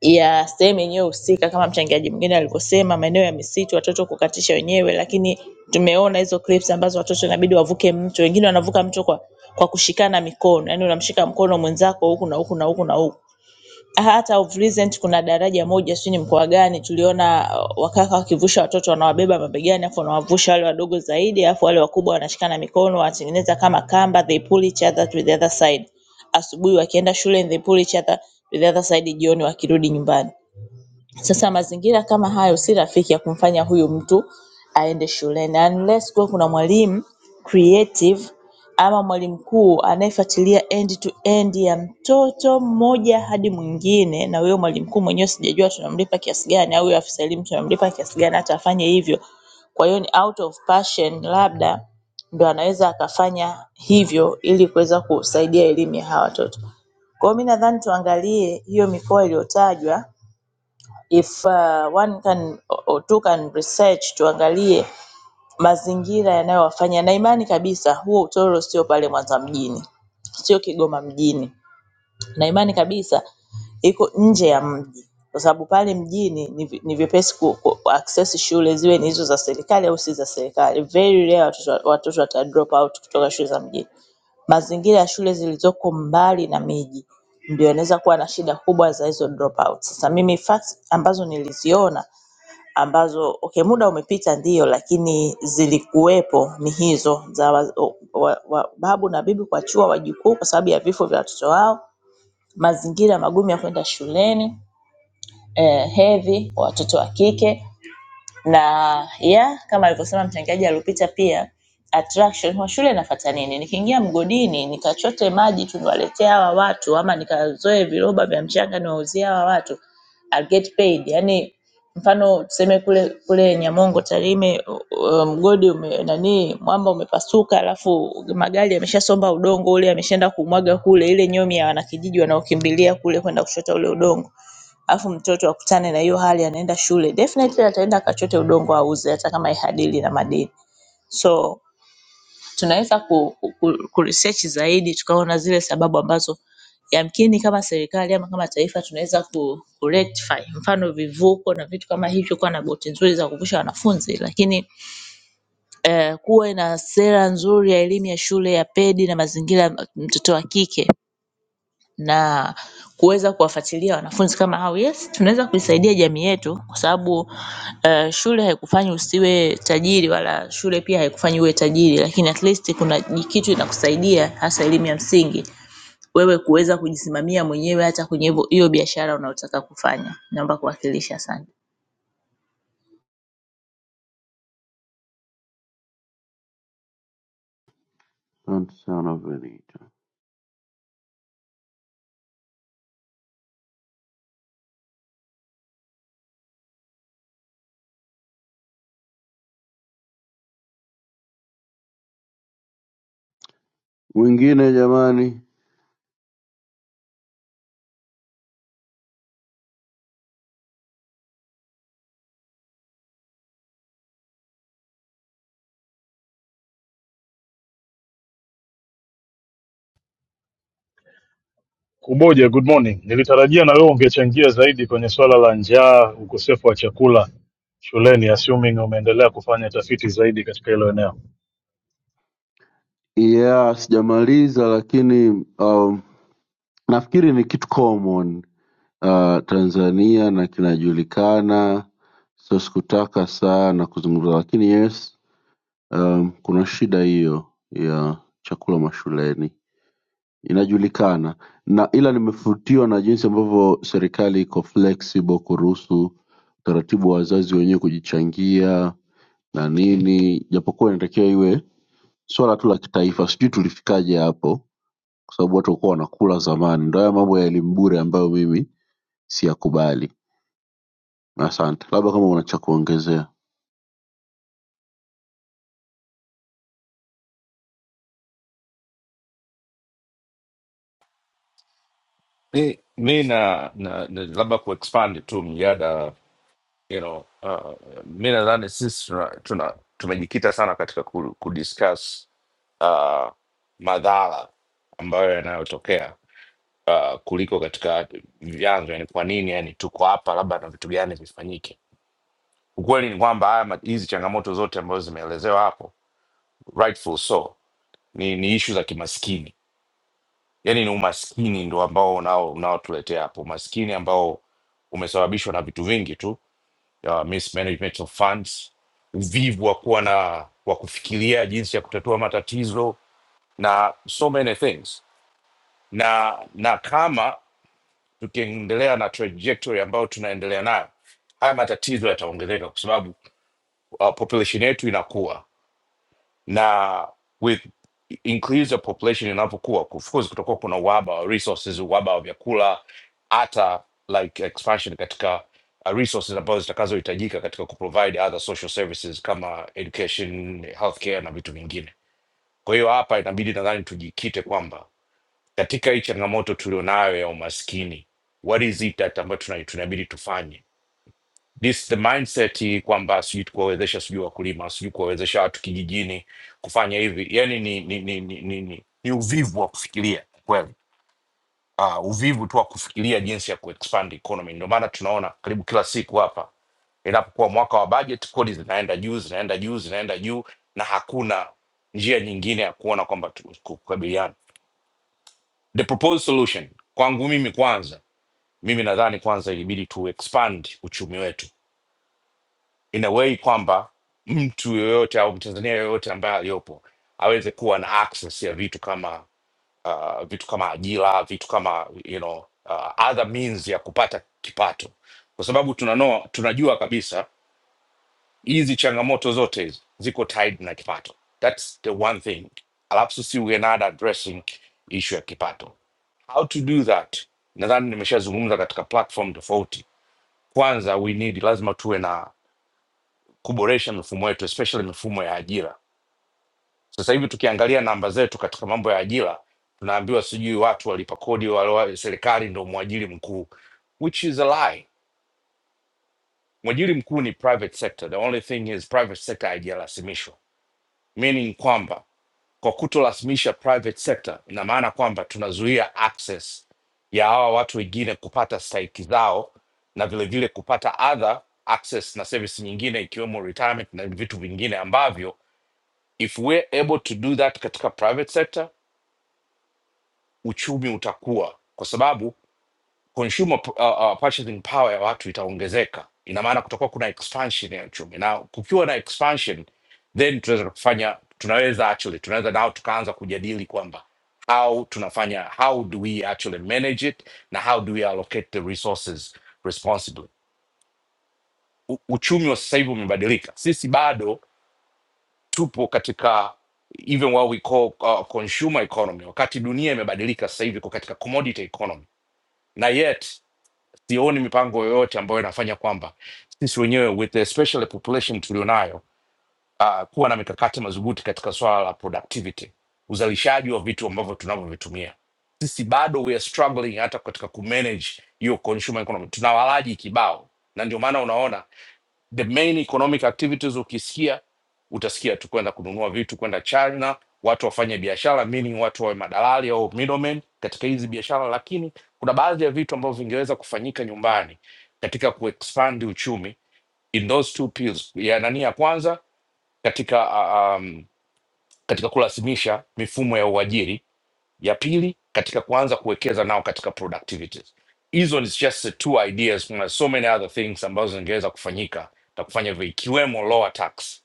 [SPEAKER 13] ya sehemu yenyewe husika kama mchangiaji mwingine alivyosema maeneo ya misitu watoto kukatisha wenyewe lakini tumeona hizo clips ambazo watoto inabidi wavuke mto, wengine wanavuka mto kwa kwa kushikana mikono yaani unamshika mkono mwenzako huku na huku na huku na huku. Hata of recent kuna daraja moja sijui ni mkoa gani tuliona uh, wakaka wakivusha watoto wanawabeba mabegani alafu wanawavusha wale wadogo zaidi alafu wale wakubwa wanashikana mikono wanatengeneza kama kamba they pull each other to the other side. Asubuhi wakienda shule they pull each other to the other side jioni wakirudi nyumbani. Sasa mazingira kama hayo si rafiki ya kumfanya huyu mtu aende shuleni unless kuwe kuna mwalimu creative ama mwalimu mkuu anayefuatilia end to end ya mtoto mmoja hadi mwingine na huyo mwalimu mkuu mwenyewe sijajua tunamlipa kiasi gani au huyo afisa elimu tunamlipa kiasi gani hata afanye hivyo. Kwa hiyo ni out of passion labda ndo anaweza akafanya hivyo ili kuweza kusaidia elimu ya hawa watoto. Kwa hiyo mi nadhani tuangalie hiyo mikoa iliyotajwa if uh, one can or two can research tuangalie mazingira yanayowafanya na imani kabisa huo utoro sio pale Mwanza mjini sio Kigoma mjini na imani kabisa iko nje ya mji kwa sababu pale mjini ni vi- ni vyepesi ku, ku ku- access shule ziwe ni hizo za serikali au si za serikali very rare watoto watoto wata drop out kutoka shule za mjini mazingira ya shule zilizoko mbali na miji ndio yanaweza kuwa na shida kubwa za hizo drop out. Sasa mimi facts ambazo niliziona ambazo okay, muda umepita ndio, lakini zilikuwepo ni hizo za wa, wa, wa, babu na bibi kuachua wajukuu kwa sababu ya vifo vya watoto wao, mazingira magumu ya kwenda shuleni eh, hedhi kwa watoto wa kike na ya kama alivyosema mchangiaji aliopita pia attraction wa shule nafata nini nikiingia mgodini nikachote maji tuniwaletee hawa watu ama nikazoe viroba vya mchanga niwauzie hawa watu I'll get paid yani mfano tuseme kule kule nyamongo tarime u- u- mgodi ume, nani mwamba umepasuka alafu magari yameshasomba udongo ule yameshaenda kumwaga kule ile nyomi ya wanakijiji wanaokimbilia kule kwenda kuchota ule udongo alafu mtoto akutane na hiyo hali anaenda shule definitely ataenda akachote udongo auze hata kama ihadili na madini so tunaweza ku, ku, ku research zaidi tukaona zile sababu ambazo yamkini kama serikali ama kama taifa tunaweza ku, ku rectify mfano vivuko na vitu kama hivyo kuwa na boti nzuri za kuvusha wanafunzi lakini eh, kuwe na sera nzuri ya elimu ya shule ya pedi na mazingira ya mtoto wa kike na kuweza kuwafuatilia wanafunzi kama hao. Yes, tunaweza kuisaidia jamii yetu kwa sababu eh, shule haikufanyi usiwe tajiri wala shule pia haikufanyi uwe tajiri, lakini at least kuna ni kitu inakusaidia hasa elimu ya msingi wewe kuweza kujisimamia mwenyewe hata kwenye hivyo- hiyo biashara unayotaka kufanya. Naomba kuwakilisha, asante.
[SPEAKER 7] Asante sana Benito. Mwingine jamani,
[SPEAKER 14] Kuboja, good morning. Nilitarajia na wewe ungechangia zaidi kwenye swala la njaa, ukosefu wa chakula shuleni, assuming umeendelea kufanya tafiti zaidi katika hilo eneo.
[SPEAKER 7] yeah, sijamaliza lakini um, nafikiri ni kitu common uh, tanzania na kinajulikana so sikutaka sana kuzungumza lakini yes um, kuna shida hiyo ya chakula mashuleni inajulikana na ila nimefutiwa na jinsi ambavyo serikali iko flexible kuruhusu utaratibu wa wazazi wenyewe kujichangia na nini japokuwa inatakiwa iwe swala tu la kitaifa sijui tulifikaje hapo kwa sababu watu walikuwa wanakula zamani ndo haya mambo ya elimu bure ambayo mimi siyakubali asante labda kama una cha kuongezea
[SPEAKER 15] mi, mi na, na, na labda kuexpand tu mjada you know, uh, mi nadhani sisi tuna, tuna, tumejikita sana katika ku, kudiscuss uh, madhara ambayo yanayotokea uh, kuliko katika vyanzo, yani kwa nini yani tuko hapa, labda na vitu gani vifanyike. Ukweli ni kwamba haya ma- hizi changamoto zote ambazo zimeelezewa hapo rightful so ni, ni ishu za kimaskini yani ni umaskini ndo ambao unao- unaotuletea hapo umaskini ambao umesababishwa na vitu vingi tu ya mismanagement of funds uvivu wa kuwa na wa kufikiria jinsi ya kutatua matatizo na so many things na na kama tukiendelea na trajectory ambayo tunaendelea nayo haya matatizo yataongezeka kwa sababu uh, population yetu inakuwa na with increase of population inavyokuwa of course kutakuwa kuna uhaba wa resources uhaba wa vyakula hata like expansion katika uh, resources ambazo zitakazohitajika katika kuprovide other social services kama education healthcare na vitu vingine kwa hiyo hapa inabidi nadhani tujikite kwamba katika hii changamoto tulionayo ya umaskini what is it that ambayo tuna- tunabidi tufanye this the mindset kwamba sijui kuwawezesha sijui wakulima sijui kuwawezesha watu kijijini kufanya hivi yani ni ni, ni, ni, ni, ni, ni uvivu wa kufikiria kweli uh, uvivu tu wa kufikiria jinsi ya kuexpand economy ndio maana tunaona karibu kila siku hapa inapokuwa mwaka wa budget kodi zinaenda juu zinaenda juu zinaenda juu na hakuna njia nyingine ya kuona kwamba tu- ku- kukabiliana the proposed solution kwangu mimi kwanza mimi nadhani kwanza ilibidi tu expand uchumi wetu in a way kwamba mtu yoyote au mtanzania yoyote ambaye aliyopo aweze kuwa na access ya vitu kama uh, vitu kama ajira vitu kama you know, uh, other means ya kupata kipato kwa sababu tunano, tunajua kabisa hizi changamoto zote hizi ziko tied na kipato thats the one thing alafu sisi we are not addressing issue ya kipato how to do that nadhani nimeshazungumza katika platform tofauti kwanza we need lazima tuwe na kuboresha mifumo yetu especially mifumo ya ajira. Sasa hivi tukiangalia namba zetu katika mambo ya ajira, tunaambiwa sijui watu walipa kodi wale serikali ndio mwajiri mkuu, which is a lie. Mwajiri mkuu ni private sector. The only thing is private sector haijarasimishwa, meaning kwamba kwa kutorasimisha private sector, ina maana kwamba tunazuia access ya hawa watu wengine kupata stahiki zao na vilevile kupata other access na service nyingine ikiwemo retirement na vitu vingine ambavyo if we're able to do that katika private sector uchumi utakuwa kwa sababu consumer p- uh, uh, purchasing power ya watu itaongezeka ina maana kutakuwa kuna expansion ya uchumi na kukiwa na expansion then tunaweza kufanya tunaweza actually tunaweza nao tukaanza kujadili kwamba how tunafanya how do we actually manage it na how do we allocate the resources responsibly U, uchumi wa sasa hivi umebadilika sisi bado tupo katika even what we call uh, consumer economy, wakati dunia imebadilika sasa hivi iko katika commodity economy, na yet sioni mipango yoyote ambayo inafanya kwamba sisi wenyewe with the special population tulionayo uh, kuwa na mikakati madhubuti katika swala la productivity, uzalishaji wa vitu ambavyo tunavyovitumia sisi bado we are struggling hata katika kumanage hiyo consumer economy, tuna walaji kibao, na ndio maana unaona the main economic activities ukisikia utasikia tu kwenda kununua vitu kwenda china watu wafanye biashara meaning watu wawe madalali au middlemen katika hizi biashara lakini kuna baadhi ya vitu ambavyo vingeweza kufanyika nyumbani katika kuexpand uchumi in those two pills ya nani ya kwanza katika uh, um, katika kurasimisha mifumo ya uajiri ya pili katika kuanza kuwekeza nao katika productivities hizo ni just two ideas kuna so many other things ambazo zingeweza kufanyika na kufanya hivyo ikiwemo lower tax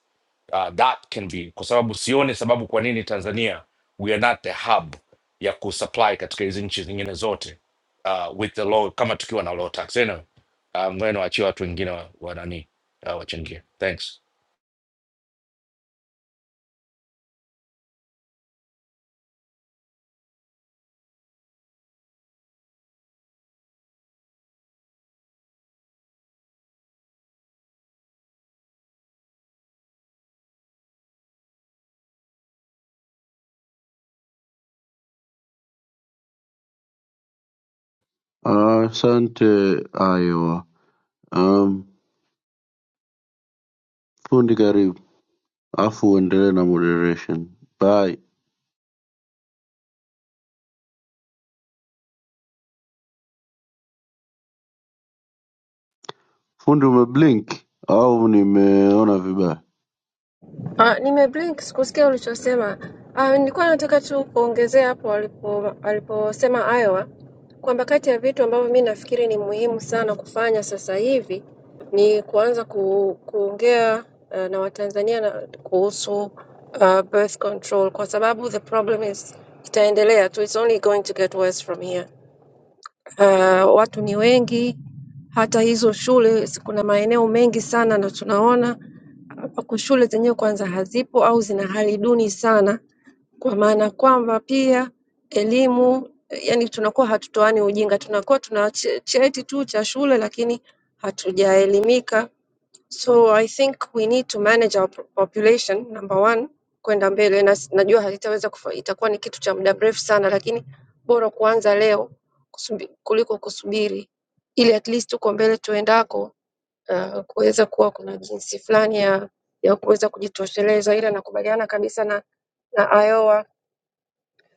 [SPEAKER 15] uh, that can be kwa sababu sioni sababu kwa nini tanzania we are not the hub ya kusupply katika hizi nchi zingine zote uh, with the low kama tukiwa na low tax anyway, um, ngoja niwaachie watu wengine wa, wa nani uh, wachangie thanks
[SPEAKER 7] Ah, asante iowa um, fundi karibu afu uendelee na moderation bye fundi umeblink au nimeona vibaya
[SPEAKER 6] Ah, nimeblink sikusikia ulichosema. Ah, nilikuwa nataka tu kuongezea hapo alipo aliposema Iowa kwamba kati ya vitu ambavyo mi nafikiri ni muhimu sana kufanya sasa hivi ni kuanza ku, kuongea uh, na Watanzania na kuhusu uh, birth control kwa sababu the problem is itaendelea tu, it's only going to get worse from here. Uh, watu ni wengi, hata hizo shule si- kuna maeneo mengi sana na tunaona ambapo shule zenyewe kwanza hazipo au zina hali duni sana, kwa maana kwamba pia elimu yani tunakuwa hatutoani ujinga, tunakuwa tuna che- cheti tu cha shule lakini hatujaelimika. So I think we need to manage our po- population number one kwenda mbele na, s- najua haitaweza kufa, itakuwa ni kitu cha muda mrefu sana, lakini bora kuanza leo kusubi, kuliko kusubiri ili at least uko mbele tuendako ah, kuweza kuwa kuna jinsi fulani ya ya kuweza kujitosheleza, ila nakubaliana kabisa na na Iowa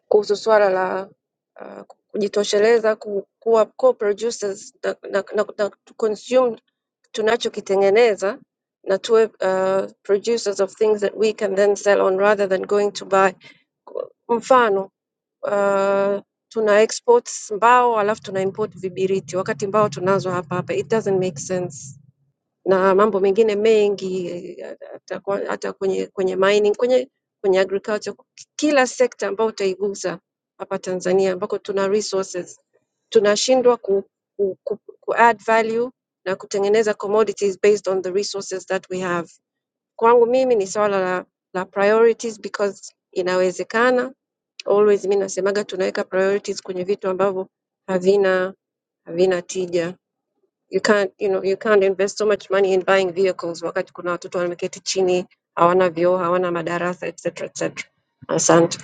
[SPEAKER 6] kuhusu swala la ah, kujitosheleza, ku- kuwa co-producers na, na, na, na to consume tunachokitengeneza na tuwe uh, producers of things that we can then sell on rather than going to buy. Ku- Mfano uh, tuna exports mbao alafu tuna import vibiriti wakati mbao tunazo hapa hapa, it doesn't make sense na mambo mengine mengi eh, hata kwa- hata kwenye kwenye mining, kwenye kwenye agriculture, kila sekta ambayo utaigusa hapa Tanzania ambako tuna resources tunashindwa ku, ku, ku, ku add value na kutengeneza commodities based on the resources that we have. Kwangu mimi ni swala la, la priorities because inawezekana. Always mi nasemaga tunaweka priorities kwenye vitu ambavyo havina havina tija you can't you know you can't invest so much money in buying vehicles wakati kuna watoto wameketi chini hawana vyoo hawana madarasa etc etc asante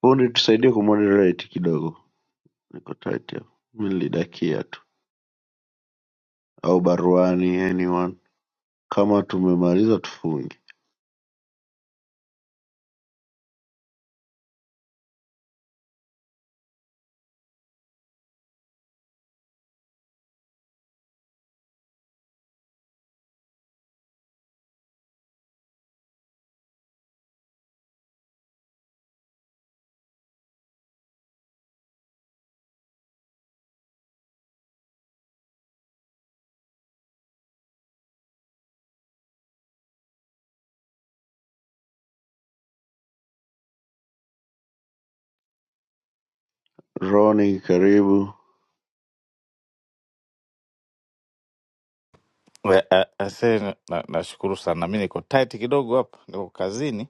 [SPEAKER 7] fundi tusaidie kumoderate kidogo niko tight hapa mimi nilidakia tu au baruani anyone kama tumemaliza tufunge roni karibu
[SPEAKER 16] We- a- Asee, na- na- nashukuru sana. Mi niko tight kidogo hapa, niko kazini,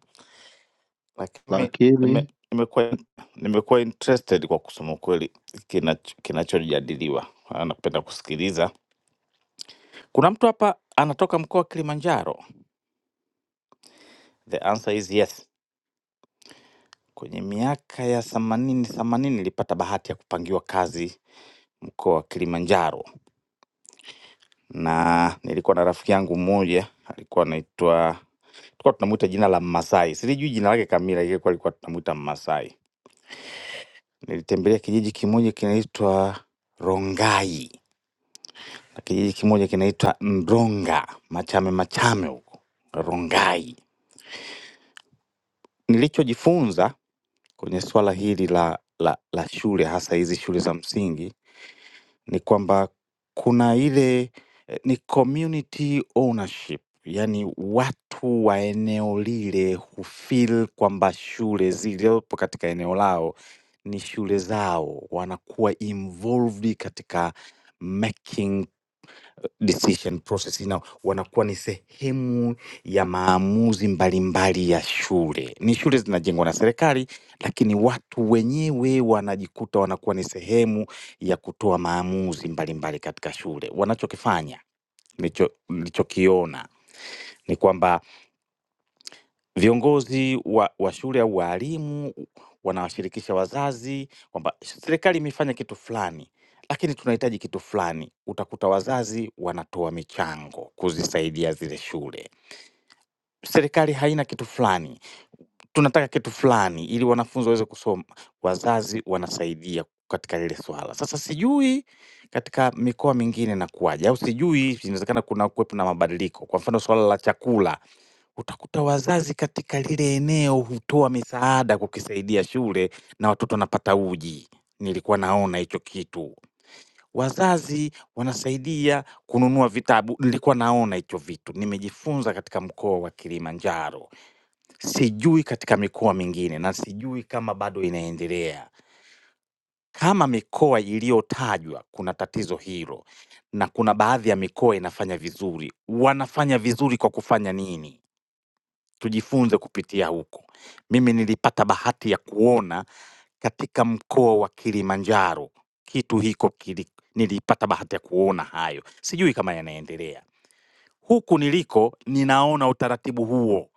[SPEAKER 16] lakini mi- nime-
[SPEAKER 7] lakini
[SPEAKER 16] nimekuwa nimekuwa interested kwa kusema ukweli kinach- kinachojadiliwa. Ah, Napenda kusikiliza. Kuna mtu hapa anatoka mkoa wa Kilimanjaro. The answer is yes. Kwenye miaka ya themanini themanini nilipata bahati ya kupangiwa kazi mkoa wa Kilimanjaro, na nilikuwa na rafiki yangu mmoja alikuwa anaitwa tulikuwa tunamuita jina la Mmasai, silijui jina lake kamili, ile kwa alikuwa tunamuita Mmasai. Nilitembelea kijiji kimoja kinaitwa Rongai na kijiji kimoja kinaitwa Mronga, Machame Machame huko Rongai. Nilichojifunza kwenye swala hili la, la, la shule hasa hizi shule za msingi ni kwamba kuna ile eh, ni community ownership, yaani watu wa eneo lile hufeel kwamba shule zilizopo katika eneo lao ni shule zao, wanakuwa involved katika making decision process na wanakuwa ni sehemu ya maamuzi mbalimbali ya shule. Ni shule zinajengwa na serikali, lakini watu wenyewe wanajikuta wanakuwa ni sehemu ya kutoa maamuzi mbalimbali katika shule. Wanachokifanya nilicho- nilichokiona ni kwamba Viongozi wa wa shule au walimu wanawashirikisha wazazi kwamba serikali imefanya kitu fulani, lakini tunahitaji kitu fulani. Utakuta wazazi wanatoa michango kuzisaidia zile shule. Serikali haina kitu fulani, tunataka kitu fulani ili wanafunzi waweze kusoma, wazazi wanasaidia katika lile swala. Sasa sijui katika mikoa mingine inakuwaje, au sijui, inawezekana kuna kuwepo na mabadiliko. Kwa mfano swala la chakula Utakuta wazazi katika lile eneo hutoa misaada kukisaidia shule na watoto wanapata uji. Nilikuwa naona hicho kitu. Wazazi wanasaidia kununua vitabu, nilikuwa naona hicho vitu. Nimejifunza katika mkoa wa Kilimanjaro. Sijui katika mikoa mingine na sijui kama bado inaendelea. Kama mikoa iliyotajwa kuna tatizo hilo na kuna baadhi ya mikoa inafanya vizuri, wanafanya vizuri kwa kufanya nini? Tujifunze kupitia huko. Mimi nilipata bahati ya kuona katika mkoa wa Kilimanjaro kitu hiko kili, nilipata bahati ya kuona hayo, sijui kama yanaendelea. Huku niliko ninaona utaratibu huo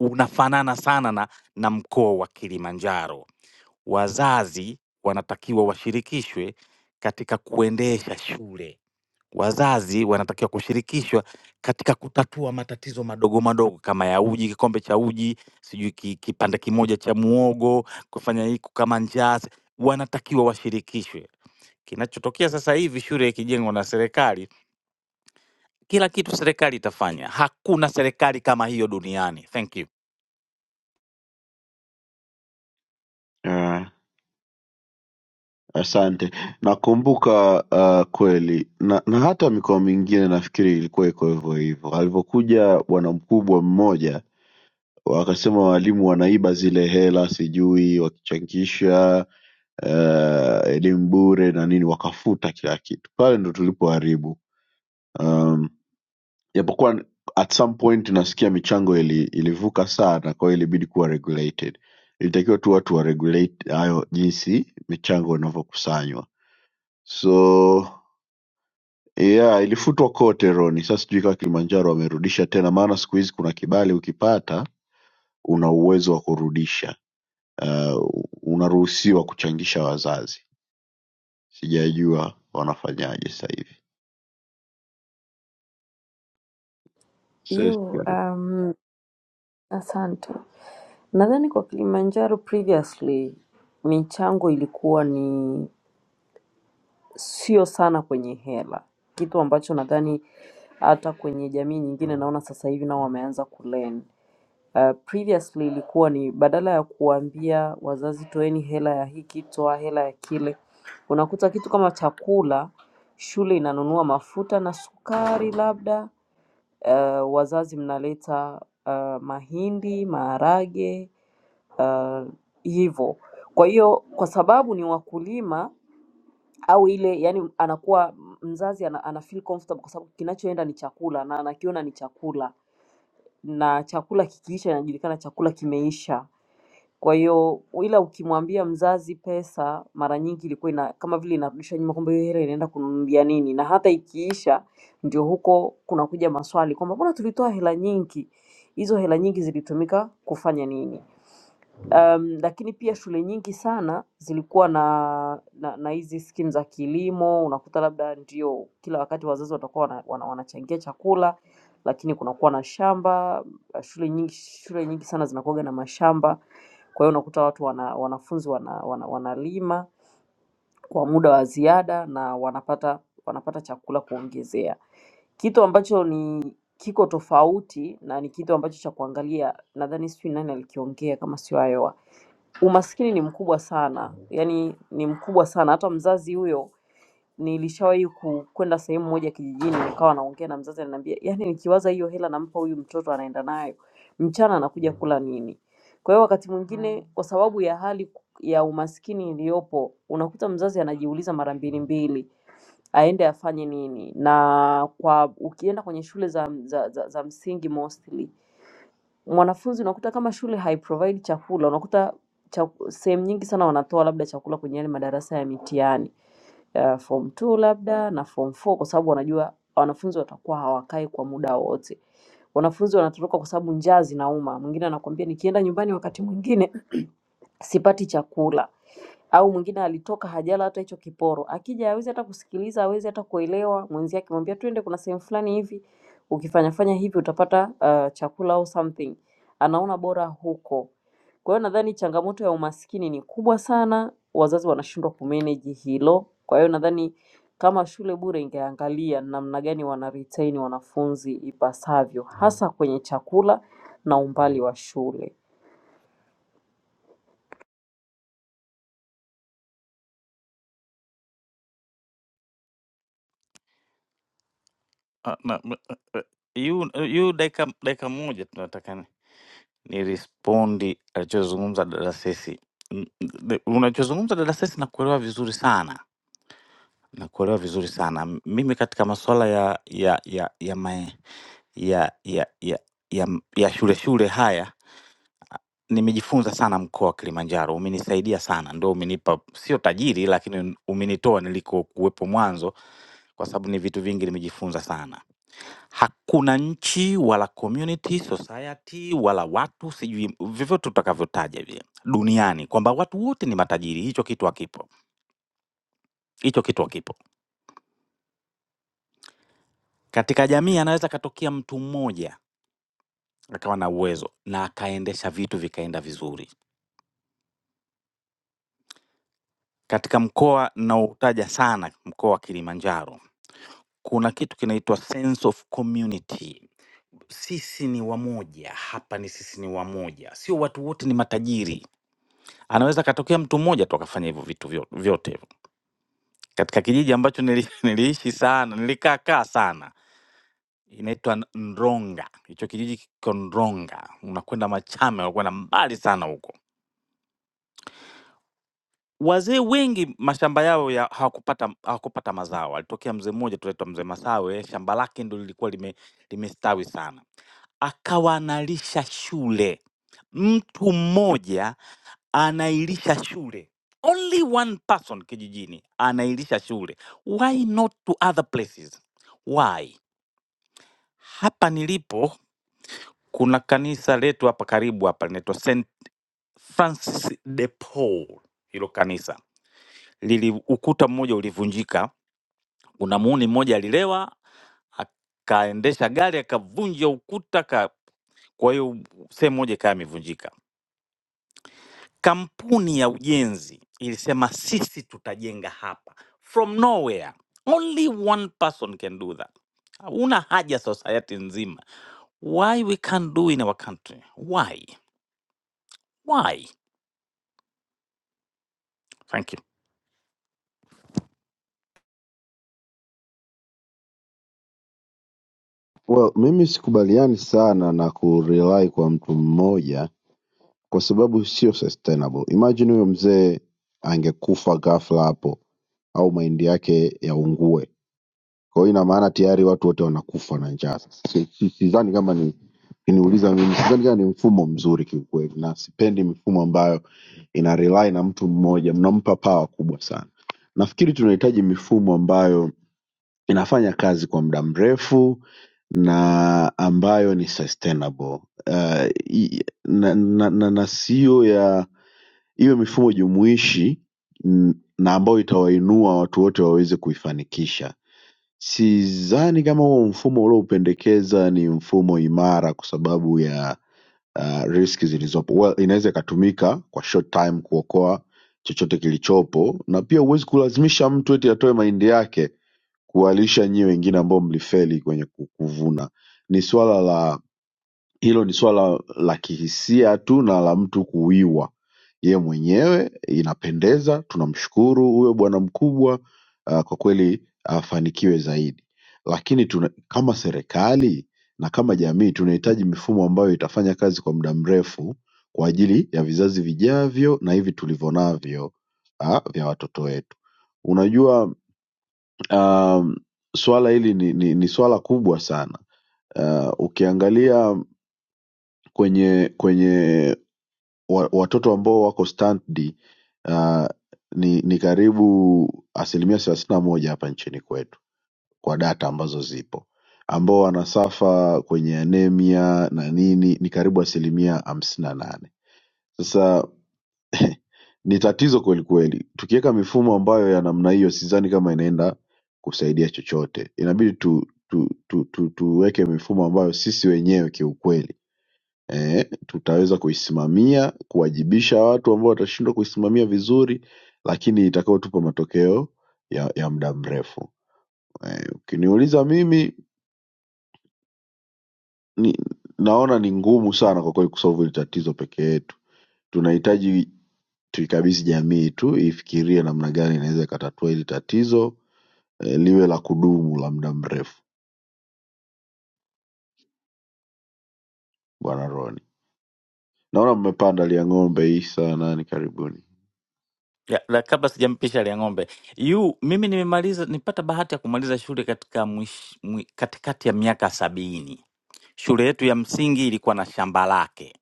[SPEAKER 16] unafanana sana na, na mkoa wa Kilimanjaro. Wazazi wanatakiwa washirikishwe katika kuendesha shule Wazazi wanatakiwa kushirikishwa katika kutatua matatizo madogo madogo kama ya uji, kikombe cha uji, sijui ki kipande kimoja cha muhogo, kufanya hii kukama njaa, si wanatakiwa washirikishwe. Kinachotokea sasa hivi shule ikijengwa na serikali, kila kitu serikali itafanya. Hakuna serikali kama hiyo duniani. Thank you.
[SPEAKER 7] uh, Asante. Nakumbuka uh, kweli na, na hata mikoa mingine nafikiri ilikuwa iko hivyo hivyo. Alivyokuja bwana mkubwa mmoja, wakasema walimu wanaiba zile hela, sijui wakichangisha uh, elimu bure na nini, wakafuta kila kitu. Pale ndo tulipoharibu. Um, japokuwa at some point nasikia michango ili, ilivuka sana, kwa hiyo ilibidi kuwa regulated. Ilitakiwa tu watu wa regulate hayo jinsi michango inavyokusanywa so yeah ilifutwa kote Roni sasa sijui kama Kilimanjaro wamerudisha tena maana siku hizi kuna kibali ukipata una uwezo wa kurudisha uh, unaruhusiwa kuchangisha wazazi sijajua wanafanyaje sasa hivi Sasa
[SPEAKER 5] You,
[SPEAKER 7] sijui.
[SPEAKER 5] um, asante. Nadhani kwa Kilimanjaro previously michango ilikuwa ni sio sana kwenye hela, kitu ambacho nadhani hata kwenye jamii nyingine naona sasa hivi nao wameanza kulearn. Uh, previously ilikuwa ni badala ya kuambia wazazi toeni hela ya hiki, toa hela ya kile, unakuta kitu kama chakula, shule inanunua mafuta na sukari labda, uh, wazazi mnaleta uh, mahindi, maharage uh, hivyo. Kwa hiyo kwa sababu ni wakulima au ile yani, anakuwa mzazi ana, ana feel comfortable kwa sababu kinachoenda ni chakula na anakiona ni chakula, na chakula kikiisha inajulikana chakula kimeisha. Kwa hiyo ila ukimwambia mzazi pesa, mara nyingi ilikuwa ina, kama vile inarudisha nyuma, kumbe hiyo hela inaenda kununulia nini, na hata ikiisha ndio huko kunakuja maswali kwamba mbona tulitoa hela nyingi, hizo hela nyingi zilitumika kufanya nini? Um, lakini pia shule nyingi sana zilikuwa na na na hizi skimu za kilimo. Unakuta labda ndio kila wakati wazazi watakuwa wana, wana, wanachangia chakula, lakini kunakuwa na shamba. Shule nyingi shule nyingi sana zinakuwaga na mashamba, kwa hiyo unakuta watu wana, wanafunzi wana, wana, wanalima kwa muda wa ziada na wanapata wanapata chakula kuongezea kitu ambacho ni kiko tofauti na ni kitu ambacho cha kuangalia, nadhani sijui nani alikiongea kama sio Ayoa Umaskini ni mkubwa sana, yani ni mkubwa sana. Hata mzazi huyo nilishawahi ku- kwenda sehemu moja kijijini, nikawa naongea na mzazi, ananiambia yani, nikiwaza hiyo hela nampa huyu mtoto anaenda nayo mchana, anakuja kula nini? Kwa hiyo wakati mwingine, kwa sababu ya hali ya umaskini iliyopo, unakuta mzazi anajiuliza mara mbili mbili aende afanye nini. Na kwa ukienda kwenye shule za, za, za, za msingi mostly Mwanafunzi unakuta kama shule haiprovide chakula, unakuta chaku- sehemu nyingi sana wanatoa labda chakula kwenye yale madarasa ya mitihani uh, form 2 labda na form 4 kwa sababu wanajua wanafunzi watakuwa hawakai kwa muda wote. Wanafunzi wanatoroka kwa sababu njaa zinauma. Mwingine anakuambia nikienda nyumbani wakati mwingine sipati chakula au mwingine alitoka hajala hata hicho kiporo, akija hawezi hata kusikiliza, hawezi hata kuelewa. Mwenzie akimwambia twende, kuna sehemu fulani hivi, ukifanya fanya hivi utapata uh, chakula au something, anaona bora huko. Kwa hiyo nadhani changamoto ya umaskini ni kubwa sana, wazazi wanashindwa kumanage hilo. Kwa hiyo nadhani kama shule bure ingeangalia namna gani wana retain wanafunzi ipasavyo, hasa kwenye chakula na umbali wa shule.
[SPEAKER 16] Ah, na m- eh, eh, yu yu dakika dakika moja tunataka ni nirespondi alichozungumza dada Sesi. Mm, mm, de- Unachozungumza dada Sesi nakuelewa vizuri sana Nakuelewa vizuri sana. M- Mimi katika masuala ya ya ya ya mae, ya ya ya ya m- ya shule shule haya nimejifunza sana mkoa wa Kilimanjaro, umenisaidia sana, ndo umenipa sio tajiri, lakini umenitoa nilikokuwepo mwanzo, kwa sababu ni vitu vingi nimejifunza sana. Hakuna nchi wala community society wala watu sijui vyovyote utakavyotaja vile duniani kwamba watu wote ni matajiri, hicho kitu hakipo, hicho kitu hakipo. Katika jamii anaweza katokea mtu mmoja akawa na uwezo na akaendesha vitu vikaenda vizuri. Katika mkoa ninaoutaja sana, mkoa wa Kilimanjaro, kuna kitu kinaitwa sense of community. Sisi ni wamoja hapa, ni sisi ni wamoja, sio watu wote ni matajiri. Anaweza akatokea mtu mmoja tu akafanya hivyo vitu vyo- vyote. Katika kijiji ambacho nili, niliishi sana, nilikaa kaa sana inaitwa N- Ndronga. Hicho kijiji kiko Ndronga, unakwenda Machame, unakwenda mbali sana huko Wazee wengi mashamba yao ya hawakupata hawakupata mazao. Alitokea mzee mmoja tu anaitwa mzee Masawe, shamba lake ndo lilikuwa lime, limestawi sana, akawa analisha shule. Mtu mmoja anailisha shule, only one person kijijini anailisha shule. Why not to other places? Why? Hapa nilipo kuna kanisa letu hapa karibu hapa linaitwa St Francis de Paul, hilo kanisa lili ukuta mmoja ulivunjika. Kuna muhuni mmoja alilewa akaendesha gari akavunja ukuta ka, kwa hiyo sehemu moja ikawa imevunjika. Kampuni ya ujenzi ilisema sisi tutajenga hapa from nowhere, only one person can do that. Una haja society nzima, why we can't do in our country? Why? Why? Thank you.
[SPEAKER 7] Well, mimi sikubaliani sana na kurely kwa mtu mmoja kwa sababu sio sustainable. Imagine huyo mzee angekufa ghafla hapo au mahindi yake yaungue. Kwa hiyo ina maana tayari watu wote wanakufa na njaa. Sasa si- si- sidhani kama ni kiniuliza mimi, sidhani kama ni mfumo mzuri kiukweli, na sipendi mifumo ambayo ina rely na mtu mmoja, mnampa pawa kubwa sana. Nafikiri tunahitaji mifumo ambayo inafanya kazi kwa muda mrefu na ambayo ni sustainable uh, i- na, na, na, na siyo ya iwe mifumo jumuishi mm, na ambayo itawainua watu wote waweze kuifanikisha Sidhani kama huo mfumo uliopendekeza ni mfumo imara kwa sababu ya uh, riski zilizopo. Well, inaweza ikatumika kwa short time kuokoa chochote kilichopo, na pia huwezi kulazimisha mtu eti atoe mahindi yake kuwalisha nyie wengine ambao mlifeli kwenye ku- kuvuna. Ni swala la hilo ni swala la kihisia tu na la mtu kuwiwa ye mwenyewe inapendeza tunamshukuru huyo bwana mkubwa uh, kwa kweli afanikiwe zaidi lakini tuna, kama serikali na kama jamii tunahitaji mifumo ambayo itafanya kazi kwa muda mrefu kwa ajili ya vizazi vijavyo na hivi tulivyo navyo ah, vya watoto wetu unajua um, swala hili ni, ni, ni swala kubwa sana uh, ukiangalia kwenye kwenye wa- watoto ambao wako standi uh, ni, ni karibu asilimia thelathini na moja hapa nchini kwetu kwa data ambazo zipo ambao wanasafa kwenye anemia na nini ni karibu asilimia hamsini na nane sasa ni tatizo kwelikweli tukiweka mifumo ambayo ya namna hiyo sidhani kama inaenda kusaidia chochote inabidi tu, tu, tu, tu, tuweke mifumo ambayo sisi wenyewe kiukweli eh, tutaweza kuisimamia kuwajibisha watu ambao watashindwa kuisimamia vizuri lakini itakayotupa matokeo ya, ya muda mrefu eh, ukiniuliza mimi ni, naona ni ngumu sana kwa kweli kusolve hili tatizo peke yetu tunahitaji tuikabidhi jamii tu ifikirie namna gani inaweza ikatatua hili tatizo eh, liwe la kudumu la muda mrefu bwana roni naona mmepanda lia ng'ombe hii sana ni karibuni
[SPEAKER 16] Ya, la, kabla sijampisha ile ng'ombe yu mimi nimemaliza, nipata bahati ya kumaliza shule katika mwish, mwi, katikati ya miaka sabini. Shule yetu ya msingi ilikuwa na shamba lake,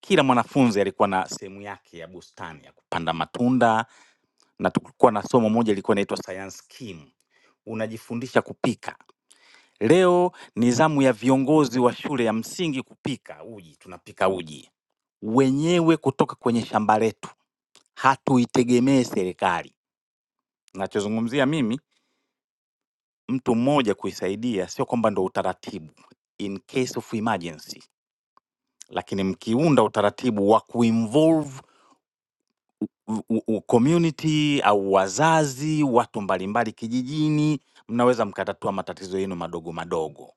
[SPEAKER 16] kila mwanafunzi alikuwa na sehemu yake ya bustani ya kupanda matunda, na tulikuwa na somo moja ilikuwa inaitwa science kim, unajifundisha kupika. Leo ni zamu ya viongozi wa shule ya msingi kupika uji, tunapika uji wenyewe kutoka kwenye shamba letu, hatuitegemee serikali Nachozungumzia mimi, mtu mmoja kuisaidia sio kwamba ndo utaratibu in case of emergency, lakini mkiunda utaratibu wa kuinvolve u- u- u- community au wazazi, watu mbalimbali kijijini, mnaweza mkatatua matatizo yenu madogo madogo.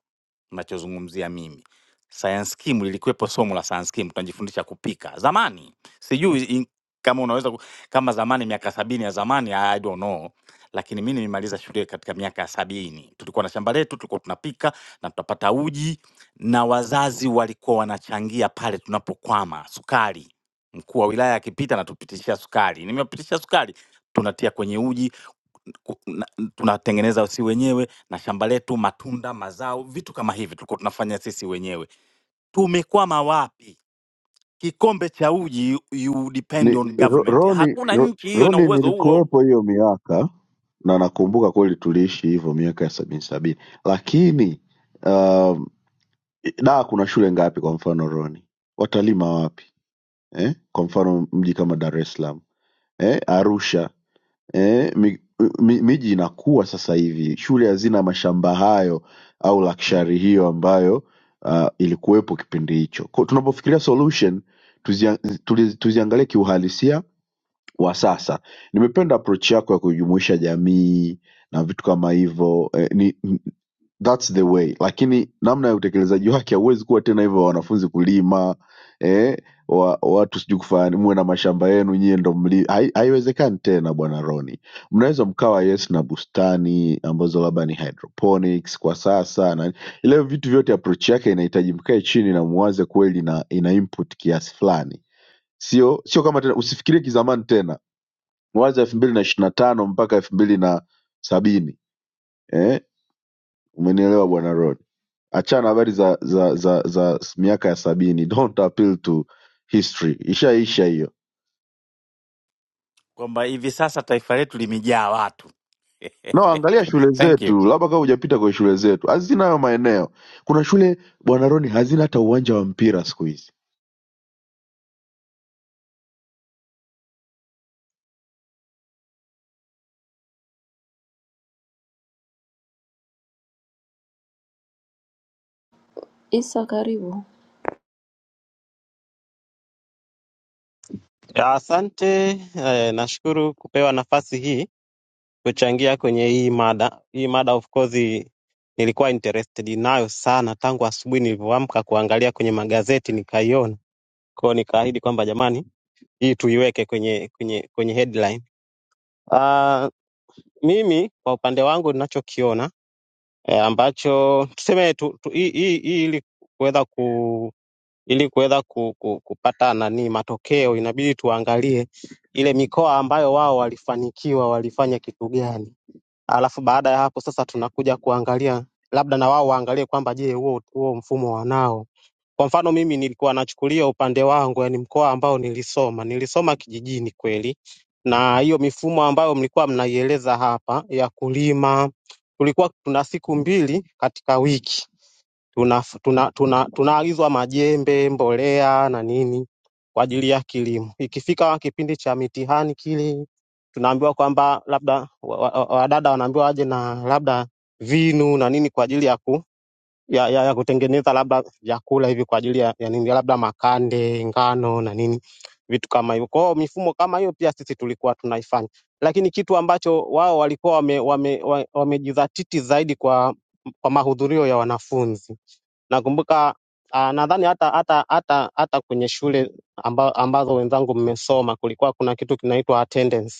[SPEAKER 16] nachozungumzia mimi science kim lilikuwepo somo la science kim tunajifundisha kupika zamani sijui in, kama unaweza ku- kama zamani miaka sabini ya zamani I don't know lakini mi nimemaliza shule katika miaka ya sabini tulikuwa na shamba letu tulikuwa tunapika na tunapata uji na wazazi walikuwa wanachangia pale tunapokwama sukari mkuu wa wilaya akipita anatupitishia sukari nimepitishia sukari tunatia kwenye uji ku- na- n- tunatengeneza si wenyewe na shamba letu, matunda, mazao, vitu kama hivi tulikuwa tunafanya sisi wenyewe. Tumekwama wapi? Kikombe cha uji, you depend
[SPEAKER 7] ni
[SPEAKER 16] on
[SPEAKER 7] Ro-
[SPEAKER 16] government.
[SPEAKER 7] Roni,
[SPEAKER 16] Hakuna
[SPEAKER 7] Ro-
[SPEAKER 16] nchi hiyo ina
[SPEAKER 7] Roni
[SPEAKER 16] uwezo huo,
[SPEAKER 7] nilikuwepo hiyo miaka na nakumbuka kweli tuliishi hivyo miaka ya sabini sabini, lakini um, da kuna shule ngapi kwa mfano Roni? Watalima wapi eh? Kwa mfano mji kama Dar es Salaam eh? Arusha eh? Mi, mi, miji inakuwa sasa hivi, shule hazina mashamba hayo au lakshari hiyo ambayo uh, ilikuwepo kipindi hicho. Kwa- Tunapofikiria solution tuziangalie tuzi, tuzi tuziangalie kiuhalisia wa sasa. Nimependa approach yako ya kujumuisha jamii na vitu kama hivyo eh, ni- n- that's the way, lakini namna ya utekelezaji wake hauwezi kuwa tena hivyo, wanafunzi kulima eh, wa, watu sijui kufanya muwe na mashamba yenu nyie ndo mli, hai- haiwezekani tena bwana Roni. Mnaweza mkawa yes na bustani ambazo labda ni hydroponics kwa sasa na ile vitu vyote, approach yake inahitaji mkae chini na muwaze kweli, na ina input kiasi fulani, sio sio kama tena, usifikirie kizamani tena mwanzo elfu mbili na ishirini na tano mpaka elfu mbili na sabini eh? umenielewa bwana rod achana habari za za za za miaka ya sabini don't appeal to history ishaisha hiyo
[SPEAKER 16] kwamba hivi sasa taifa letu limejaa watu.
[SPEAKER 7] no angalia shule
[SPEAKER 16] Thank you.
[SPEAKER 7] zetu labda kama hujapita kwenye shule zetu hazina hayo maeneo kuna shule bwana roni hazina hata uwanja wa mpira siku hizi
[SPEAKER 5] Isa, karibu.
[SPEAKER 17] Ya, Asante eh, nashukuru kupewa nafasi hii kuchangia kwenye hii mada. Hii mada of course nilikuwa interested nayo sana tangu asubuhi nilivyoamka kuangalia kwenye magazeti nikaiona. Kwa hiyo nikaahidi kwamba jamani, hii tuiweke kwenye kwenye kwenye headline. Uh, mimi kwa upande wangu ninachokiona eh, ambacho tuseme tu, tu, hii hii hii ili kuweza ili kuweza ku- ku- kupata nani matokeo inabidi tuangalie ile mikoa ambayo wao walifanikiwa walifanya kitu gani alafu baada ya hapo sasa tunakuja kuangalia labda na wao waangalie kwamba je huo huo mfumo wanao kwa mfano mimi nilikuwa nachukulia upande wangu yani mkoa ambao nilisoma nilisoma kijijini kweli na hiyo mifumo ambayo mlikuwa mnaieleza hapa ya kulima tulikuwa tuna siku mbili katika wiki tunaagizwa tuna, tuna, tunaagizwa majembe, mbolea na nini kwa ajili ya kilimo. Ikifika kipindi cha mitihani kile, tunaambiwa kwamba labda wadada wa, wa wadada wanaambiwa waje na labda vinu na nini kwa ajili ya, ku, ya, ya, ya kutengeneza labda vyakula hivi kwa ajili ya, ya nini labda makande, ngano na nini vitu kama hivyo. Kwa hiyo mifumo kama hiyo pia sisi tulikuwa tunaifanya, lakini kitu ambacho wao walikuwa wamejizatiti wame, wame wa- wamejizatiti zaidi kwa, kwa mahudhurio ya wanafunzi Nakumbuka ah, nadhani hata hata hata hata kwenye shule amba, ambazo wenzangu mmesoma kulikuwa kuna kitu kinaitwa attendance.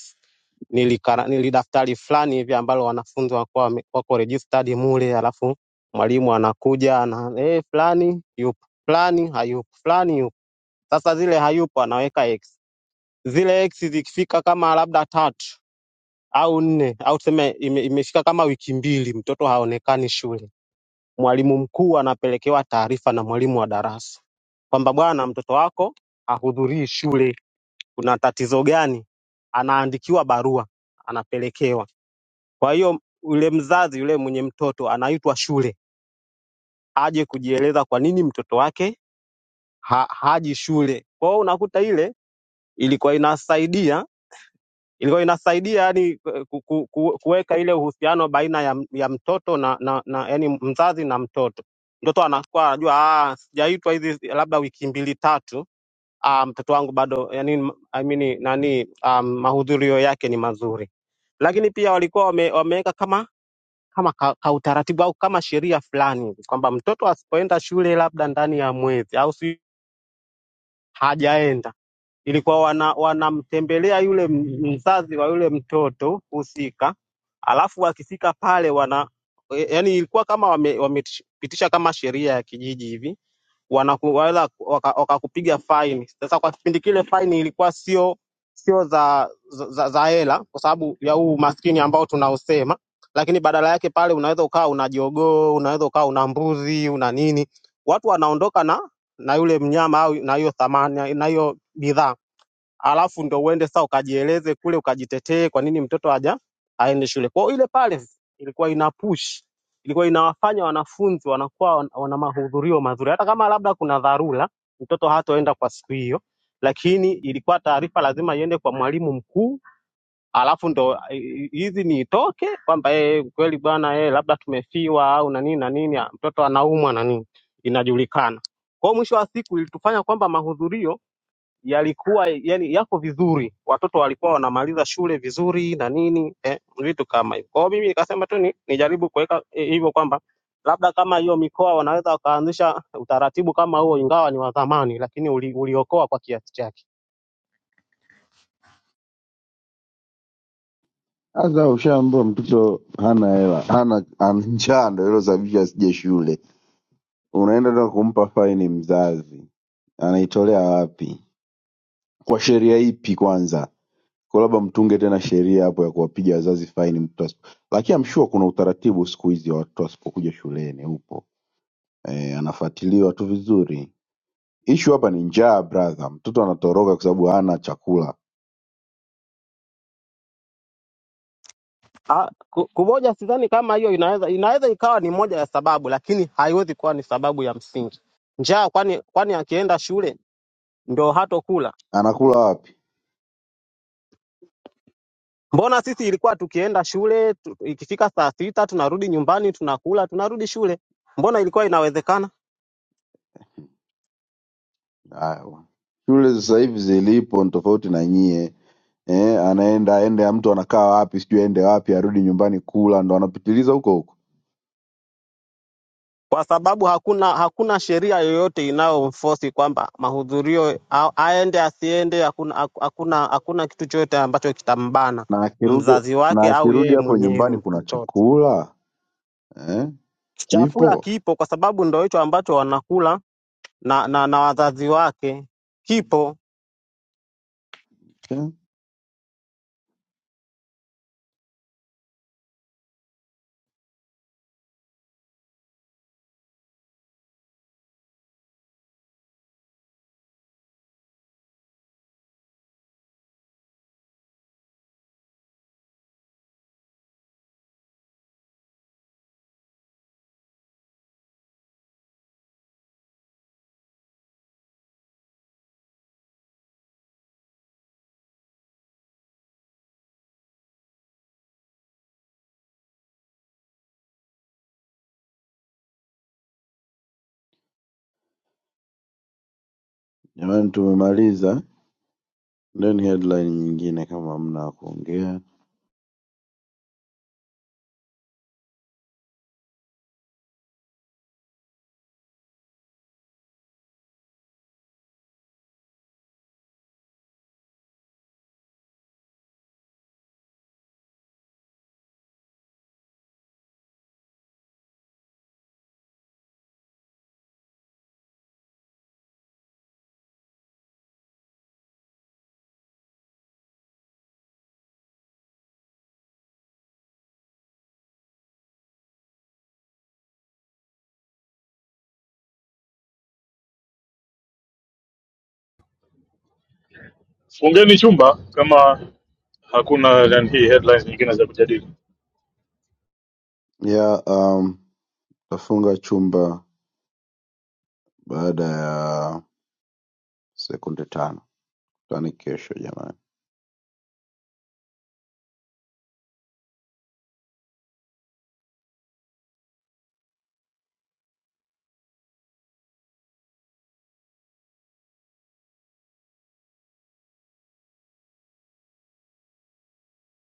[SPEAKER 17] Nilikara, nilidaftari fulani hivi ambalo wanafunzi wakuwa wame- wako registered mule, alafu mwalimu anakuja na eh, fulani yupo, fulani hayupo, fulani yupo. Sasa zile hayupo anaweka x, zile x zikifika kama labda tatu au nne au tuseme ime, imefika kama wiki mbili, mtoto haonekani shule mwalimu mkuu anapelekewa taarifa na mwalimu wa darasa kwamba bwana, mtoto wako hahudhurii shule, kuna tatizo gani? Anaandikiwa barua, anapelekewa. Kwa hiyo yule mzazi yule mwenye mtoto anaitwa shule aje kujieleza kwa nini mtoto wake ha, haji shule. Kwa hiyo unakuta ile ilikuwa inasaidia ilikuwa inasaidia yani ku, ku, ku, kuweka ile uhusiano baina ya, ya mtoto na, na, na yani mzazi na mtoto. Mtoto anakuwa anajua ah, sijaitwa hizi labda wiki mbili tatu, ah, mtoto wangu bado yani, I mean, nani um, mahudhurio yake ni mazuri, lakini pia walikuwa wame, wameweka kama kama ka, ka utaratibu au kama sheria fulani hivi kwamba mtoto asipoenda shule labda ndani ya mwezi au si hajaenda ilikuwa wana, wanamtembelea yule m- mzazi wa yule mtoto husika, alafu wakifika pale wana e, yani, ilikuwa kama wamepitisha wame wamepitisha kama sheria ya kijiji hivi, wanaku- wala- waka- wakakupiga faini. Sasa kwa kipindi kile faini ilikuwa sio sio za za, za za hela kwa sababu ya huu umaskini ambao tunaosema, lakini badala yake pale unaweza ukawa una jogoo, unaweza ukawa una mbuzi, una nini, watu wanaondoka na na yule mnyama au na hiyo thamani na hiyo bidhaa alafu ndo uende sasa ukajieleze kule ukajitetee kwa nini mtoto haja aende shule. Kwa hiyo ile pale ilikuwa ina push, ilikuwa inawafanya wanafunzi wanakuwa wan- wana mahudhurio mazuri, hata kama labda kuna dharura mtoto hatoenda kwa siku hiyo, lakini ilikuwa taarifa lazima iende kwa mwalimu mkuu, alafu ndo i- i- hizi ni itoke kwamba yeye kweli bwana yeye labda tumefiwa au na nini na nini, mtoto anaumwa na nini, inajulikana. Kwa hiyo mwisho wa siku ilitufanya kwamba mahudhurio yalikuwa yani yako vizuri, watoto walikuwa wanamaliza shule vizuri na nini eh, vitu kama hivyo. Kwa hiyo mimi nikasema tu ni, nijaribu kuweka eh, hivyo kwamba labda kama hiyo mikoa wanaweza wakaanzisha utaratibu kama huo, ingawa ni wa zamani, lakini uli, uliokoa kwa kiasi chake.
[SPEAKER 7] sasa ushaambua mtoto hana hela hana ana njaa ndo ilosababisha asije shule unaenda tena kumpa faini mzazi anaitolea wapi kwa sheria ipi kwanza kwa labda mtunge tena sheria hapo ya kuwapiga wazazi faini mtu asipo lakini I'm sure kuna utaratibu siku hizi wa watoto wasipokuja shuleni upo e, anafuatiliwa tu vizuri ishu hapa ni njaa brother mtoto anatoroka kwa sababu hana chakula
[SPEAKER 17] Ah, ku- Kuboja sidhani kama hiyo inaweza inaweza ikawa ni moja ya sababu, lakini haiwezi kuwa ni sababu ya msingi. Njaa kwani kwani akienda shule ndio hatokula
[SPEAKER 7] anakula wapi
[SPEAKER 17] Mbona sisi ilikuwa tukienda shule tu, ikifika saa sita tunarudi nyumbani tunakula tunarudi shule. Mbona ilikuwa inawezekana?
[SPEAKER 7] Haya bwana. shule sasa hivi zilipo ni tofauti na nyie Eh, anaenda ende mtu anakaa wapi sijui aende wapi arudi nyumbani kula ndo anapitiliza huko huko
[SPEAKER 17] Kwa sababu hakuna hakuna sheria yoyote inayomforce kwamba mahudhurio a- aende asiende. Hakuna hakuna hakuna kitu chochote ambacho kitambana
[SPEAKER 7] na akirudi
[SPEAKER 17] mzazi
[SPEAKER 7] na
[SPEAKER 17] wake au
[SPEAKER 7] akirudi
[SPEAKER 17] yeye
[SPEAKER 7] hapo
[SPEAKER 17] mwenyewe
[SPEAKER 7] nyumbani kuna
[SPEAKER 17] mtoto.
[SPEAKER 7] chakula eh, kipo
[SPEAKER 17] Chakula kipo kwa sababu ndo hicho ambacho wanakula na, na, na wazazi wake kipo
[SPEAKER 7] Okay. Jamani, tumemaliza. Ndeni headline nyingine kama hamna ya kuongea
[SPEAKER 14] Fungeni chumba kama hakuna yani, hii headlines nyingine za kujadili.
[SPEAKER 7] ya um, tafunga chumba baada ya sekunde tano. Tani kesho jamani.